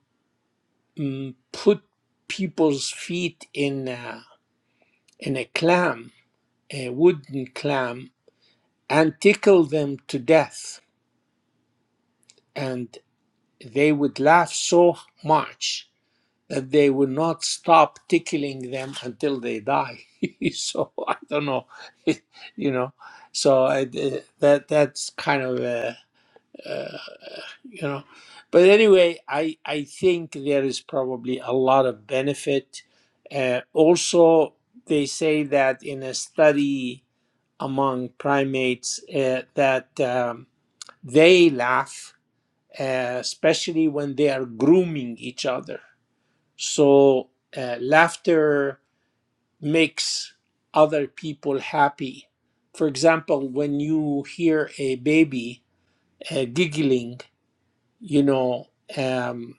um, put people's feet in uh, in a clam, a wooden clam, and tickle them to death, and they would laugh so much that they will not stop tickling them until they die. so I don't know, you know. So I, d- that that's kind of uh, uh, you know, but anyway, I I think there is probably a lot of benefit. Uh, also, they say that in a study among primates uh, that um, they laugh, uh, especially when they are grooming each other so uh, laughter makes other people happy. For example, when you hear a baby uh, giggling, you know um,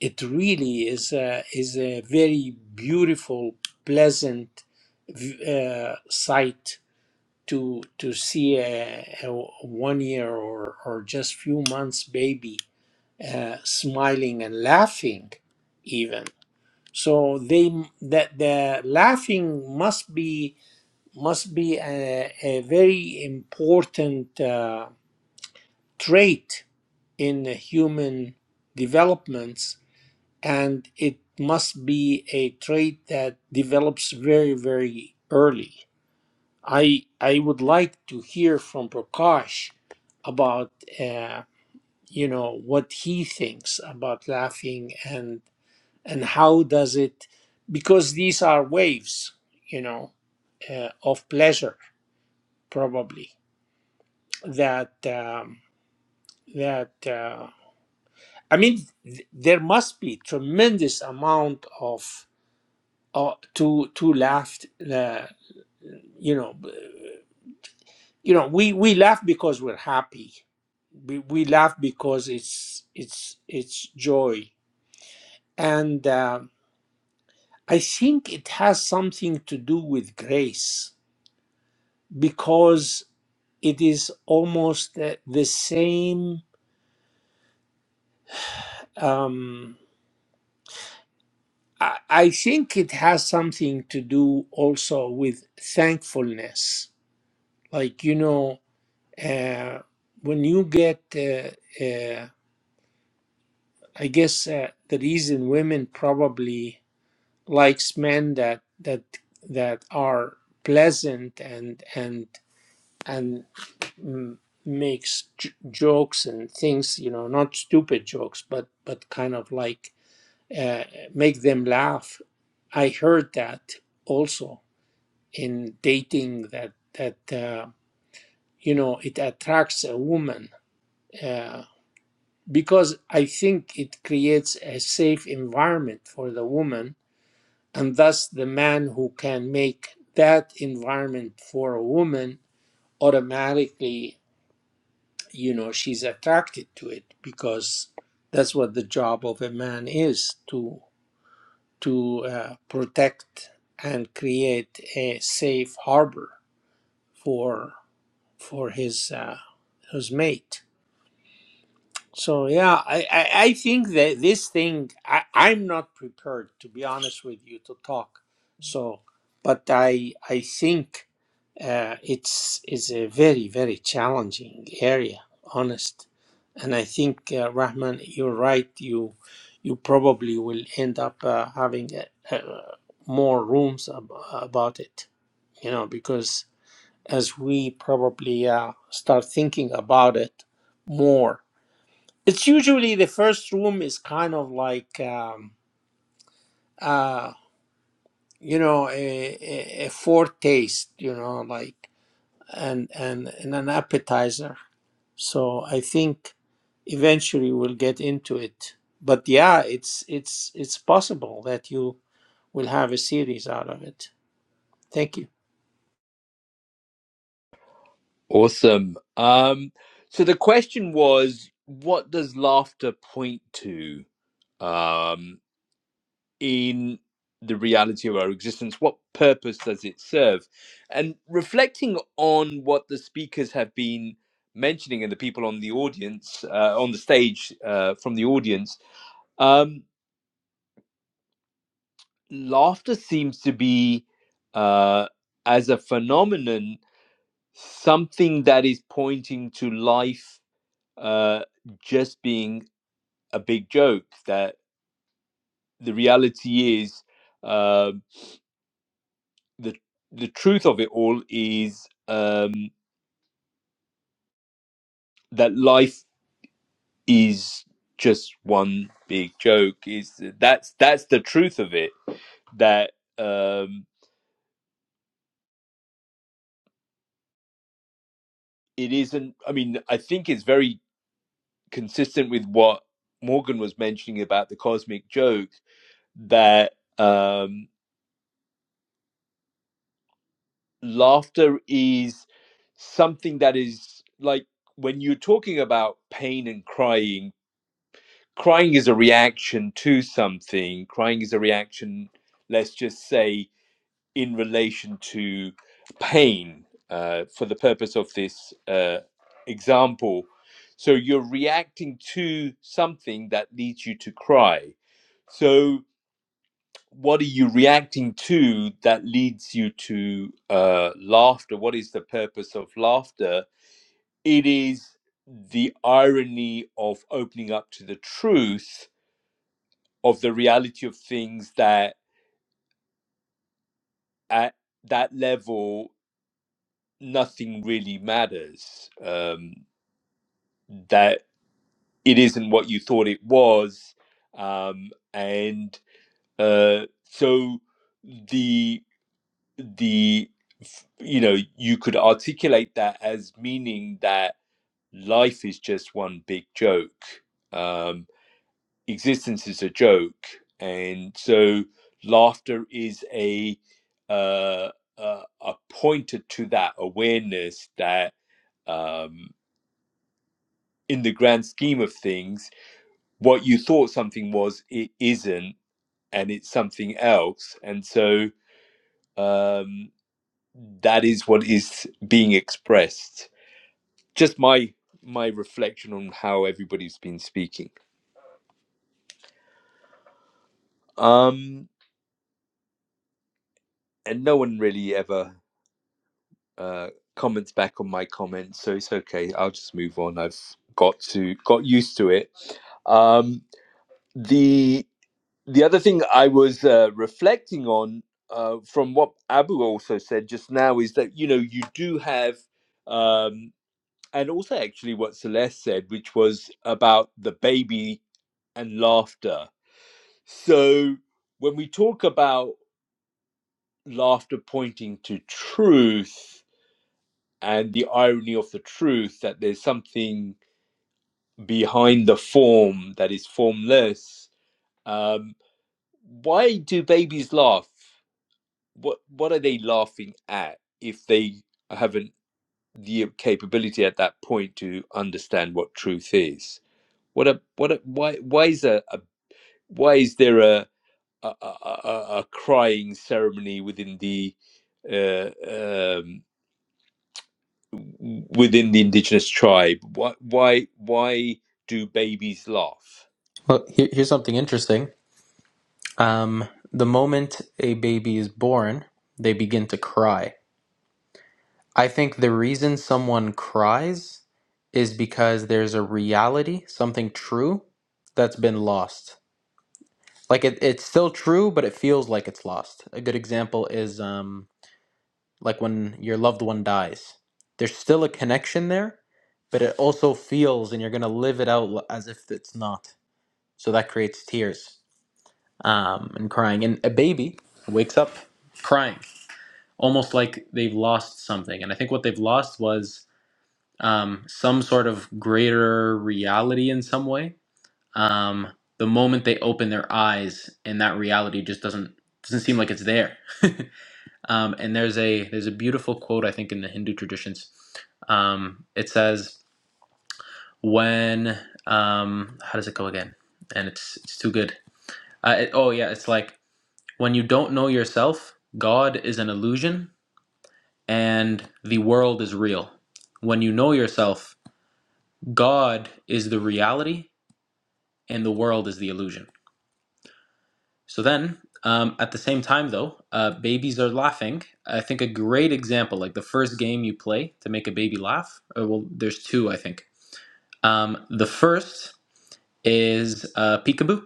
it really is a, is a very beautiful, pleasant v- uh, sight to to see a, a one year or or just few months baby uh, smiling and laughing even so they that the laughing must be must be a, a very important uh, trait in the human developments, and it must be a trait that develops very very early. I I would like to hear from Prakash about uh, you know what he thinks about laughing and. and how does it because these are waves you know uh, of pleasure probably that um, that uh, i mean th- there must be tremendous amount of uh, to to laugh uh, you know b- you know we we laugh because we're happy we, we laugh because it's it's it's joy and uh, i think it has something to do with grace because it is almost uh, the same. Um, I, I think it has something to do also with thankfulness. Like, you know, uh, when you get, uh, uh, I guess uh, the reason women probably likes men that that that are pleasant and and and m- makes j- jokes and things you know not stupid jokes but but kind of like uh, make them laugh i heard that also in dating that that uh, you know it attracts a woman uh, because i think it creates a safe environment for the woman and thus the man who can make that environment for a woman automatically you know she's attracted to it because that's what the job of a man is to to uh, protect and create a safe harbor for for his uh, his mate so yeah, I, I, I think that this thing I, I'm not prepared to be honest with you to talk. So, but I I think uh, it's is a very very challenging area, honest. And I think uh, Rahman, you're right. You you probably will end up uh, having uh, uh, more rooms ab- about it. You know because as we probably uh, start thinking about it more it's usually the first room is kind of like um, uh, you know a, a, a foretaste, you know, like and and and an appetizer. So I think eventually we'll get into it. But yeah, it's it's it's possible that you will have a series out of it. Thank you. Awesome. Um, so the question was, what does laughter point to um, in the reality of our existence? What purpose does it serve? And reflecting on what the speakers have been mentioning and the people on the audience, uh, on the stage uh, from the audience, um, laughter seems to be uh, as a phenomenon something that is pointing to life uh, just being a big joke that the reality is uh, the the truth of it all is um, that life is just one big joke is that's that's the truth of it that um, it isn't i mean i think it's very consistent with what Morgan was mentioning about the cosmic joke, that um, laughter is something that is like when you're talking about pain and crying, crying is a reaction to something. Crying is a reaction, let's just say, in relation to pain uh, for the purpose of this uh, example. So you're reacting to something that leads you to cry. So what are you reacting to that leads you to uh, laughter? What is the purpose of laughter? It is the irony of opening up to the truth of the reality of things that at that level nothing really matters. Um, that it isn't what you thought it was, um, and uh, so the the you know you could articulate that as meaning that life is just one big joke um existence is a joke and so laughter is a uh a, a pointer to that awareness that um in the grand scheme of things what you thought something was it isn't and it's something else and so um that is what is being expressed just my my reflection on how everybody's been speaking um and no one really ever uh comments back on my comments so it's okay i'll just move on i've got to got used to it um the the other thing i was uh, reflecting on uh, from what abu also said just now is that you know you do have um and also actually what celeste said which was about the baby and laughter So when we talk about laughter pointing to truth and the irony of the truth that there's something behind the form that is formless, um, why do babies laugh? What what are they laughing at if they haven't the capability at that point to understand what truth is? What a what a why why is a, a why is there a a, a, a crying ceremony within the uh, um, within the indigenous tribe. Why why why do babies laugh? Well, here, here's something interesting. Um, the moment a baby is born, they begin to cry I think the reason someone cries is because there's a reality, something true that's been lost. Like it, it's still true, but it feels like it's lost. A good example is um, like when your loved one dies. There's still a connection there, but it also feels, and you're gonna live it out l- as if it's not. So that creates tears um, and crying. And a baby wakes up crying, almost like they've lost something. And I think what they've lost was um, some sort of greater reality in some way. Um, the moment they open their eyes, and that reality just doesn't doesn't seem like it's there. um, and there's a there's a beautiful quote I think in the Hindu traditions. Um, it says when um, how does it go again? And it's it's too good. Uh, it, oh yeah, it's like when you don't know yourself, God is an illusion, and the world is real. When you know yourself, God is the reality and the world is the illusion. So then, um, at the same time, though, uh, babies are laughing. I think a great example, like the first game you play to make a baby laugh, or well, there's two, I think. Um, the first is uh, peekaboo.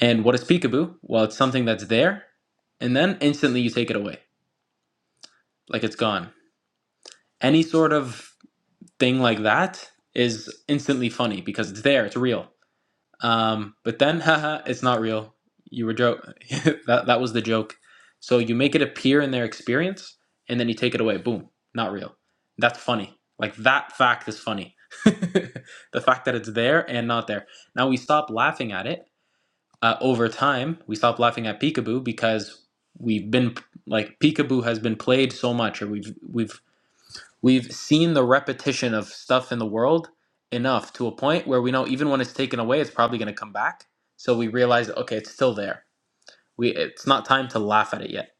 And what is peekaboo? Well, it's something that's there, and then instantly you take it away, like it's gone. Any sort of thing like that is instantly funny because it's there, it's real. Um, but then, haha, it's not real. You were joke. that that was the joke. So you make it appear in their experience, and then you take it away. Boom, not real. That's funny. Like that fact is funny. the fact that it's there and not there. Now we stop laughing at it. Uh, over time, we stop laughing at peekaboo because we've been like peekaboo has been played so much, or we've we've We've seen the repetition of stuff in the world enough to a point where we know even when it's taken away, it's probably going to come back. So we realize, okay, it's still there. We it's not time to laugh at it yet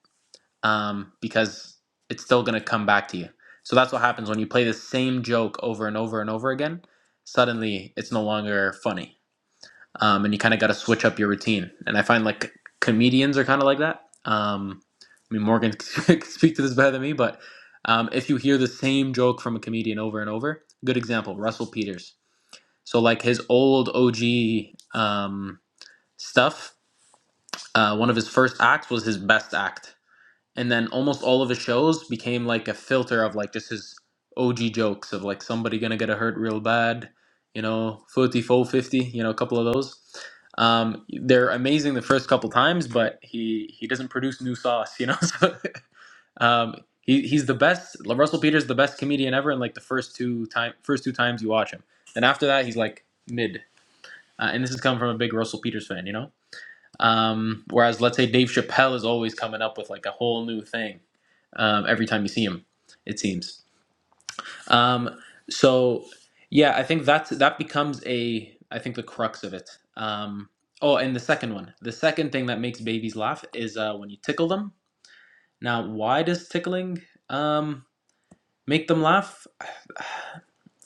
um, because it's still going to come back to you. So that's what happens when you play the same joke over and over and over again. Suddenly, it's no longer funny um, and you kind of got to switch up your routine. And I find like comedians are kind of like that. Um, I mean, Morgan can speak to this better than me, but um, if you hear the same joke from a comedian over and over, good example, Russell Peters. So like his old OG um, stuff, uh, one of his first acts was his best act and then almost all of his shows became like a filter of like just his OG jokes of like somebody gonna get a hurt real bad, you know, forty, four, fifty, you know, a couple of those. Um, they're amazing the first couple times, but he he doesn't produce new sauce, you know. So, um, he he's the best. Russell Peters the best comedian ever in like the first two time first two times you watch him. Then after that, he's like mid. Uh, and this has come from a big Russell Peters fan, you know. Um, whereas, let's say Dave Chappelle is always coming up with like a whole new thing um, every time you see him. It seems. Um, so yeah, I think that's that becomes a I think the crux of it. Um, oh, and the second one, the second thing that makes babies laugh is uh, when you tickle them. Now, why does tickling um, make them laugh?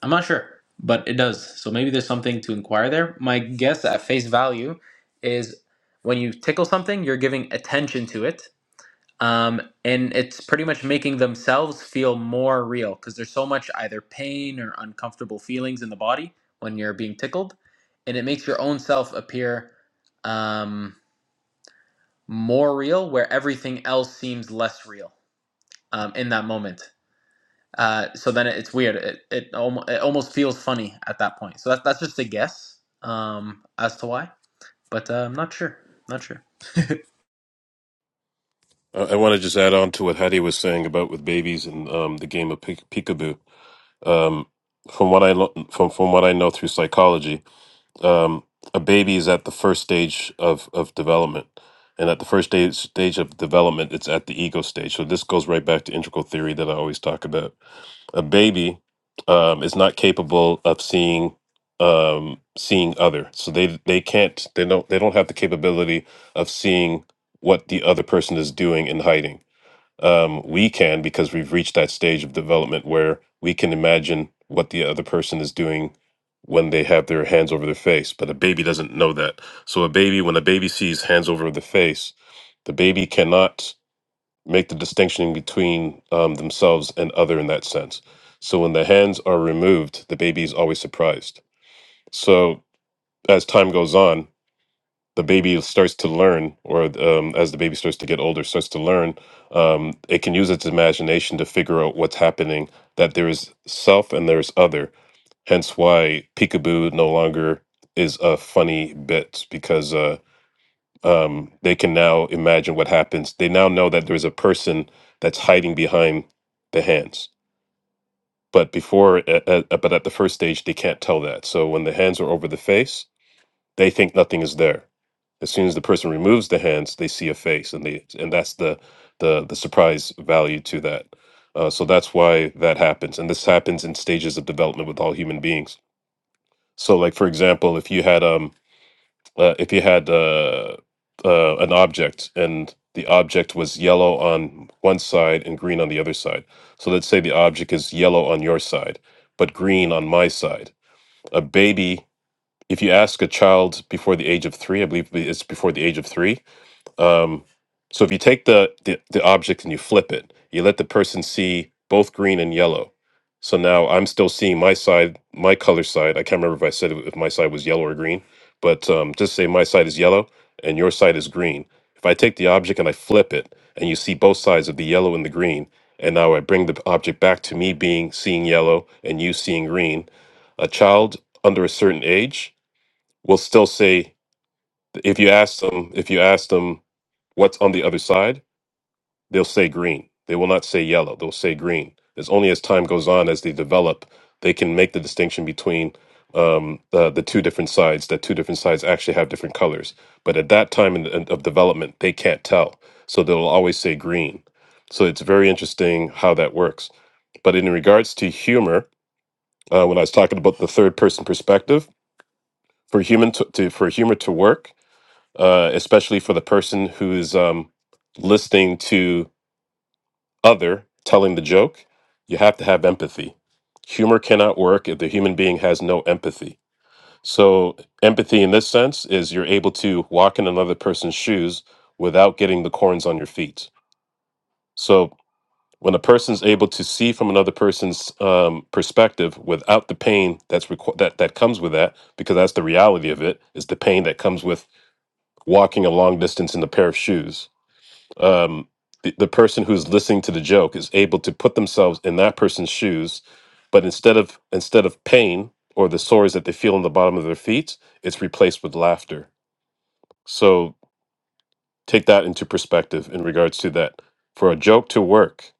I'm not sure, but it does. So maybe there's something to inquire there. My guess at face value is when you tickle something, you're giving attention to it um, and it's pretty much making themselves feel more real because there's so much either pain or uncomfortable feelings in the body when you're being tickled, and it makes your own self appear um, more real where everything else seems less real um, in that moment. Uh, so then it, it's weird. It it, almo- it almost feels funny at that point. So that, that's just a guess um, as to why, but uh, I'm not sure. Not sure. I I want to just add on to what Hattie was saying about with babies and um, the game of peek- peekaboo. Um, from what I lo- from from what I know through psychology, um, a baby is at the first stage of of development, and at the first stage stage of development, it's at the ego stage. So this goes right back to integral theory that I always talk about. a baby um, is not capable of seeing um, seeing other. So they they can't they don't they don't have the capability of seeing what the other person is doing and hiding. Um, we can because we've reached that stage of development where we can imagine what the other person is doing when they have their hands over their face. But a baby doesn't know that. So a baby when a baby sees hands over the face, the baby cannot make the distinction between um, themselves and other in that sense. So when the hands are removed, the baby is always surprised. So as time goes on, the baby starts to learn, or um, as the baby starts to get older, starts to learn, um, it can use its imagination to figure out what's happening, that there is self and there is other. Hence why peekaboo no longer is a funny bit because uh, um, they can now imagine what happens. They now know that there's a person that's hiding behind the hands. But before, uh, uh, uh, but at the first stage, they can't tell that. So when the hands are over the face, they think nothing is there. As soon as the person removes the hands, they see a face, and they and that's the the the surprise value to that. Uh, so that's why that happens, and this happens in stages of development with all human beings. So, like for example, if you had um uh, if you had uh, uh, an object and the object was yellow on one side and green on the other side. So let's say the object is yellow on your side, but green on my side. A baby, if you ask a child before the age of three, I believe it's before the age of three, um, so if you take the, the the object and you flip it, you let the person see both green and yellow. So now I'm still seeing my side, my color side. I can't remember if I said it- if my side was yellow or green, but um, just say my side is yellow and your side is green. If I take the object and I flip it, and you see both sides of the yellow and the green, and now I bring the object back to me being seeing yellow and you seeing green. A child under a certain age will still say if you ask them if you ask them What's on the other side? They'll say green. They will not say yellow. They'll say green. It's only as time goes on, as they develop, they can make the distinction between um, the, the two different sides, that two different sides actually have different colors. But at that time in, in- of development, they can't tell. So they'll always say green. So it's very interesting how that works. But in regards to humor, uh, when I was talking about the third person perspective, for human to, to for humor to work, uh, especially for the person who is um, listening to other telling the joke, you have to have empathy. Humor cannot work if the human being has no empathy. So, empathy in this sense is you're able to walk in another person's shoes without getting the corns on your feet. So, when a person's able to see from another person's um, perspective without the pain that's requ- that that comes with that, because that's the reality of it, is the pain that comes with walking a long distance in a pair of shoes um, the, the person who's listening to the joke is able to put themselves in that person's shoes but instead of instead of pain or the sores that they feel in the bottom of their feet it's replaced with laughter so take that into perspective in regards to that for a joke to work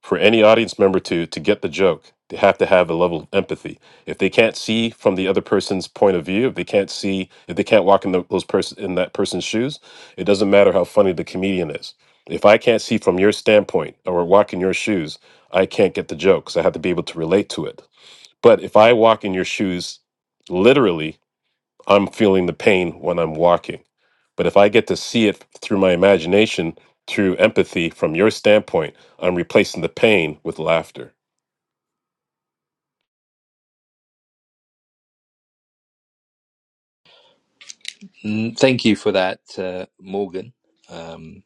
for any audience member to to get the joke they have to have a level of empathy if they can't see from the other person's point of view if they can't see if they can't walk in tho- those person in that person's shoes it doesn't matter how funny the comedian is if i can't see from your standpoint or walk in your shoes i can't get the joke because i have to be able to relate to it but if i walk in your shoes literally I'm feeling the pain when I'm walking. But if I get to see it through my imagination, through empathy from your standpoint, I'm replacing the pain with laughter. Mm, Thank you for that, uh, Morgan. Um,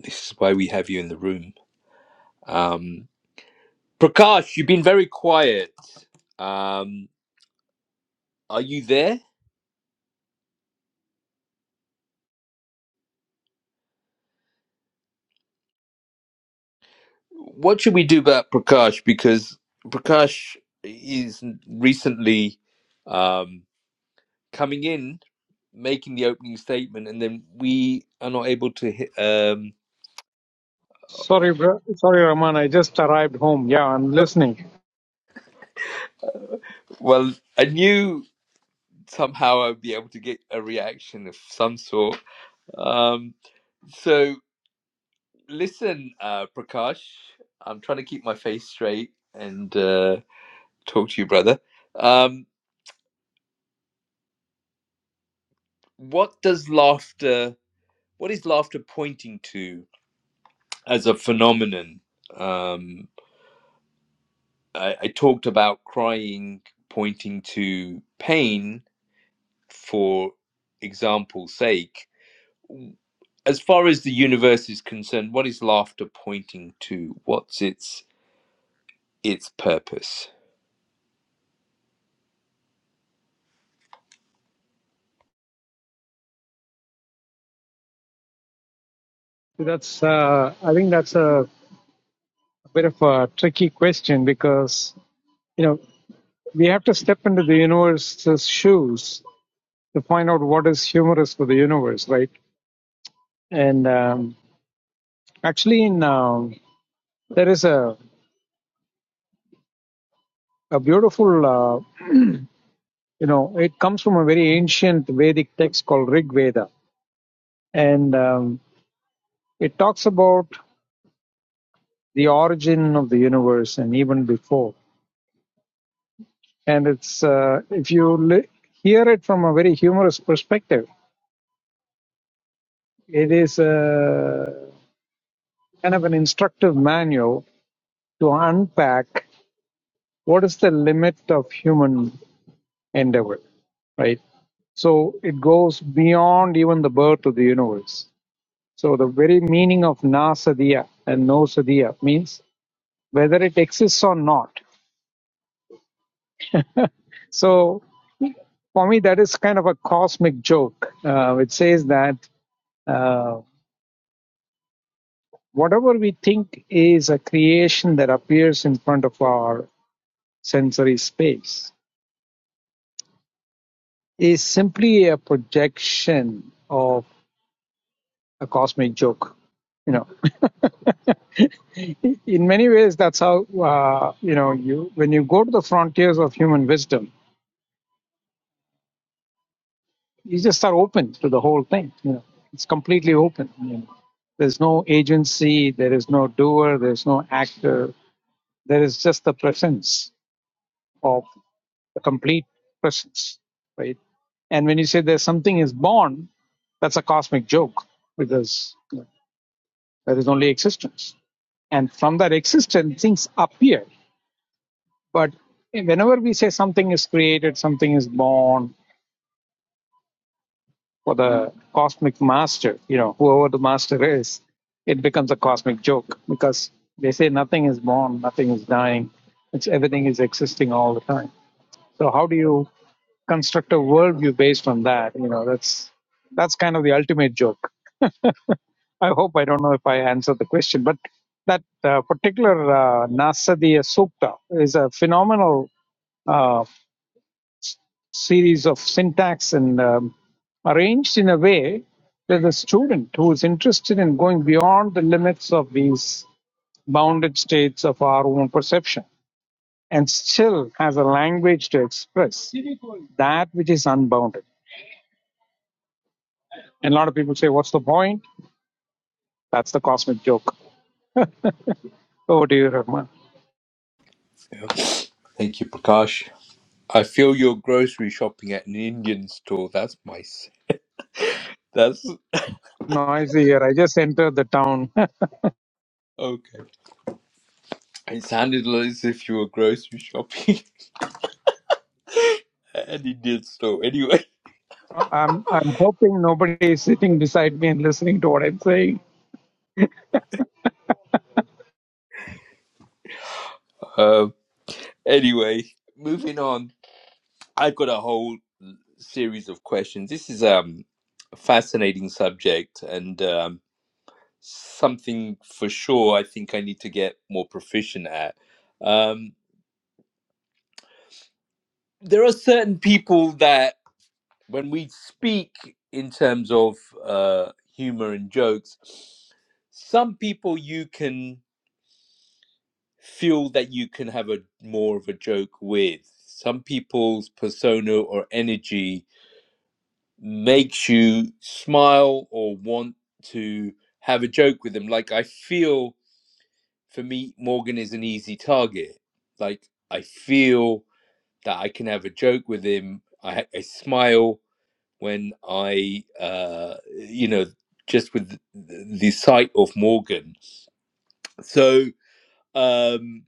this is why we have you in the room. Um, Prakash, you've been very quiet. Um, are you there? What should we do about Prakash? Because Prakash is recently. Um, coming in, making the opening statement, and then we are not able to hit. Um, Sorry, bro. Sorry, Rahman. I just arrived home. Yeah, I'm listening. well, I knew somehow I'd be able to get a reaction of some sort. Um, so listen, uh, Prakash, I'm trying to keep my face straight and uh, talk to you, brother. Um, what does laughter? What is laughter pointing to as a phenomenon? Um, I, I talked about crying pointing to pain, for example's sake, as far as the universe is concerned, what is laughter pointing to? What's its its purpose? That's. Uh, I think that's a bit of a tricky question because you know we have to step into the universe's shoes to find out what is humorous for the universe, right? And um, actually, in um, There is a, a beautiful, uh, you know, it comes from a very ancient Vedic text called Rig Veda. And um, it talks about the origin of the universe and even before. And it's, uh, if you li- hear it from a very humorous perspective, it is a, kind of an instructive manual to unpack what is the limit of human endeavor, right? So it goes beyond even the birth of the universe So the very meaning of nasadiya and no sadiya means whether it exists or not. So for me, that is kind of a cosmic joke, uh, which says that uh, whatever we think is a creation that appears in front of our sensory space is simply a projection of a cosmic joke. You know, in many ways, that's how uh, you know you when you go to the frontiers of human wisdom you just are open to the whole thing. You know, it's completely open. You know. There's no agency, there is no doer, there's no actor. There is just the presence of the complete presence, right? And when you say there's something is born, that's a cosmic joke because you know, there is only existence. And from that existence, things appear. But whenever we say something is created, something is born, for the cosmic master, you know, whoever the master is, it becomes a cosmic joke because they say nothing is born, nothing is dying, it's everything is existing all the time. So how do you construct a worldview based on that? You know, that's that's kind of the ultimate joke. I hope I don't know if I answered the question, but that uh, particular uh, Nasadiya Sukta is a phenomenal uh, series of syntax and um, arranged in a way that the student who is interested in going beyond the limits of these bounded states of our own perception and still has a language to express that which is unbounded. And a lot of people say, What's the point? That's the cosmic joke. Over to you, Rahman. Yeah. Thank you, Prakash. I feel you're grocery shopping at an Indian store. That's my. s- That's Noisy here. I just entered the town. okay. It sounded as if you were grocery shopping at an Indian store. Anyway, I'm, I'm hoping nobody is sitting beside me and listening to what I'm saying. um, anyway, moving on. I've got a whole series of questions. This is um a fascinating subject, and um, something for sure I think I need to get more proficient at. Um, there are certain people that, when we speak in terms of uh, humor and jokes, some people you can feel that you can have a more of a joke with. Some people's persona or energy makes you smile or want to have a joke with them. Like I feel for me, Morgan is an easy target. Like I feel that I can have a joke with him. I, I smile when I, uh, you know, just with the, the sight of Morgan. So um,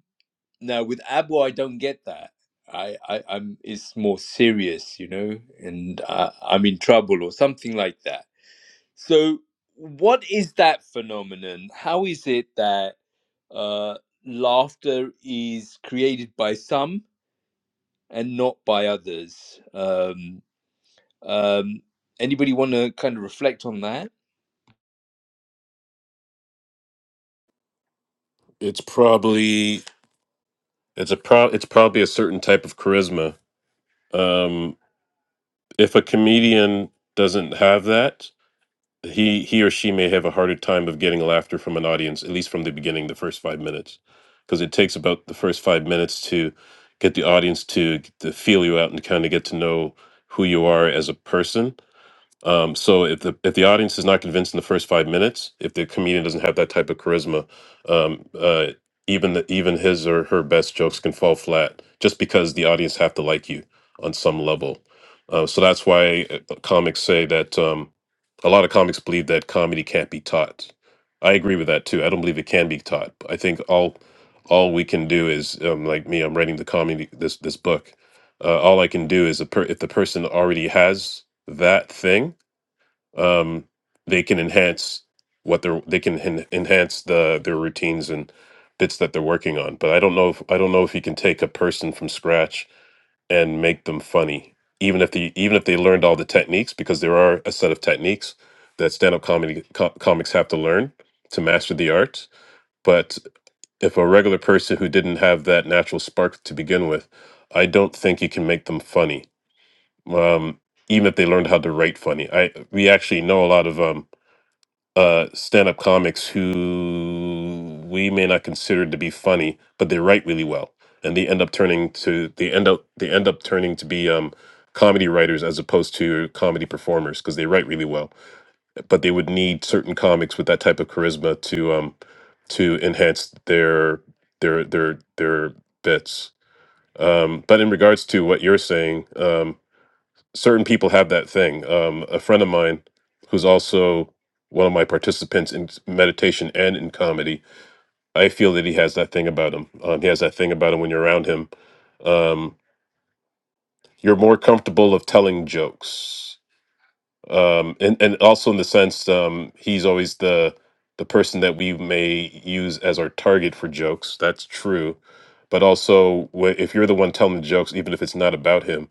now with Abo, I don't get that. I, I, I'm it's more serious, you know, and I, I'm in trouble or something like that. So, what is that phenomenon? How is it that uh, laughter is created by some and not by others? Um, um, anybody want to kind of reflect on that? It's probably it's a pro it's probably a certain type of charisma. Um, if a comedian doesn't have that, he he or she may have a harder time of getting laughter from an audience at least from the beginning the first five minutes because it takes about the first five minutes to get the audience to, to feel you out and kind of get to know who you are as a person um, so if the if the audience is not convinced in the first five minutes, if the comedian doesn't have that type of charisma, um, uh, even the, even his or her best jokes can fall flat just because the audience have to like you on some level. Uh, so that's why uh, comics say that um, a lot of comics believe that comedy can't be taught. I agree with that too. I don't believe it can be taught. I think all all we can do is um, like me. I'm writing the comedy this this book. Uh, all I can do is a per- if the person already has that thing um, they can enhance what they're they can en- enhance the their routines and bits that they're working on. But I don't know if I don't know if you can take a person from scratch and make them funny, even if the even if they learned all the techniques, because there are a set of techniques that stand up comedy co- comics have to learn to master the art. But if a regular person who didn't have that natural spark to begin with, I don't think you can make them funny. Um, even if they learned how to write funny, I we actually know a lot of um, uh, stand-up comics who we may not consider to be funny, but they write really well, and they end up turning to they end up they end up turning to be um, comedy writers as opposed to comedy performers because they write really well, but they would need certain comics with that type of charisma to um, to enhance their their their their bits. Um, but in regards to what you're saying, um, certain people have that thing. Um, a friend of mine who's also one of my participants in meditation and in comedy, I feel that he has that thing about him. Um, he has that thing about him when you're around him. Um, you're more comfortable of telling jokes, um, and and also in the sense um, he's always the the person that we may use as our target for jokes. That's true, but also wh- if you're the one telling the jokes, even if it's not about him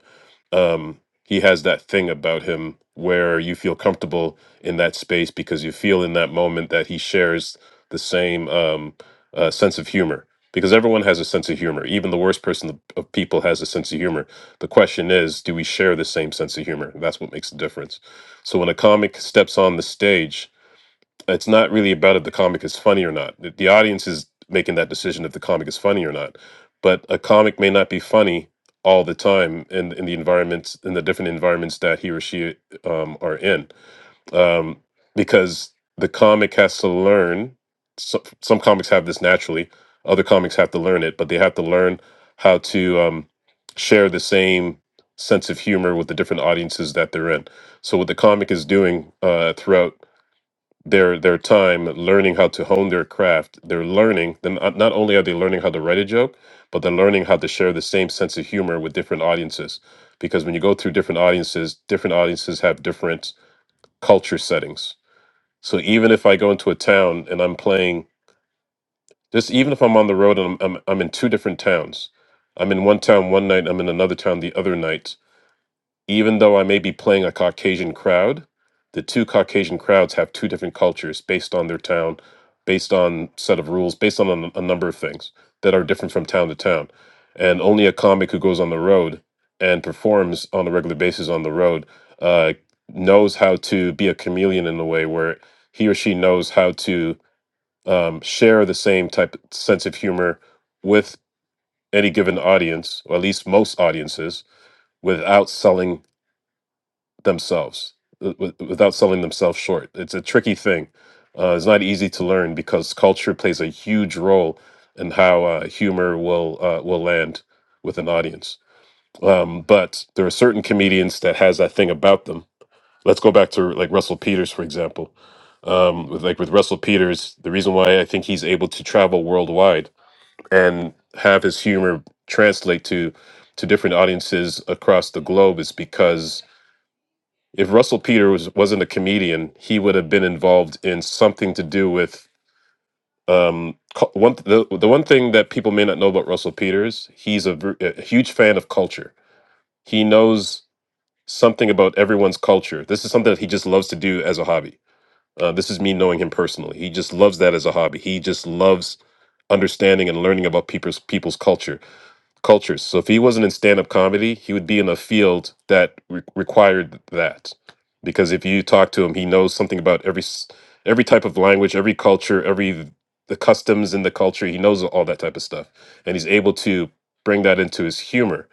um, he has that thing about him where you feel comfortable in that space because you feel in that moment that he shares the same um, uh, sense of humor. Because everyone has a sense of humor. Even the worst person of people has a sense of humor. The question is, do we share the same sense of humor? That's what makes the difference. So when a comic steps on the stage, it's not really about if the comic is funny or not. The, the audience is making that decision if the comic is funny or not. But a comic may not be funny all the time in in the environments in the different environments that he or she um, are in, um, because the comic has to learn. So, some comics have this naturally. Other comics have to learn it, but they have to learn how to um, share the same sense of humor with the different audiences that they're in. So, what the comic is doing uh, throughout their their time learning how to hone their craft. They're learning. Then not not only are they learning how to write a joke, but they're learning how to share the same sense of humor with different audiences. Because when you go through different audiences, different audiences have different culture settings. So even if I go into a town and I'm playing, just even if I'm on the road and I'm I'm, I'm in two different towns, I'm in one town one night, I'm in another town the other night even though I may be playing a Caucasian crowd, the two Caucasian crowds have two different cultures based on their town, based on set of rules, based on a, a number of things that are different from town to town. And only a comic who goes on the road and performs on a regular basis on the road uh, knows how to be a chameleon in a way where he or she knows how to um, share the same type of sense of humor with any given audience, or at least most audiences, without selling themselves uh, with- without selling themselves short. It's a tricky thing. Uh, it's not easy to learn because culture plays a huge role in how uh, humor will uh, will land with an audience. Um, but there are certain comedians that has that thing about them. Let's go back to like Russell Peters, for example. Um, with like with Russell Peters, the reason why I think he's able to travel worldwide and have his humor translate to to different audiences across the globe is because if Russell Peter was wasn't a comedian, he would have been involved in something to do with um cu- one the the one thing that people may not know about Russell Peters, he's a, ver- a huge fan of culture. He knows something about everyone's culture. This is something that he just loves to do as a hobby. Uh, this is me knowing him personally. He just loves that as a hobby. He just loves understanding and learning about people's people's culture cultures. So if he wasn't in stand up comedy, he would be in a field that re- required that. Because if you talk to him, he knows something about every s- every type of language, every culture, every the customs in the culture. He knows all that type of stuff, and he's able to bring that into his humor.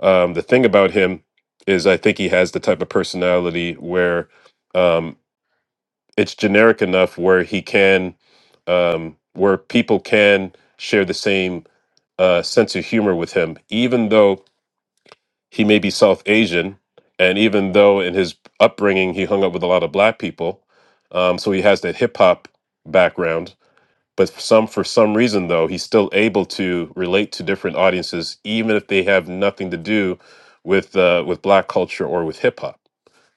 Um, the thing about him is, I think he has the type of personality where um, it's generic enough where he can, um, where people can share the same uh, sense of humor with him, even though he may be South Asian, and even though in his upbringing he hung up with a lot of black people, um, so he has that hip hop background. But for some for some reason though, he's still able to relate to different audiences, even if they have nothing to do with uh, with black culture or with hip hop.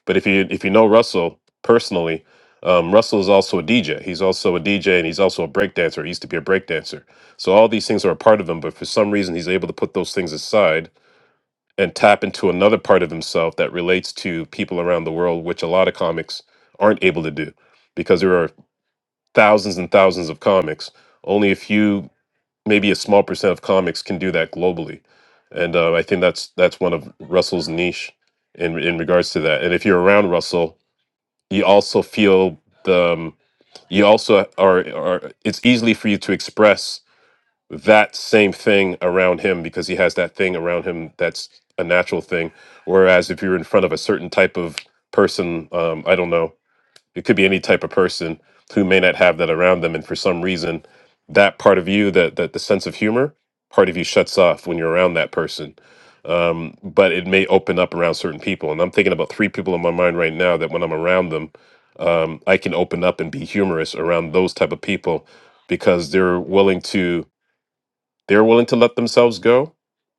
But if you if you know Russell personally, um, Russell is also a DJ. He's also a DJ and he's also a breakdancer. He used to be a breakdancer. So all these things are a part of him, but for some reason he's able to put those things aside and tap into another part of himself that relates to people around the world, which a lot of comics aren't able to do because there are thousands and thousands of comics. Only a few, maybe a small percent of comics can do that globally. And uh, I think that's that's one of Russell's niche in in regards to that. And if you're around Russell, you also feel the um, you also are, are it's easily for you to express that same thing around him because he has that thing around him that's a natural thing. Whereas if you're in front of a certain type of person, um, I don't know, it could be any type of person who may not have that around them, and for some reason, that part of you, that that the sense of humor part of you shuts off when you're around that person. Um, but it may open up around certain people, and I'm thinking about three people in my mind right now that when I'm around them, um, I can open up and be humorous around those type of people because they're willing to they're willing to let themselves go.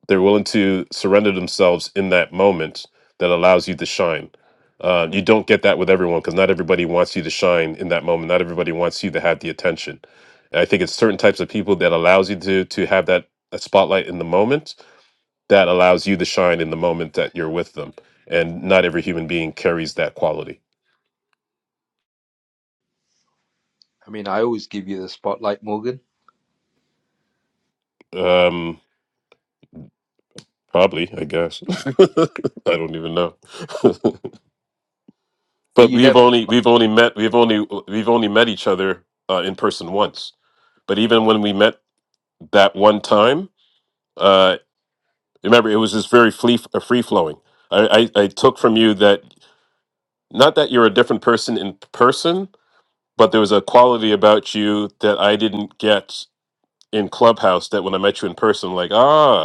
They're willing to surrender themselves in that moment that allows you to shine. Uh, you don't get that with everyone because not everybody wants you to shine in that moment. Not everybody wants you to have the attention. And I think it's certain types of people that allows you to to have that, that spotlight in the moment that allows you to shine in the moment that you're with them. And not every human being carries that quality. I mean, I always give you the spotlight, Morgan, Um, probably, I guess. I don't even know. but but you we've never. only we've only met we've only we've only met each other uh, in person once. But even when we met that one time, uh, remember it was just very free uh, free flowing. I, I I took from you that not that you're a different person in person, but there was a quality about you that I didn't get in Clubhouse. That when I met you in person, like ah.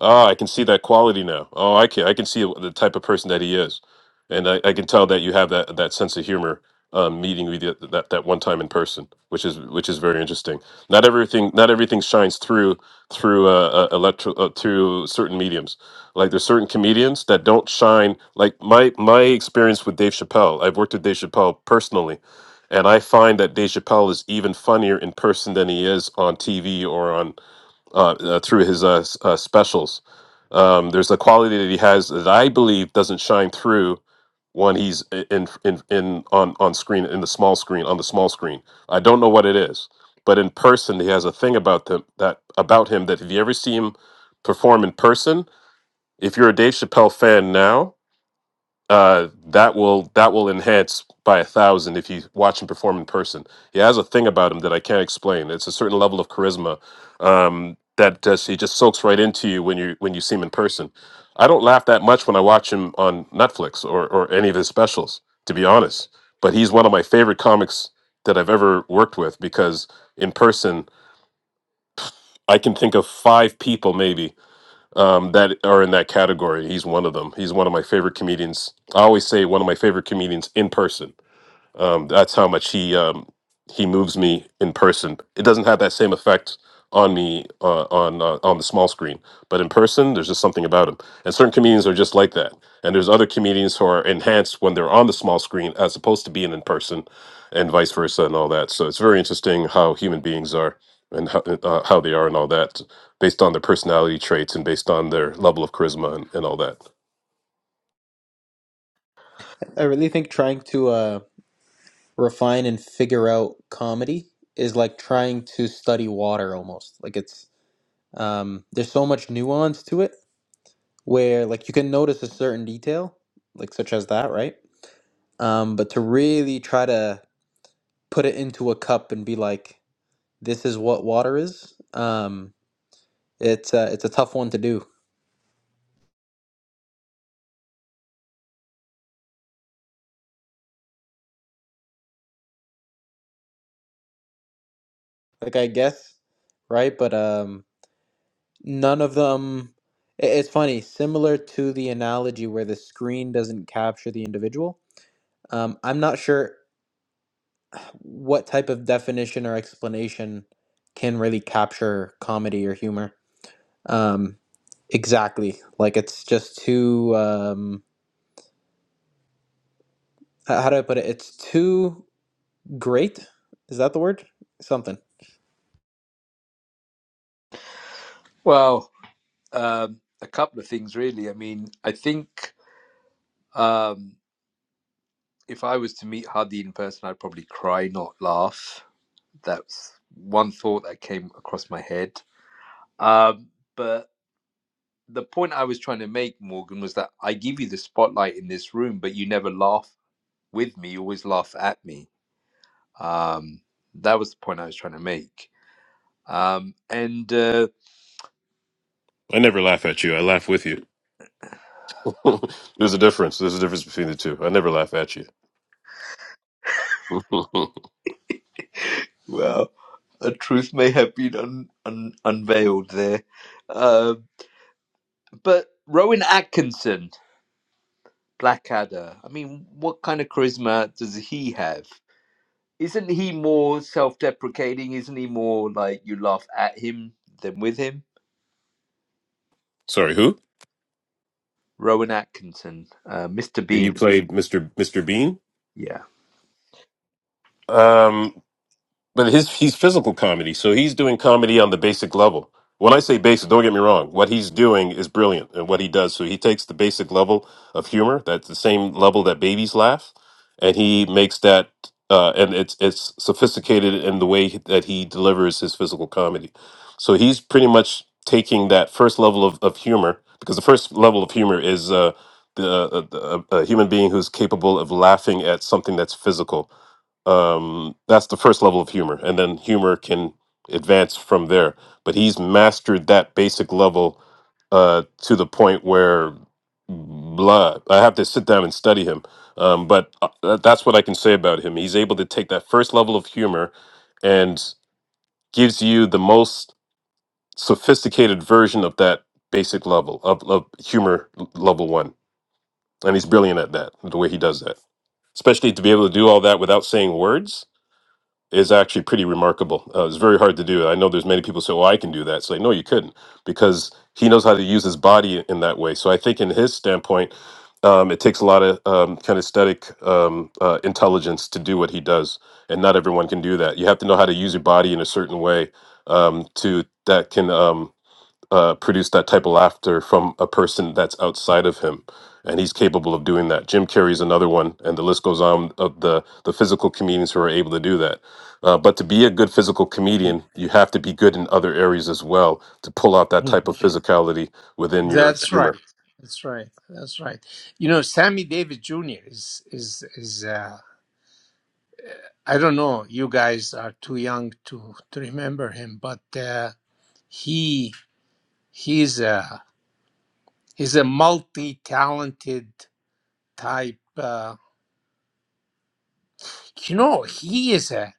Ah, I can see that quality now. Oh, I can I can see the type of person that he is, and I, I can tell that you have that that sense of humor. Um, meeting with you th- that that one time in person, which is which is very interesting. Not everything not everything shines through through uh, uh, electro uh, through certain mediums. Like there's certain comedians that don't shine. Like my my experience with Dave Chappelle, I've worked with Dave Chappelle personally, and I find that Dave Chappelle is even funnier in person than he is on TV or on uh, uh, through his uh, s- uh, specials. Um, there's a quality that he has that I believe doesn't shine through when he's i- in in, in on on screen in the small screen on the small screen. I don't know what it is, but in person he has a thing about them that about him that if you ever see him perform in person, if you're a Dave Chappelle fan now, uh, that will that will enhance by a thousand if you watch him perform in person. He has a thing about him that I can't explain. It's a certain level of charisma um, that just, he just soaks right into you when you when you see him in person. I don't laugh that much when I watch him on Netflix or or any of his specials, to be honest. But he's one of my favorite comics that I've ever worked with because in person I can think of five people maybe um, that are in that category. He's one of them. He's one of my favorite comedians. I always say one of my favorite comedians in person um, that's how much he um, he moves me in person. It doesn't have that same effect on me uh, on uh, on the small screen, but in person, there's just something about him. And certain comedians are just like that. And there's other comedians who are enhanced when they're on the small screen as opposed to being in person, and vice versa, and all that. So it's very interesting how human beings are and how, uh, how they are and all that based on their personality traits and based on their level of charisma and, and all that. I really think trying to uh, refine and figure out comedy is like trying to study water almost. Like it's um, there's so much nuance to it where like you can notice a certain detail, like such as that, right? Um, but to really try to put it into a cup and be like, this is what water is. Um, it's uh, it's a tough one to do. Like I guess, right? But um, none of them. i- It's funny, similar to the analogy where the screen doesn't capture the individual Um, I'm not sure what type of definition or explanation can really capture comedy or humor um, exactly. Like it's just too. Um, h- how do I put it? It's too great. Is that the word? Something. Well, um, a couple of things, really. I mean, I think. Um, if I was to meet Hadi in person, I'd probably cry, not laugh. That's one thought that came across my head. Um, but the point I was trying to make, Morgan, was that I give you the spotlight in this room, but you never laugh with me. You always laugh at me. Um, that was the point I was trying to make. Um, and uh, I never laugh at you. I laugh with you. There's a difference. There's a difference between the two. I never laugh at you. well, the truth may have been un- un- unveiled there. Uh, but Rowan Atkinson. Blackadder. I mean, what kind of charisma does he have? Isn't he more self-deprecating? Isn't he more like you laugh at him than with him? Sorry, who? Rowan Atkinson, uh, Mr. You Bean. played Mr. Mr. Bean? Yeah. Um, But his he's physical comedy, so he's doing comedy on the basic level. When I say basic, don't get me wrong. What he's doing is brilliant, and what he does, so he takes the basic level of humor, that's the same level that babies laugh, and he makes that, uh, and it's it's sophisticated in the way that he delivers his physical comedy. So he's pretty much taking that first level of, of humor, because the first level of humor is uh, the, uh, the a, a human being who's capable of laughing at something that's physical um, that's the first level of humor and then humor can advance from there but he's mastered that basic level uh, to the point where blah i have to sit down and study him um, but uh, that- that's what i can say about him he's able to take that first level of humor and gives you the most sophisticated version of that basic level of, of humor l- level one and he's brilliant at that the way he does that especially to be able to do all that without saying words is actually pretty remarkable. Uh, it's very hard to do. I know there's many people say, "Well, I can do that." It's like, no, you couldn't, because he knows how to use his body in that way. So I think, in his standpoint, um, it takes a lot of um, kinesthetic um, uh, intelligence to do what he does, and not everyone can do that. You have to know how to use your body in a certain way um, to that can. um, uh, produce that type of laughter from a person that's outside of him, and he's capable of doing that. Jim Carrey's another one, and the list goes on of the the physical comedians who are able to do that. Uh, but to be a good physical comedian, you have to be good in other areas as well to pull out that Mm. type of physicality within your That's right. humor. That's right. That's right. You know, Sammy Davis Jr. is is is uh, I don't know. You guys are too young to, to remember him, but uh, he he's a he's a multi-talented type. Uh, you know, he is a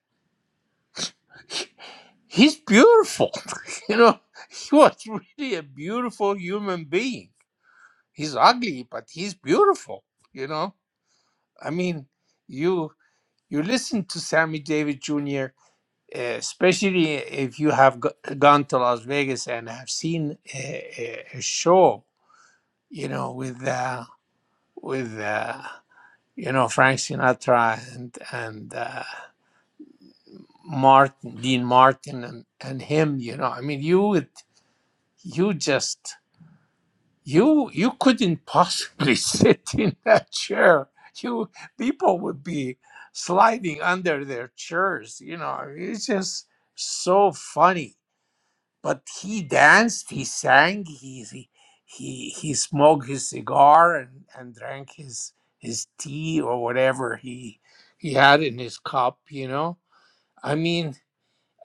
he's beautiful. you know, he was really a beautiful human being. He's ugly, but he's beautiful. You know, I mean, you you listen to Sammy Davis Jr. especially if you have g- gone to Las Vegas and have seen a, a, a show, you know, with uh, with uh, you know Frank Sinatra and and uh, Martin Dean Martin and, and him, you know, I mean, you would you just you you couldn't possibly sit in that chair. You people would be sliding under their chairs, you know. It's just so funny but he danced, he sang, he he he, he smoked his cigar and, and drank his his tea or whatever he he had in his cup, you know. I mean,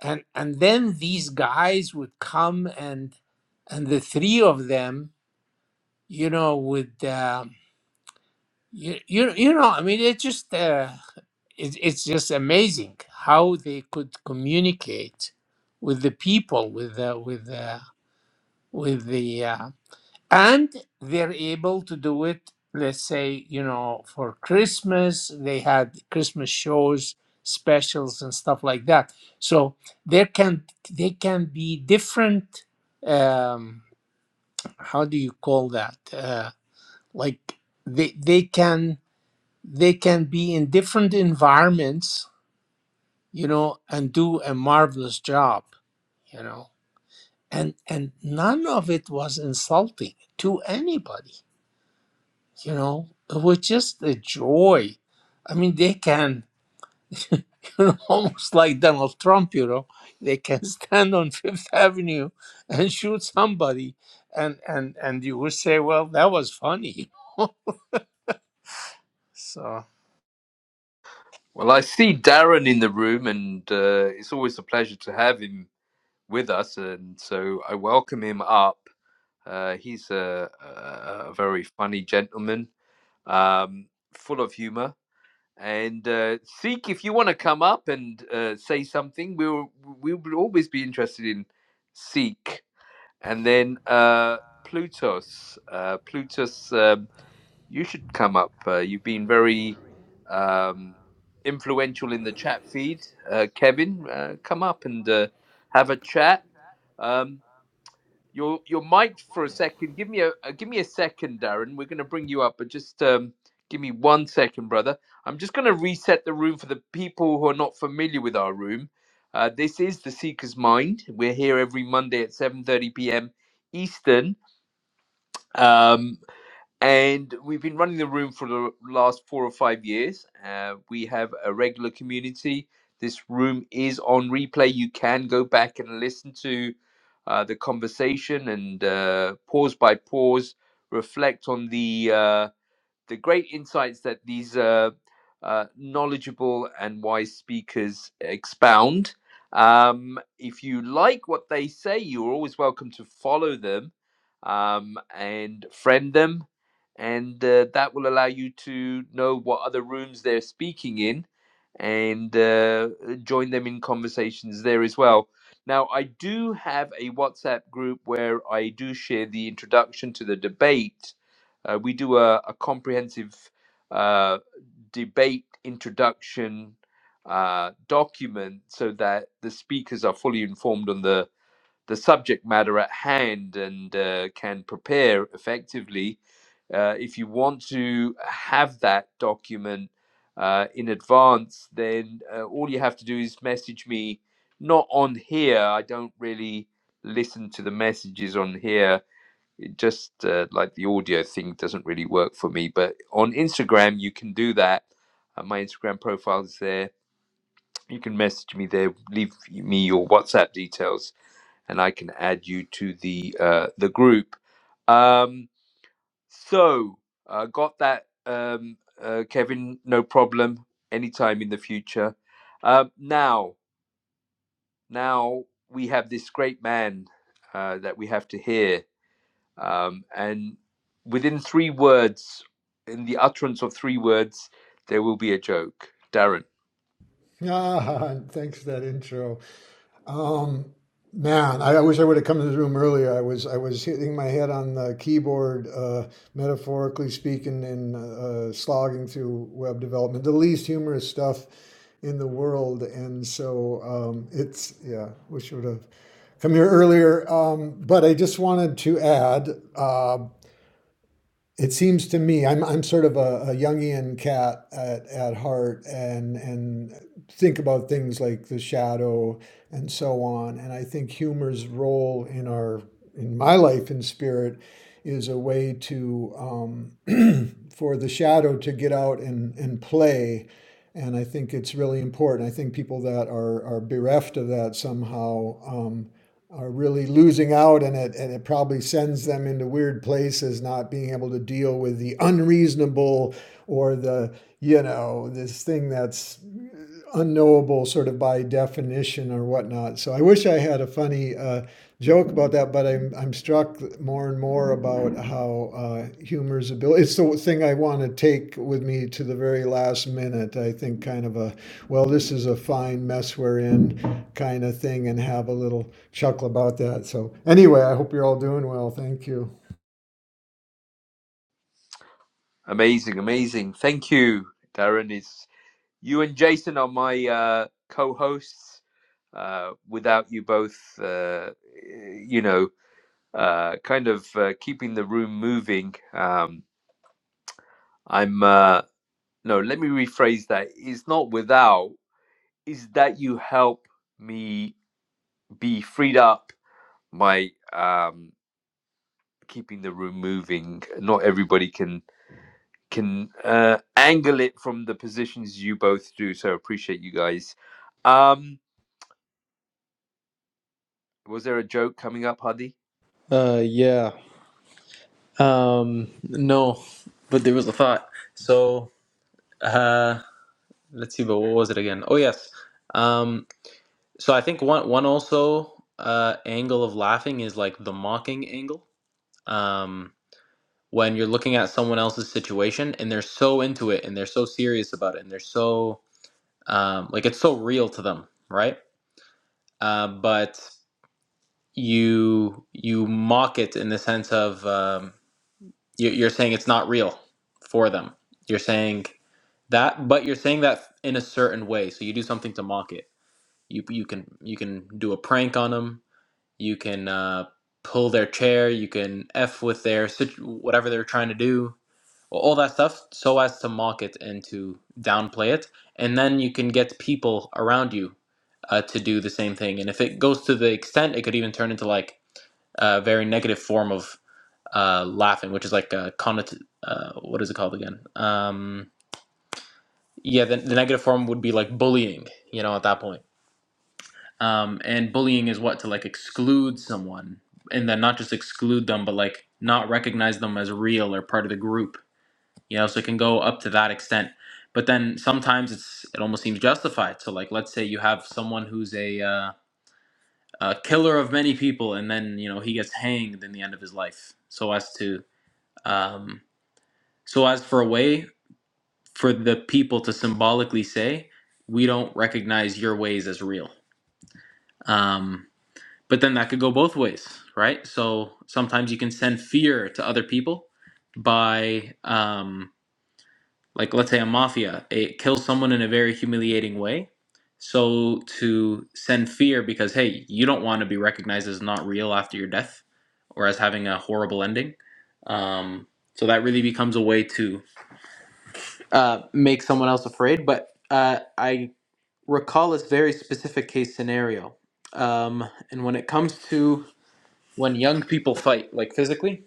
and and then these guys would come and and the three of them, you know, would um, you, you you know, I mean, it just uh, it, it's just amazing how they could communicate with the people, with the with the with the uh, and they're able to do it let's say you know for christmas they had christmas shows specials and stuff like that so there can they can be different um how do you call that uh like they they can they can be in different environments you know and do a marvelous job you know and and none of it was insulting to anybody you know, it was just a joy. I mean, they can, you know, almost like Donald Trump, you know, they can stand on Fifth Avenue and shoot somebody, and and and you would say, well, that was funny. so Well, I see Darren in the room, and uh, it's always a pleasure to have him with us. And so I welcome him up. Uh, he's a, a, a very funny gentleman, um, full of humor. And uh, Seek, if you want to come up and uh, say something, we'll we will always be interested in Seek. And then uh, Plutus, uh, Plutus, um, you should come up. Uh, you've been very um, influential in the chat feed. Uh, Kevin, uh, come up and uh, have a chat. Um, your your mic for a second. Give me a uh, give me a second, Darren. We're going to bring you up, but just um, give me one second, brother. I'm just going to reset the room for the people who are not familiar with our room. Uh, this is the Seeker's Mind. We're here every Monday at 7:30 p.m. Eastern. Um, and we've been running the room for the last four or five years. Uh, we have a regular community. This room is on replay. You can go back and listen to uh, the conversation and uh, pause by pause reflect on the uh, the great insights that these uh, uh, knowledgeable and wise speakers expound. Um, if you like what they say, you're always welcome to follow them um, and friend them. And uh, that will allow you to know what other rooms they're speaking in and uh, join them in conversations there as well. Now, I do have a WhatsApp group where I do share the introduction to the debate uh, we do a, a comprehensive uh, debate introduction uh, document so that the speakers are fully informed on the, the subject matter at hand and uh, can prepare effectively. Uh, if you want to have that document uh, in advance, then uh, all you have to do is message me. Not on here. I don't really listen to the messages on here just uh, like the audio thing doesn't really work for me. But on Instagram, you can do that. Uh, my Instagram profile is there. You can message me there. Leave me your WhatsApp details, and I can add you to the uh, the group. Um, so uh, got that, um, uh, Kevin. No problem. Anytime in the future. Um now, now we have this great man uh, that we have to hear. Um, and within three words, in the utterance of three words, there will be a joke. Darren, Ah, thanks for that intro. Um, man, I, I wish I would have come to this room earlier. I was I was hitting my head on the keyboard, uh, metaphorically speaking, and uh, slogging through web development, the least humorous stuff in the world. And so um, it's yeah, wish I would have come here earlier. Um, but I just wanted to add. Uh, it seems to me I'm I'm sort of a, a Jungian cat at, at heart and and think about things like the shadow and so on. And I think humor's role in our in my life in spirit is a way to um, for the shadow to get out and, and play. And I think it's really important. I think people that are, are bereft of that somehow um, are really losing out, and it, and it probably sends them into weird places, not being able to deal with the unreasonable or the, you know, this thing that's unknowable sort of by definition or whatnot. So I wish I had a funny uh, joke about that, but I'm I'm struck more and more about how uh, humor's ability. It's the thing I want to take with me to the very last minute. I think kind of a well, this is a fine mess we're in kind of thing, and have a little chuckle about that. So anyway, I hope you're all doing well. Thank you. amazing, amazing. Thank you, Darren. Is you and Jason are my uh, co-hosts. Uh, without you both, uh, you know, uh, kind of uh, keeping the room moving. Um, I'm uh, no. Let me rephrase that. It's not without. Is that you help me be freed up by. Um, keeping the room moving. Not everybody can can uh, angle it from the positions you both do. So appreciate you guys. Um, was there a joke coming up, Hadi? Uh, yeah. Um, no, but there was a thought. So, uh, let's see. But what was it again? Oh yes. Um, so I think one one also uh angle of laughing is like the mocking angle. Um, when you're looking at someone else's situation and they're so into it and they're so serious about it and they're so um, like it's so real to them right uh, but you you mock it in the sense of um, you, you're saying it's not real for them you're saying that but you're saying that in a certain way so you do something to mock it you, you can you can do a prank on them you can uh, pull their chair you can f with their situ- whatever they're trying to do all that stuff so as to mock it and to downplay it and then you can get people around you uh, to do the same thing and if it goes to the extent it could even turn into like a very negative form of uh, laughing which is like a connot- uh, what is it called again um, yeah the, the negative form would be like bullying you know at that point um, and bullying is what to like exclude someone and then not just exclude them but like not recognize them as real or part of the group you know so it can go up to that extent but then sometimes it's it almost seems justified so like let's say you have someone who's a, uh, a killer of many people and then you know he gets hanged in the end of his life so as to um, so as for a way for the people to symbolically say we don't recognize your ways as real um, but then that could go both ways right so sometimes you can send fear to other people by um, like let's say a mafia, it kills someone in a very humiliating way. So to send fear because hey, you don't want to be recognized as not real after your death or as having a horrible ending. Um, so that really becomes a way to uh, make someone else afraid. But uh, I recall this very specific case scenario. Um, and when it comes to when young people fight, like physically,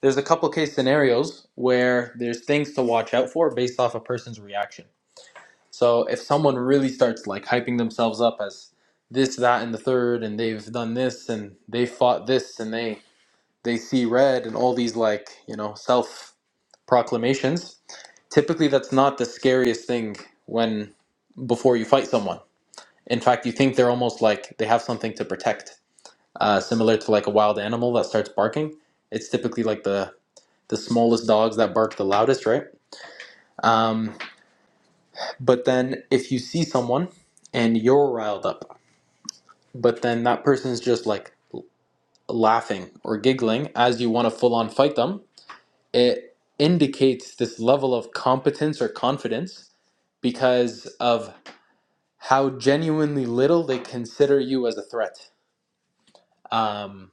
there's a couple case scenarios where there's things to watch out for based off a person's reaction So if someone really starts like hyping themselves up as this, that, and the third, and they've done this, and they fought this, and they they see red, and all these like you know self proclamations, typically that's not the scariest thing when before you fight someone. In fact, you think they're almost like they have something to protect, uh, similar to like a wild animal that starts barking. It's typically like the the smallest dogs that bark the loudest, right? Um, but then if you see someone and you're riled up but then that person's just like laughing or giggling as you want to full on fight them, it indicates this level of competence or confidence because of how genuinely little they consider you as a threat. Um,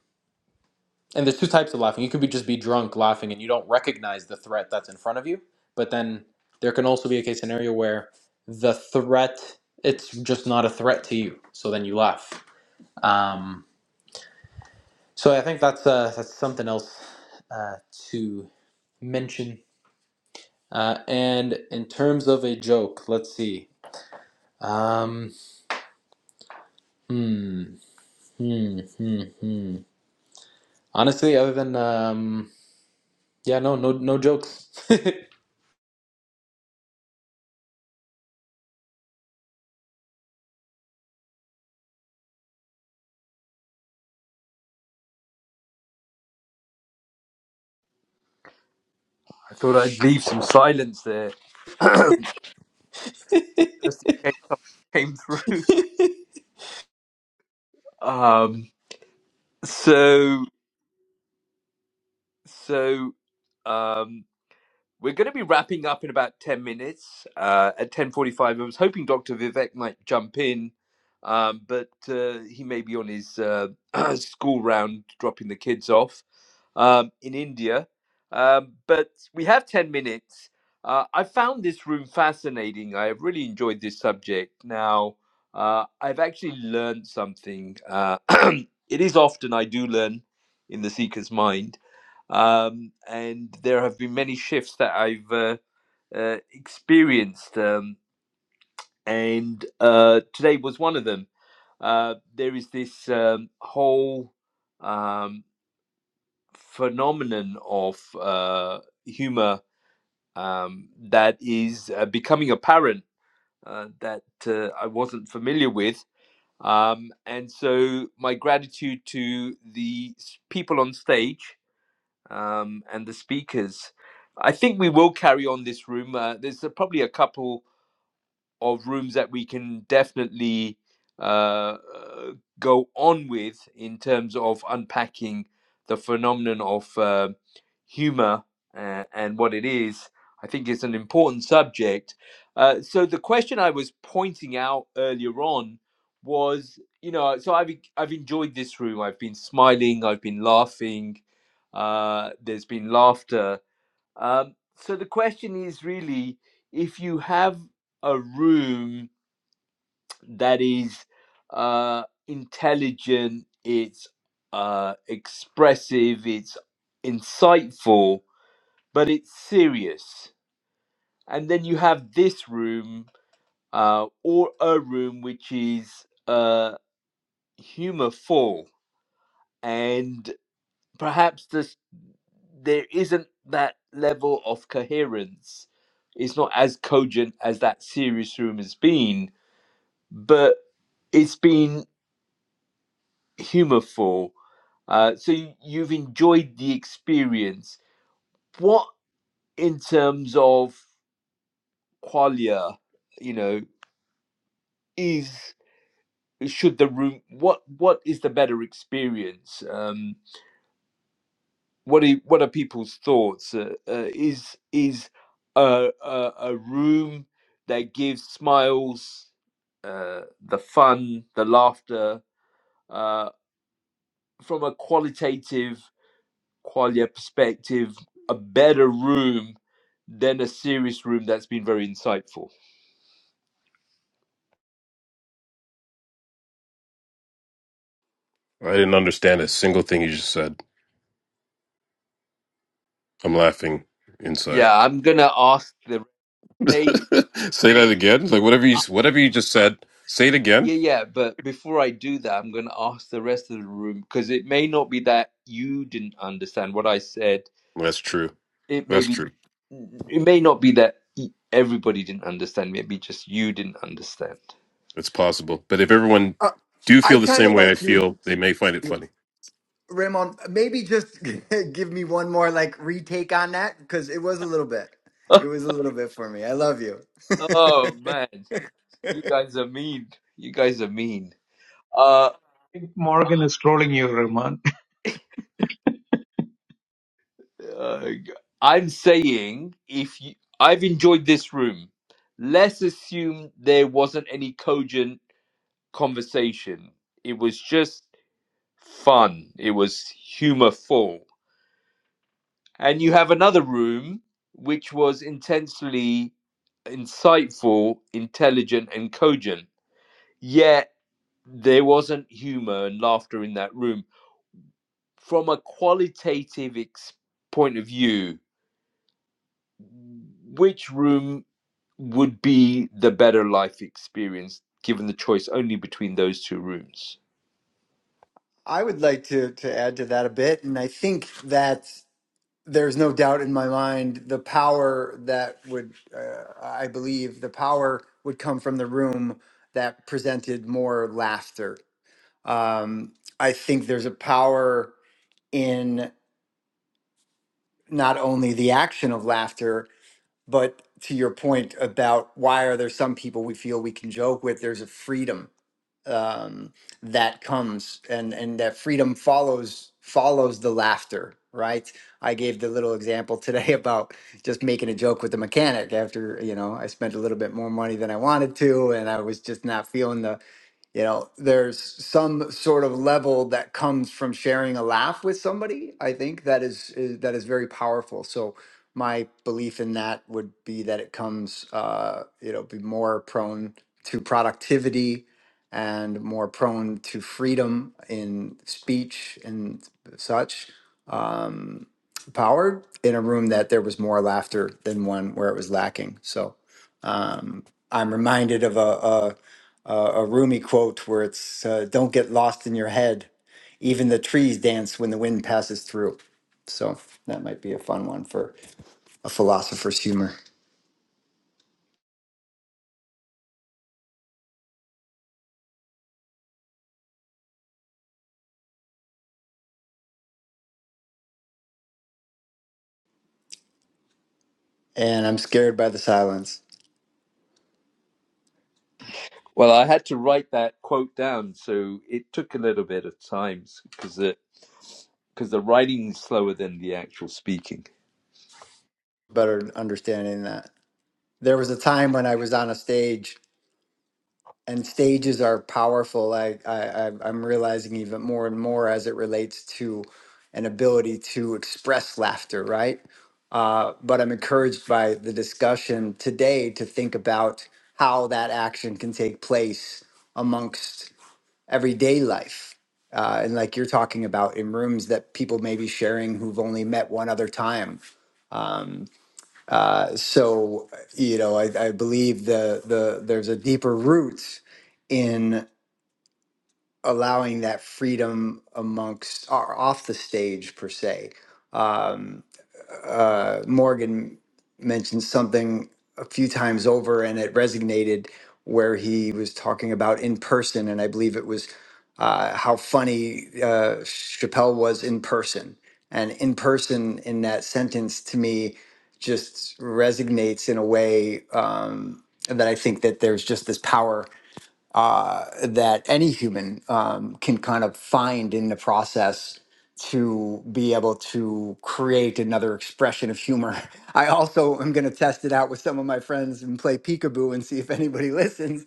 and there's two types of laughing. You could be just be drunk laughing and you don't recognize the threat that's in front of you, but then there can also be a case scenario where the threat it's just not a threat to you, so then you laugh. Um, So I think that's uh, that's something else uh, to mention. Uh, and in terms of a joke, let's see. Um, hmm, hmm, hmm, hmm. Honestly, other than um, yeah, no, no, no jokes. I thought I'd leave some silence there, just in case it came through. Um, so so um, We're going to be wrapping up in about 10 minutes uh, at 10.45. I was hoping Dr. Vivek might jump in, um, but uh, he may be on his uh, school round dropping the kids off um, in India. Um, but we have 10 minutes. Uh, I found this room fascinating. I have really enjoyed this subject. Now, uh, I've actually learned something. Uh, it is often I do learn in the seeker's mind um, and there have been many shifts that I've uh, uh, experienced, um, and uh, today was one of them. Uh, there is this um, whole um, phenomenon of uh, humor um, that is uh, becoming apparent uh, that uh, I wasn't familiar with. Um, and so, my gratitude to the people on stage um, and the speakers. I think we will carry on this room. Uh, there's uh, probably a couple of rooms that we can definitely uh, uh, go on with in terms of unpacking the phenomenon of uh, humor uh, and what it is. I think it's an important subject. Uh, so the question I was pointing out earlier on was, you know, so I've I've enjoyed this room. I've been smiling. I've been laughing. Uh, there's been laughter. Um, so the question is really if you have a room that is uh, intelligent, it's uh, expressive, it's insightful, but it's serious. And then you have this room uh, or a room which is uh, humorful and perhaps the there isn't that level of coherence. It's not as cogent as that serious room has been, but it's been humorful. Uh, so you, you've enjoyed the experience. What, in terms of qualia, you know, is should the room? What what is the better experience? Um, what are, what are people's thoughts? Uh, uh, is is a, a a room that gives smiles, uh, the fun, the laughter, uh, from a qualitative qualia perspective, a better room than a serious room that's been very insightful? I didn't understand a single thing you just said. I'm laughing inside. Yeah, I'm gonna ask the stage. say that again. Like whatever you Uh, whatever you just said, say it again. yeah, yeah, but before I do that, I'm gonna ask the rest of the room because it may not be that you didn't understand what I said That's true. it may That's be true. it may not be that e- everybody didn't understand maybe just you didn't understand It's possible. But if everyone Uh, do I feel the kind same of way I like you. feel, they may find it funny. Raymond, maybe just give me one more like retake on that because it was a little bit. It was a little bit for me. I love you. oh man you guys are mean you guys are mean uh, uh i'm saying if you i've enjoyed this room let's assume there wasn't any cogent conversation it was just fun it was humorful and you have another room which was intensely insightful, intelligent, and cogent. Yet there wasn't humor and laughter in that room. From a qualitative ex- point of view, which room would be the better life experience given the choice only between those two rooms? I would like to to add to that a bit, and I think that there's no doubt in my mind the power that would uh, I believe the power would come from the room that presented more laughter. Um, I think there's a power in not only the action of laughter But to your point about why are there some people we feel we can joke with, there's a freedom um, that comes, and and that freedom follows follows the laughter, right? I gave the little example today about just making a joke with the mechanic after you know I spent a little bit more money than I wanted to, and I was just not feeling the you know there's some sort of level that comes from sharing a laugh with somebody i think that is, is that is very powerful so my belief in that would be that it comes uh, you know be more prone to productivity and more prone to freedom in speech and such power in a room that there was more laughter than one where it was lacking so um, I'm reminded of a, a a a Rumi quote where it's uh, "Don't get lost in your head. Even the trees dance when the wind passes through." So that might be a fun one for a philosopher's humor. And I'm scared by the silence. Well, I had to write that quote down, so it took a little bit of time because the because the writing is slower than the actual speaking. Better understanding that there was a time when I was on a stage and stages are powerful. I, I I- I'm realizing even more and more as it relates to an ability to express laughter, right? Uh, but I'm encouraged by the discussion today to think about how that action can take place amongst everyday life. Uh, and like you're talking about in rooms that people may be sharing who've only met one other time. Uh, so, you know, I, I believe the, the, there's a deeper root in. allowing that freedom amongst or off the stage per se. Um, uh, Morgan mentioned something a few times over, and it resonated where he was talking about in person, and I believe it was uh, how funny uh, Chappelle was in person. And in person, in that sentence, to me, just resonates in a way um, that I think that there's just this power uh, that any human um, can kind of find in the process to be able to create another expression of humor. I also am going to test it out with some of my friends and play peekaboo and see if anybody listens.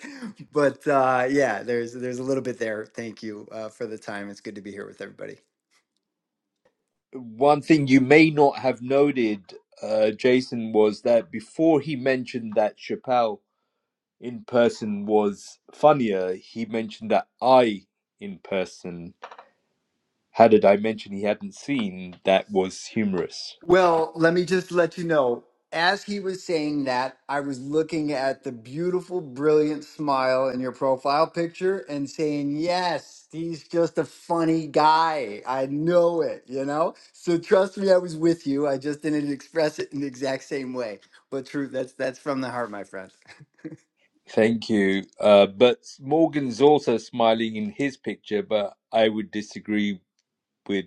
But uh, yeah, there's there's a little bit there. Thank you uh, for the time. It's good to be here with everybody. one thing you may not have noted, uh, Jason, was that before he mentioned that Chappelle in person was funnier, he mentioned that I in person had a dimension he hadn't seen that was humorous. Well, let me just let you know. As he was saying that, I was looking at the beautiful, brilliant smile in your profile picture and saying, Yes, he's just a funny guy. I know it, you know? So trust me, I was with you. I just didn't express it in the exact same way. But true, that's that's from the heart, my friend. Thank you. Uh, but Morgan's also smiling in his picture, but I would disagree with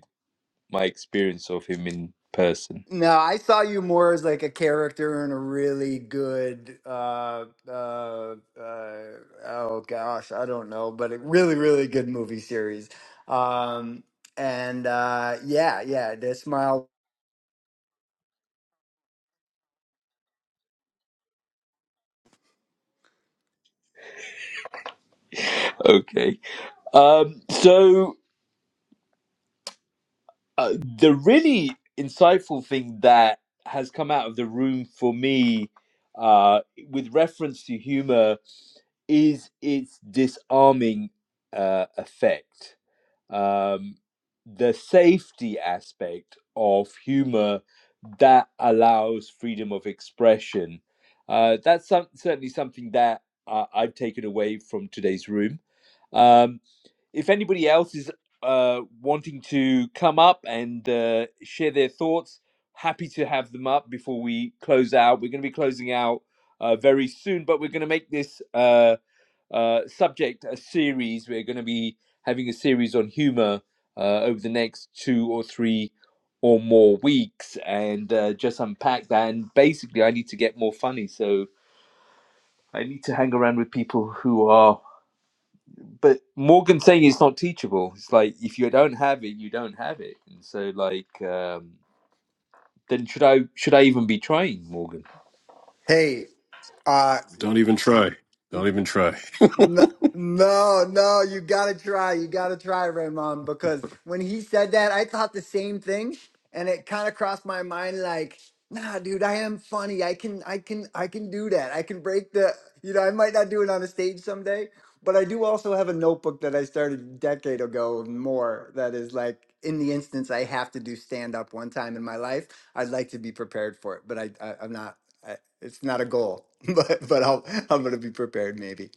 my experience of him in person. No, I saw you more as like a character in a really good uh uh uh oh gosh, I don't know, but a really really good movie series. Um and uh yeah, yeah, the smile. Okay. Um, so. Uh, the really insightful thing that has come out of the room for me uh, with reference to humor is its disarming uh, effect. Um, the safety aspect of humor that allows freedom of expression. Uh, that's some, certainly something that uh, I've taken away from today's room. Um, if anybody else is uh, wanting to come up and uh, share their thoughts, happy to have them up before we close out. We're going to be closing out uh, very soon, but we're going to make this uh, uh, subject a series. We're going to be having a series on humor uh, over the next two or three or more weeks and uh, just unpack that. And basically, I need to get more funny. So I need to hang around with people who are but Morgan saying it's not teachable. It's like if you don't have it, you don't have it. And so like um then should I should I even be trying, Morgan? Hey, uh, Don't even try. Don't even try. No, no, no, you gotta try. You gotta try, Raymond, because when he said that, I thought the same thing, and it kind of crossed my mind like, nah, dude, I am funny. I can, I can, I can do that. I can break the, you know, I might not do it on a stage someday, but I do also have a notebook that I started a decade ago more that is like, in the instance I have to do stand up one time in my life, I'd like to be prepared for it, but I, I I'm not. I, it's not a goal, but but I'll, I'm gonna be prepared maybe.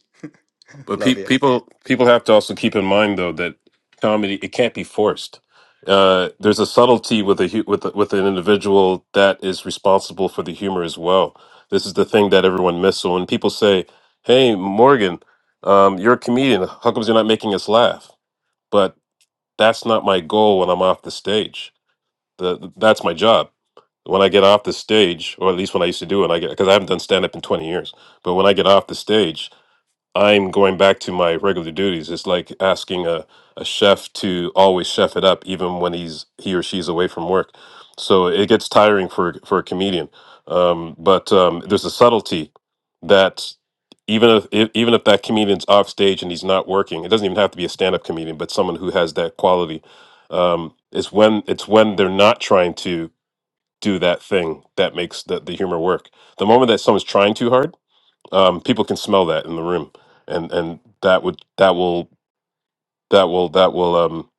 But pe- Love you. people people have to also keep in mind though that comedy it can't be forced. Uh, there's a subtlety with a hu- with a, with an individual that is responsible for the humor as well. This is the thing that everyone misses. So when people say, "Hey, Morgan, um, you're a comedian. How comes you're not making us laugh?" But that's not my goal when I'm off the stage. The, that's my job. When I get off the stage, or at least when I used to do it, I get because I haven't done stand up in 20 years. But when I get off the stage, I'm going back to my regular duties. It's like asking a, a chef to always chef it up, even when he's he or she's away from work. So it gets tiring for for a comedian. Um, but um, there's a subtlety that even if e- even if that comedian's off stage and he's not working, it doesn't even have to be a stand up comedian, but someone who has that quality. Um, it's when it's when they're not trying to do that thing that makes the, the humor work. The moment that someone's trying too hard um, people can smell that in the room, and and that would that will that will that will um,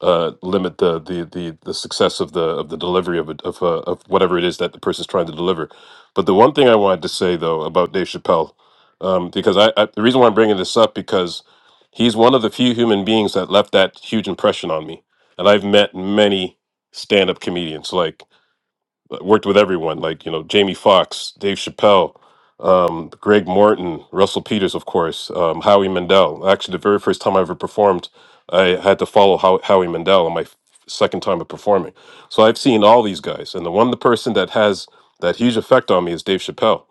uh, limit the, the the the success of the of the delivery of it, of uh, of whatever it is that the person's trying to deliver. But the one thing I wanted to say though about Dave Chappelle, um, because I, I the reason why I'm bringing this up because he's one of the few human beings that left that huge impression on me, and I've met many stand-up comedians like uh, worked with everyone like you know Jamie Foxx, Dave Chappelle, um, Greg Morton, Russell Peters, of course, um, Howie Mandel. Actually, the very first time I ever performed, I had to follow How- Howie Mandel on my f- second time of performing. So I've seen all these guys, and the one the person that has that huge effect on me is Dave Chappelle.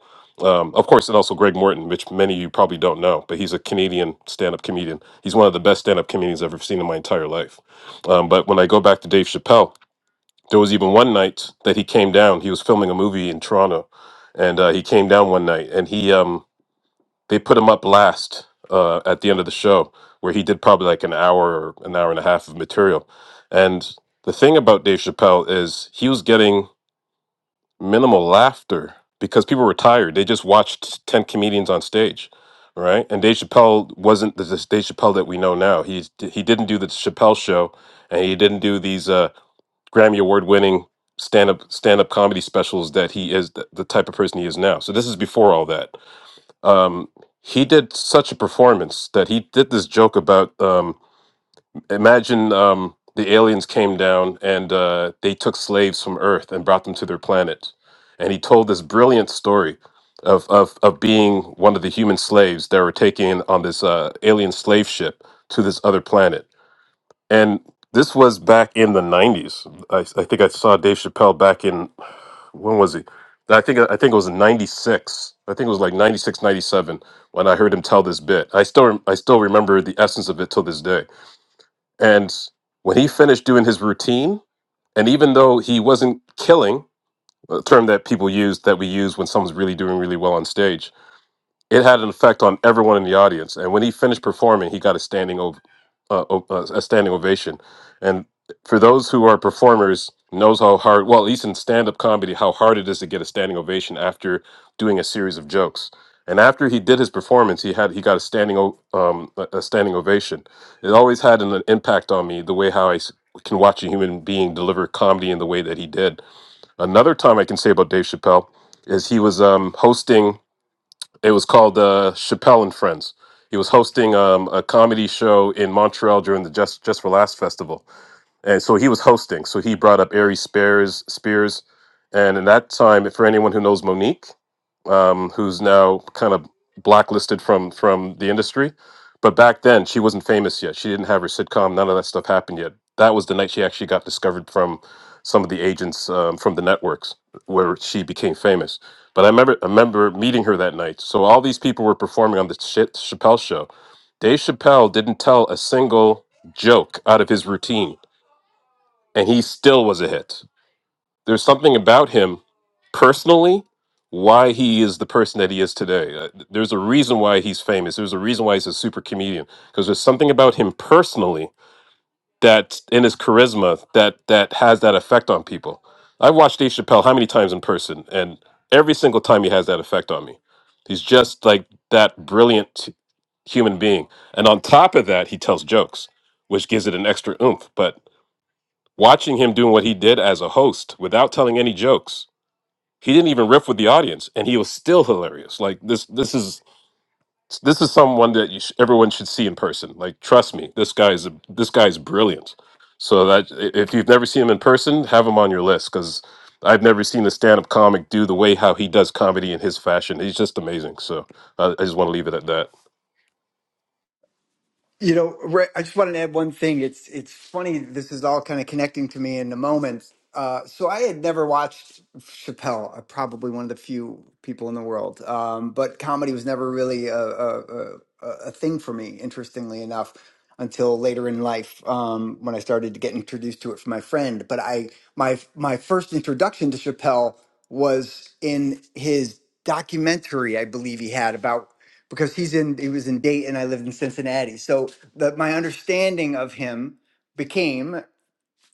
Um, of course, and also Greg Morton, which many of you probably don't know, but he's a Canadian stand-up comedian. He's one of the best stand-up comedians I've ever seen in my entire life. Um, but when I go back to Dave Chappelle, there was even one night that he came down. He was filming a movie in Toronto, and uh, he came down one night, and he um they put him up last uh, at the end of the show, where he did probably like an hour, or an hour and a half of material. And the thing about Dave Chappelle is he was getting minimal laughter because people were tired. They just watched ten comedians on stage, right? And Dave Chappelle wasn't the Dave Chappelle that we know now. He's he didn't do the Chappelle show, and he didn't do these. uh. Grammy award winning stand up stand up comedy specials that he is the, the type of person he is now. So this is before all that. Um, he did such a performance that he did this joke about um, imagine um, the aliens came down and uh, they took slaves from Earth and brought them to their planet, and he told this brilliant story. Of, of, of being one of the human slaves that were taken on this uh, alien slave ship to this other planet and this was back in the '90s. I, I think I saw Dave Chappelle back in when was he? I think I think it was '96. I think it was like '96, '97 when I heard him tell this bit. I still rem- I still remember the essence of it till this day. And when he finished doing his routine, and even though he wasn't killing, a term that people use that we use when someone's really doing really well on stage, it had an effect on everyone in the audience, and when he finished performing, he got a standing ov- uh, o- uh, a standing ovation. And for those who are performers, knows how hard well, at least in stand up comedy, how hard it is to get a standing ovation after doing a series of jokes. And after he did his performance, he had he got a standing o- um, a a standing ovation. It always had an impact on me the way how I s- can watch a human being deliver comedy in the way that he did. Another time I can say about Dave Chappelle is he was um, hosting it was called uh, Chappelle and Friends. He was hosting um, a comedy show in Montreal during the Just Just for Last festival, and so he was hosting. So he brought up Ari Spears, Spears, and in that time, for anyone who knows Monique, um, who's now kind of blacklisted from from the industry, but back then she wasn't famous yet. She didn't have her sitcom. None of that stuff happened yet. That was the night she actually got discovered from some of the agents um, from the networks, where she became famous. But I remember I remember meeting her that night. So all these people were performing on the Ch- Chappelle show. Dave Chappelle didn't tell a single joke out of his routine and he still was a hit. There's something about him personally why he is the person that he is today. Uh, th- There's a reason why he's famous. There's a reason why he's a super comedian because there's something about him personally that in his charisma that that has that effect on people. I've watched Dave Chappelle how many times in person and every single time he has that effect on me. He's just like that brilliant human being. And on top of that, he tells jokes, which gives it an extra oomph. But Watching him doing what he did as a host without telling any jokes, he didn't even riff with the audience, and he was still hilarious. Like this, this is this is someone that you sh- everyone should see in person. Like, trust me, this guy is a, this guy is brilliant. So that i- if you've never seen him in person, have him on your list because I've never seen a stand-up comic do the way how he does comedy in his fashion. He's just amazing. So I, I just want to leave it at that. You know, Ray, I just wanted to add one thing. It's it's funny. This is all kind of connecting to me in the moment. Uh, so I had never watched Chappelle. I'm probably one of the few people in the world. Um, but comedy was never really a, a, a, a thing for me. Interestingly enough, until later in life, um, when I started to get introduced to it from my friend. But I my my first introduction to Chappelle was in his documentary. I believe he had about because he's in he was in Dayton. I lived in Cincinnati, so the, my understanding of him became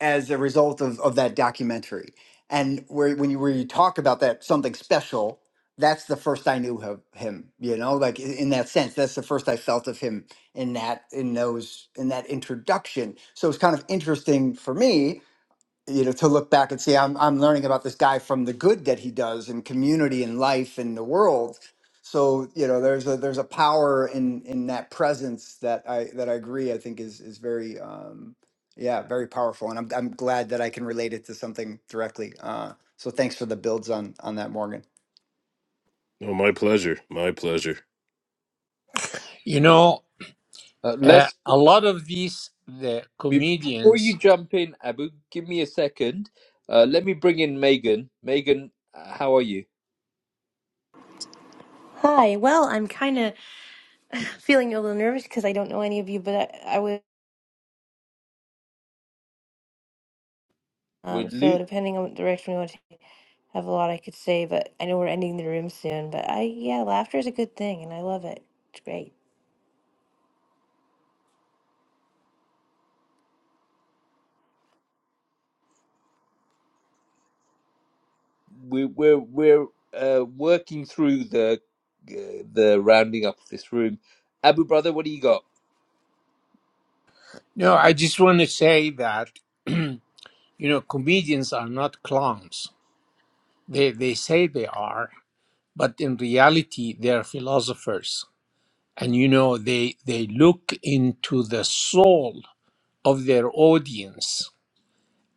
as a result of of that documentary. And where when you where you talk about that something special, that's the first I knew of him. You know, like i- in that sense, that's the first I felt of him in that in those in that introduction. So it's kind of interesting for me you know to look back and see I'm I'm learning about this guy from the good that he does in community and life in the world. So you know there's a there's a power in in that presence that I that I agree I think is is very um yeah very powerful and I'm I'm glad that I can relate it to something directly. Uh, so thanks for the builds on on that Morgan. Oh, my pleasure. My pleasure. you know, Uh, uh, let's a lot of these the bef- before comedians. you jump in, Abu, give me a second. Uh, let me bring in Megan. Megan, uh, how are you? Hi. Well, I'm kind of feeling a little nervous because I don't know any of you, but I, I would. We're Um, so lo- depending on what direction we want to take, I have a lot I could say, but I know we're ending the room soon. But I, yeah, laughter is a good thing, and I love it. It's great. we're we're, we're uh, working through the uh, the rounding up of this room. Abu brother, what do you got? No, I just want to say that you know, comedians are not clowns. They they say they are, but in reality, they are philosophers and you know they they look into the soul of their audience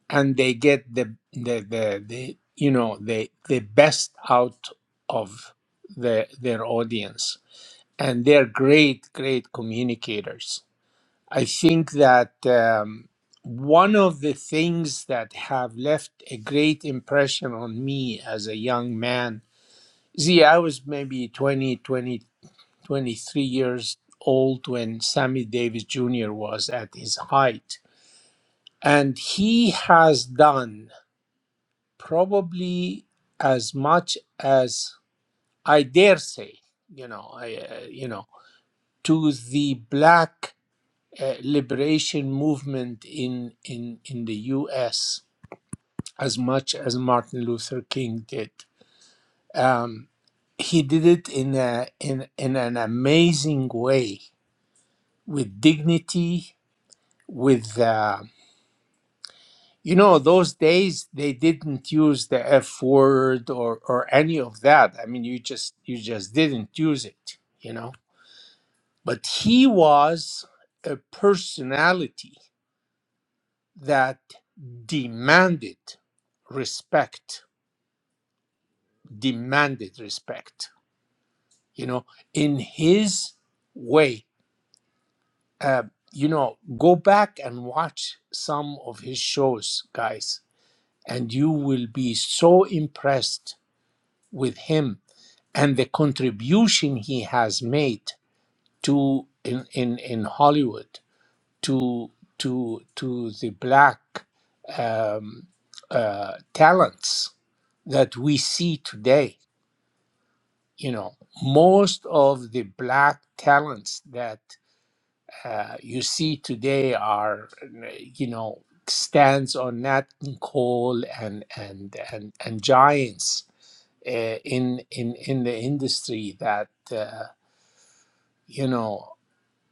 and they get the the the, the you know the the best out of the, their audience and they're great great communicators i think that um, one of the things that have left a great impression on me as a young man see i was maybe twenty twenty. 23 years old when Sammy Davis Jr. was at his height. And he has done probably as much as I dare say, you know, I, uh, you know, to the black uh, liberation movement in, in, in the US as much as Martin Luther King did. Um, he did it in, a, in, in an amazing way with dignity, with uh, You know, those days they didn't use the F word or or any of that. I mean, you just you just didn't use it, you know. But he was a personality that demanded respect, demanded respect, you know, in his way. Uh, you know, go back and watch some of his shows, guys, and you will be so impressed with him and the contribution he has made to in in, in Hollywood to to to the black um, uh, talents that we see today. You know, most of the black talents that uh, you see today are, you know, stands on Nat King Cole and and and and giants uh, in in in the industry that uh, you know.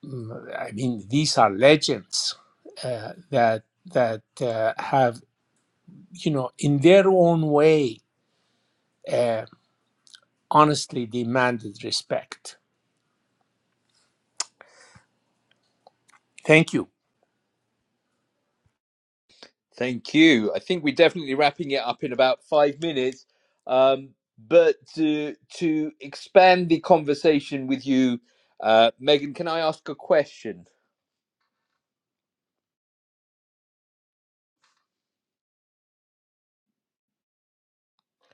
mm, I mean, these are legends uh, that that uh, have, you know, in their own way, uh, honestly demanded respect. Thank you. Thank you. I think we're definitely wrapping it up in about five minutes. Um, but to to expand the conversation with you, uh, Megan, can I ask a question?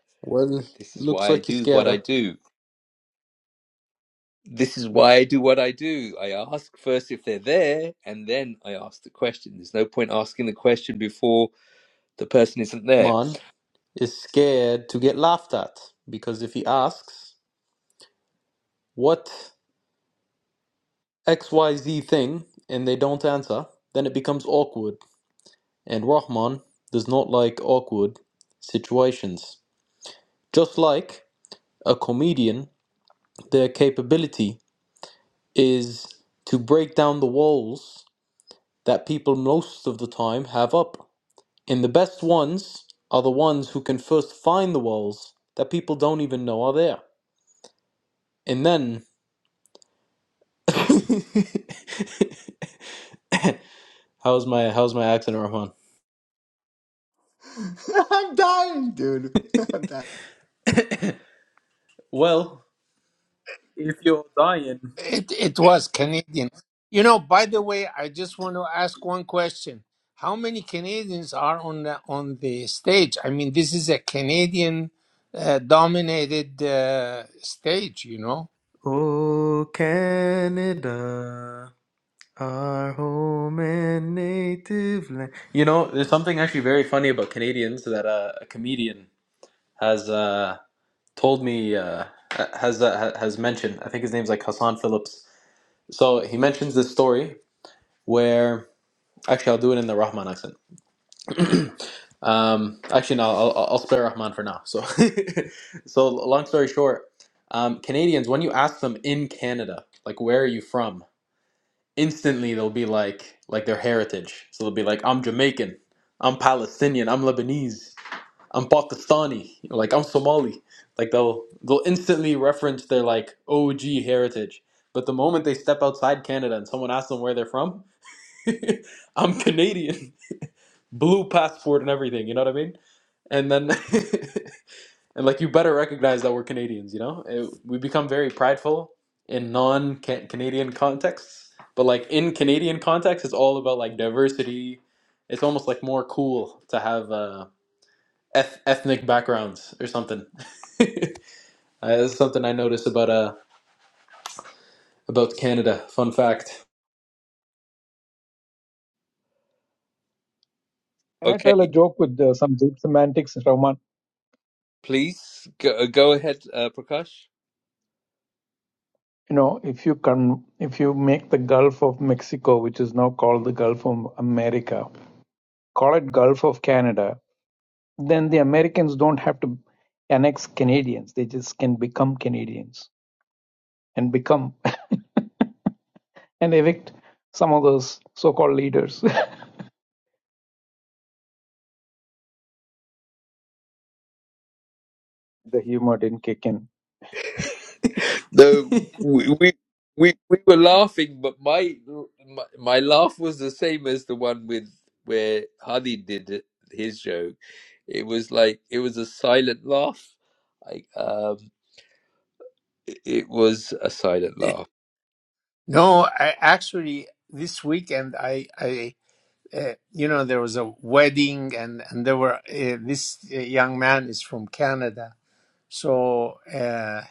well, This is looks why I like you're do what scared. I huh? do. This is why I do what I do. I ask first if they're there, and then I ask the question. There's no point asking the question before the person isn't there. Man is scared to get laughed at because if he asks what X Y Z thing and they don't answer, then it becomes awkward and Rahman does not like awkward situations. Just like a comedian, their capability is to break down the walls that people most of the time have up. And the best ones are the ones who can first find the walls that people don't even know are there. And then How's my how's my accent, Rahman? I'm dying, dude. I'm dying. Well, if you're dying. It it was Canadian. You know, by the way, I just want to ask one question. How many Canadians are on the on the stage? I mean, this is a Canadian uh, dominated uh, stage, you know. Oh Canada. Our home and native land. You know, there's something actually very funny about Canadians that uh, a comedian has uh, told me uh, has uh, ha- has mentioned. I think his name's like Hassan Phillips. So he mentions this story where actually I'll do it in the Rahman accent. Um, actually, no, I'll, I'll I'll spare Rahman for now. So, so long story short, um, Canadians when you ask them in Canada, like where are you from, instantly they'll be like like their heritage. So they'll be like, I'm Jamaican, I'm Palestinian, I'm Lebanese, I'm Pakistani, like I'm Somali. Like they'll they'll instantly reference their like OG heritage. But the moment they step outside Canada and someone asks them where they're from, I'm Canadian, blue passport and everything. You know what I mean? And then and like you better recognize that we're Canadians, you know? It, we become very prideful in non-Canadian contexts, but like in Canadian context, it's all about like diversity. It's almost like more cool to have uh, eth- ethnic backgrounds or something. Uh, that's something I noticed about uh about Canada. Fun fact. Can I Okay, tell a joke with uh, some deep semantics, Rahman? please go, go ahead, uh, Prakash. you know, if you can, if you make the Gulf of Mexico, which is now called the Gulf of America, call it Gulf of Canada, then the Americans don't have to annex Canadians. They just can become Canadians and become and evict some of those so-called leaders. the humor didn't kick in. The we we we, we were laughing, but my, my my laugh was the same as the one with where Hadi did it- his joke. It was like it was a silent laugh. Like um, it it was a silent laugh. No, I actually this weekend I I uh, you know there was a wedding and and there were uh, this uh, young man is from canada so uh,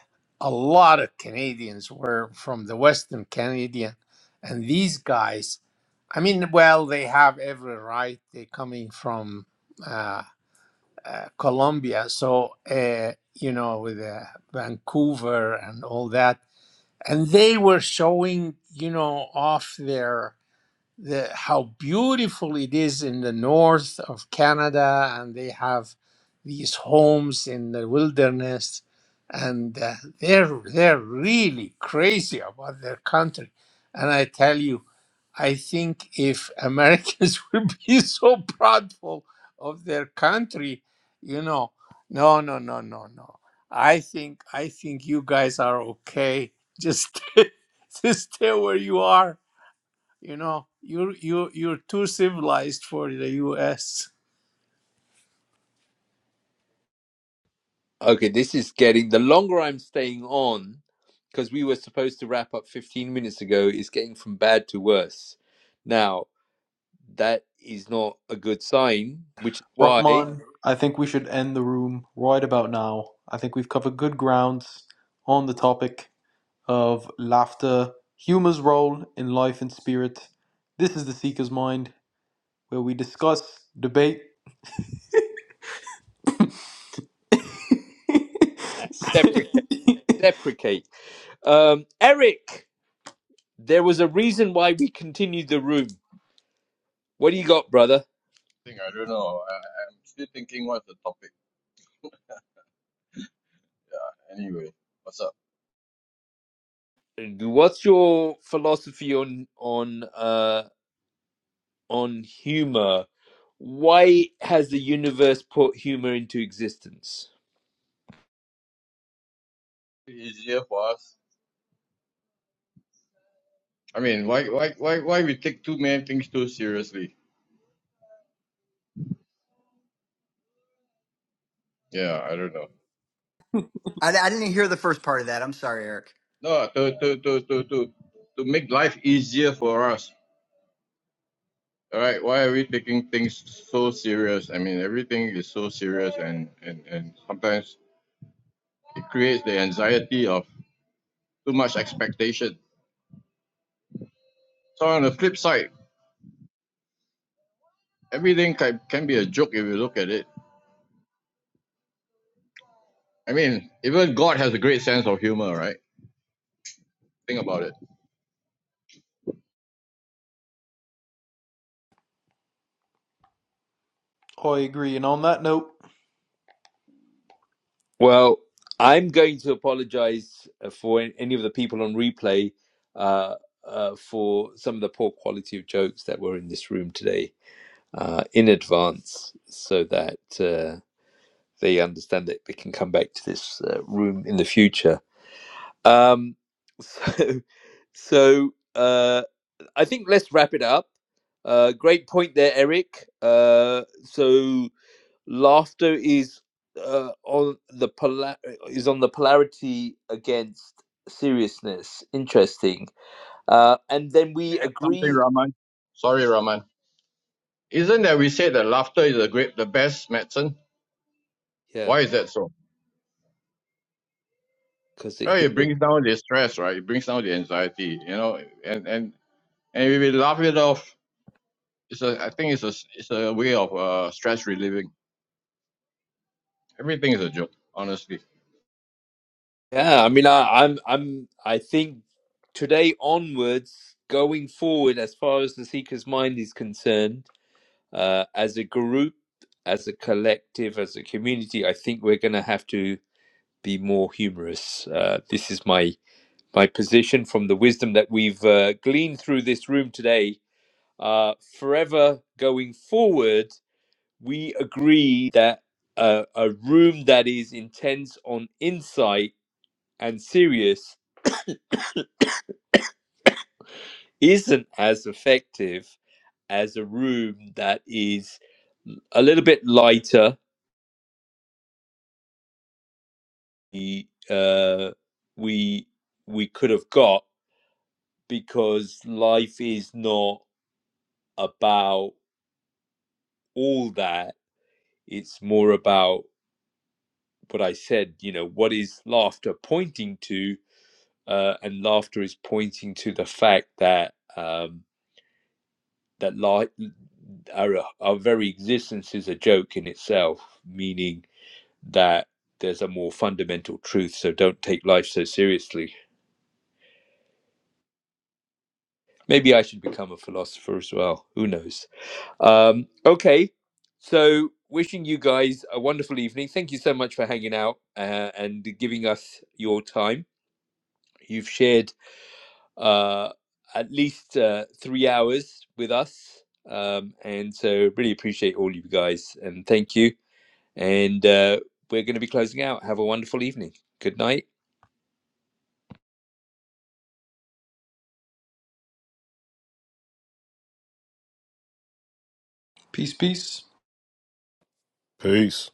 a lot of canadians were from the western canadian and these guys i mean well they have every right they're coming from uh, uh, colombia so uh, you know with uh, vancouver and all that and they were showing you know off their the, how beautiful it is in the north of Canada, and they have these homes in the wilderness, and uh, they're they're really crazy about their country. And I tell you, I think if Americans would be so proudful of their country, you know, no, no, no, no, no. I think I think you guys are okay. Just just stay where you are you know, you're you you're too civilized for the U.S. Okay, this is getting the longer I'm staying on because we were supposed to wrap up 15 minutes ago. Is getting from bad to worse. Now that is not a good sign, which is why Rahman, I think we should end the room right about now. I think we've covered good grounds on the topic. of laughter, humor's role in life and spirit. This is The Seeker's Mind, where we discuss, debate. I I deprecate deprecate. Um, Eric, there was a reason why we continued the room. What do you got, brother? think I don't know. I, I'm still thinking what's the topic. Anyway, what's up? What's your philosophy on on uh, on humor? Why has the universe put humor into existence? Easier for us. I mean, why, why, why, why we take too many things too seriously? Yeah, I don't know. I, I didn't hear the first part of that. I'm sorry, Eric. No, to, to, to, to, to, to make life easier for us. All right, why are we taking things so serious? I mean, everything is so serious, and and and sometimes it creates the anxiety of too much expectation. So on the flip side, everything can, can be a joke if you look at it. I mean, even God has a great sense of humor, right? Think about it. agree, and on that note, Well, I'm going to apologize uh, for an- any of the people on replay uh, uh, for some of the poor quality of jokes that were in this room today. uh, in advance so that uh, they understand that they can come back to this uh, room in the future. Um, so, so uh, I think let's wrap it up. Uh, great point there, Eric. Uh, so laughter is uh, on the pola- is on the polarity against seriousness. Interesting. Uh, and then we Something, agree. Raman. Sorry, Raman. Isn't that we said that laughter is the great, the best medicine? Yeah, Why is that so? because it Well, hit. it brings down the stress, right? It brings down the anxiety, you know. And and and if we laugh it off, it's a. I think it's a it's a way of uh, stress relieving. Everything is a joke, honestly. Yeah, I mean, I, I'm, I'm, I think today onwards, going forward, as far as the Seeker's Mind is concerned, uh, as a group, as a collective, as a community, I think we're going to have to be more humorous. Uh, this is my my position from the wisdom that we've uh, gleaned through this room today. Uh, forever going forward, we agree that uh, a room that is intense on insight and serious isn't as effective as a room that is a little bit lighter. We uh, we we could have got because life is not about all that. It's more about what I said. You know, what is laughter pointing to? Uh, and laughter is pointing to the fact that um, that life, our, our very existence is a joke in itself, meaning that there's a more fundamental truth. So don't take life so seriously. Maybe I should become a philosopher as well. Who knows? Um, okay. So wishing you guys a wonderful evening. Thank you so much for hanging out uh, and giving us your time. You've shared uh, at least uh, three hours with us. Um, and so really appreciate all you guys and thank you. And uh, we're going to be closing out. Have a wonderful evening. Good night. peace, peace. Peace.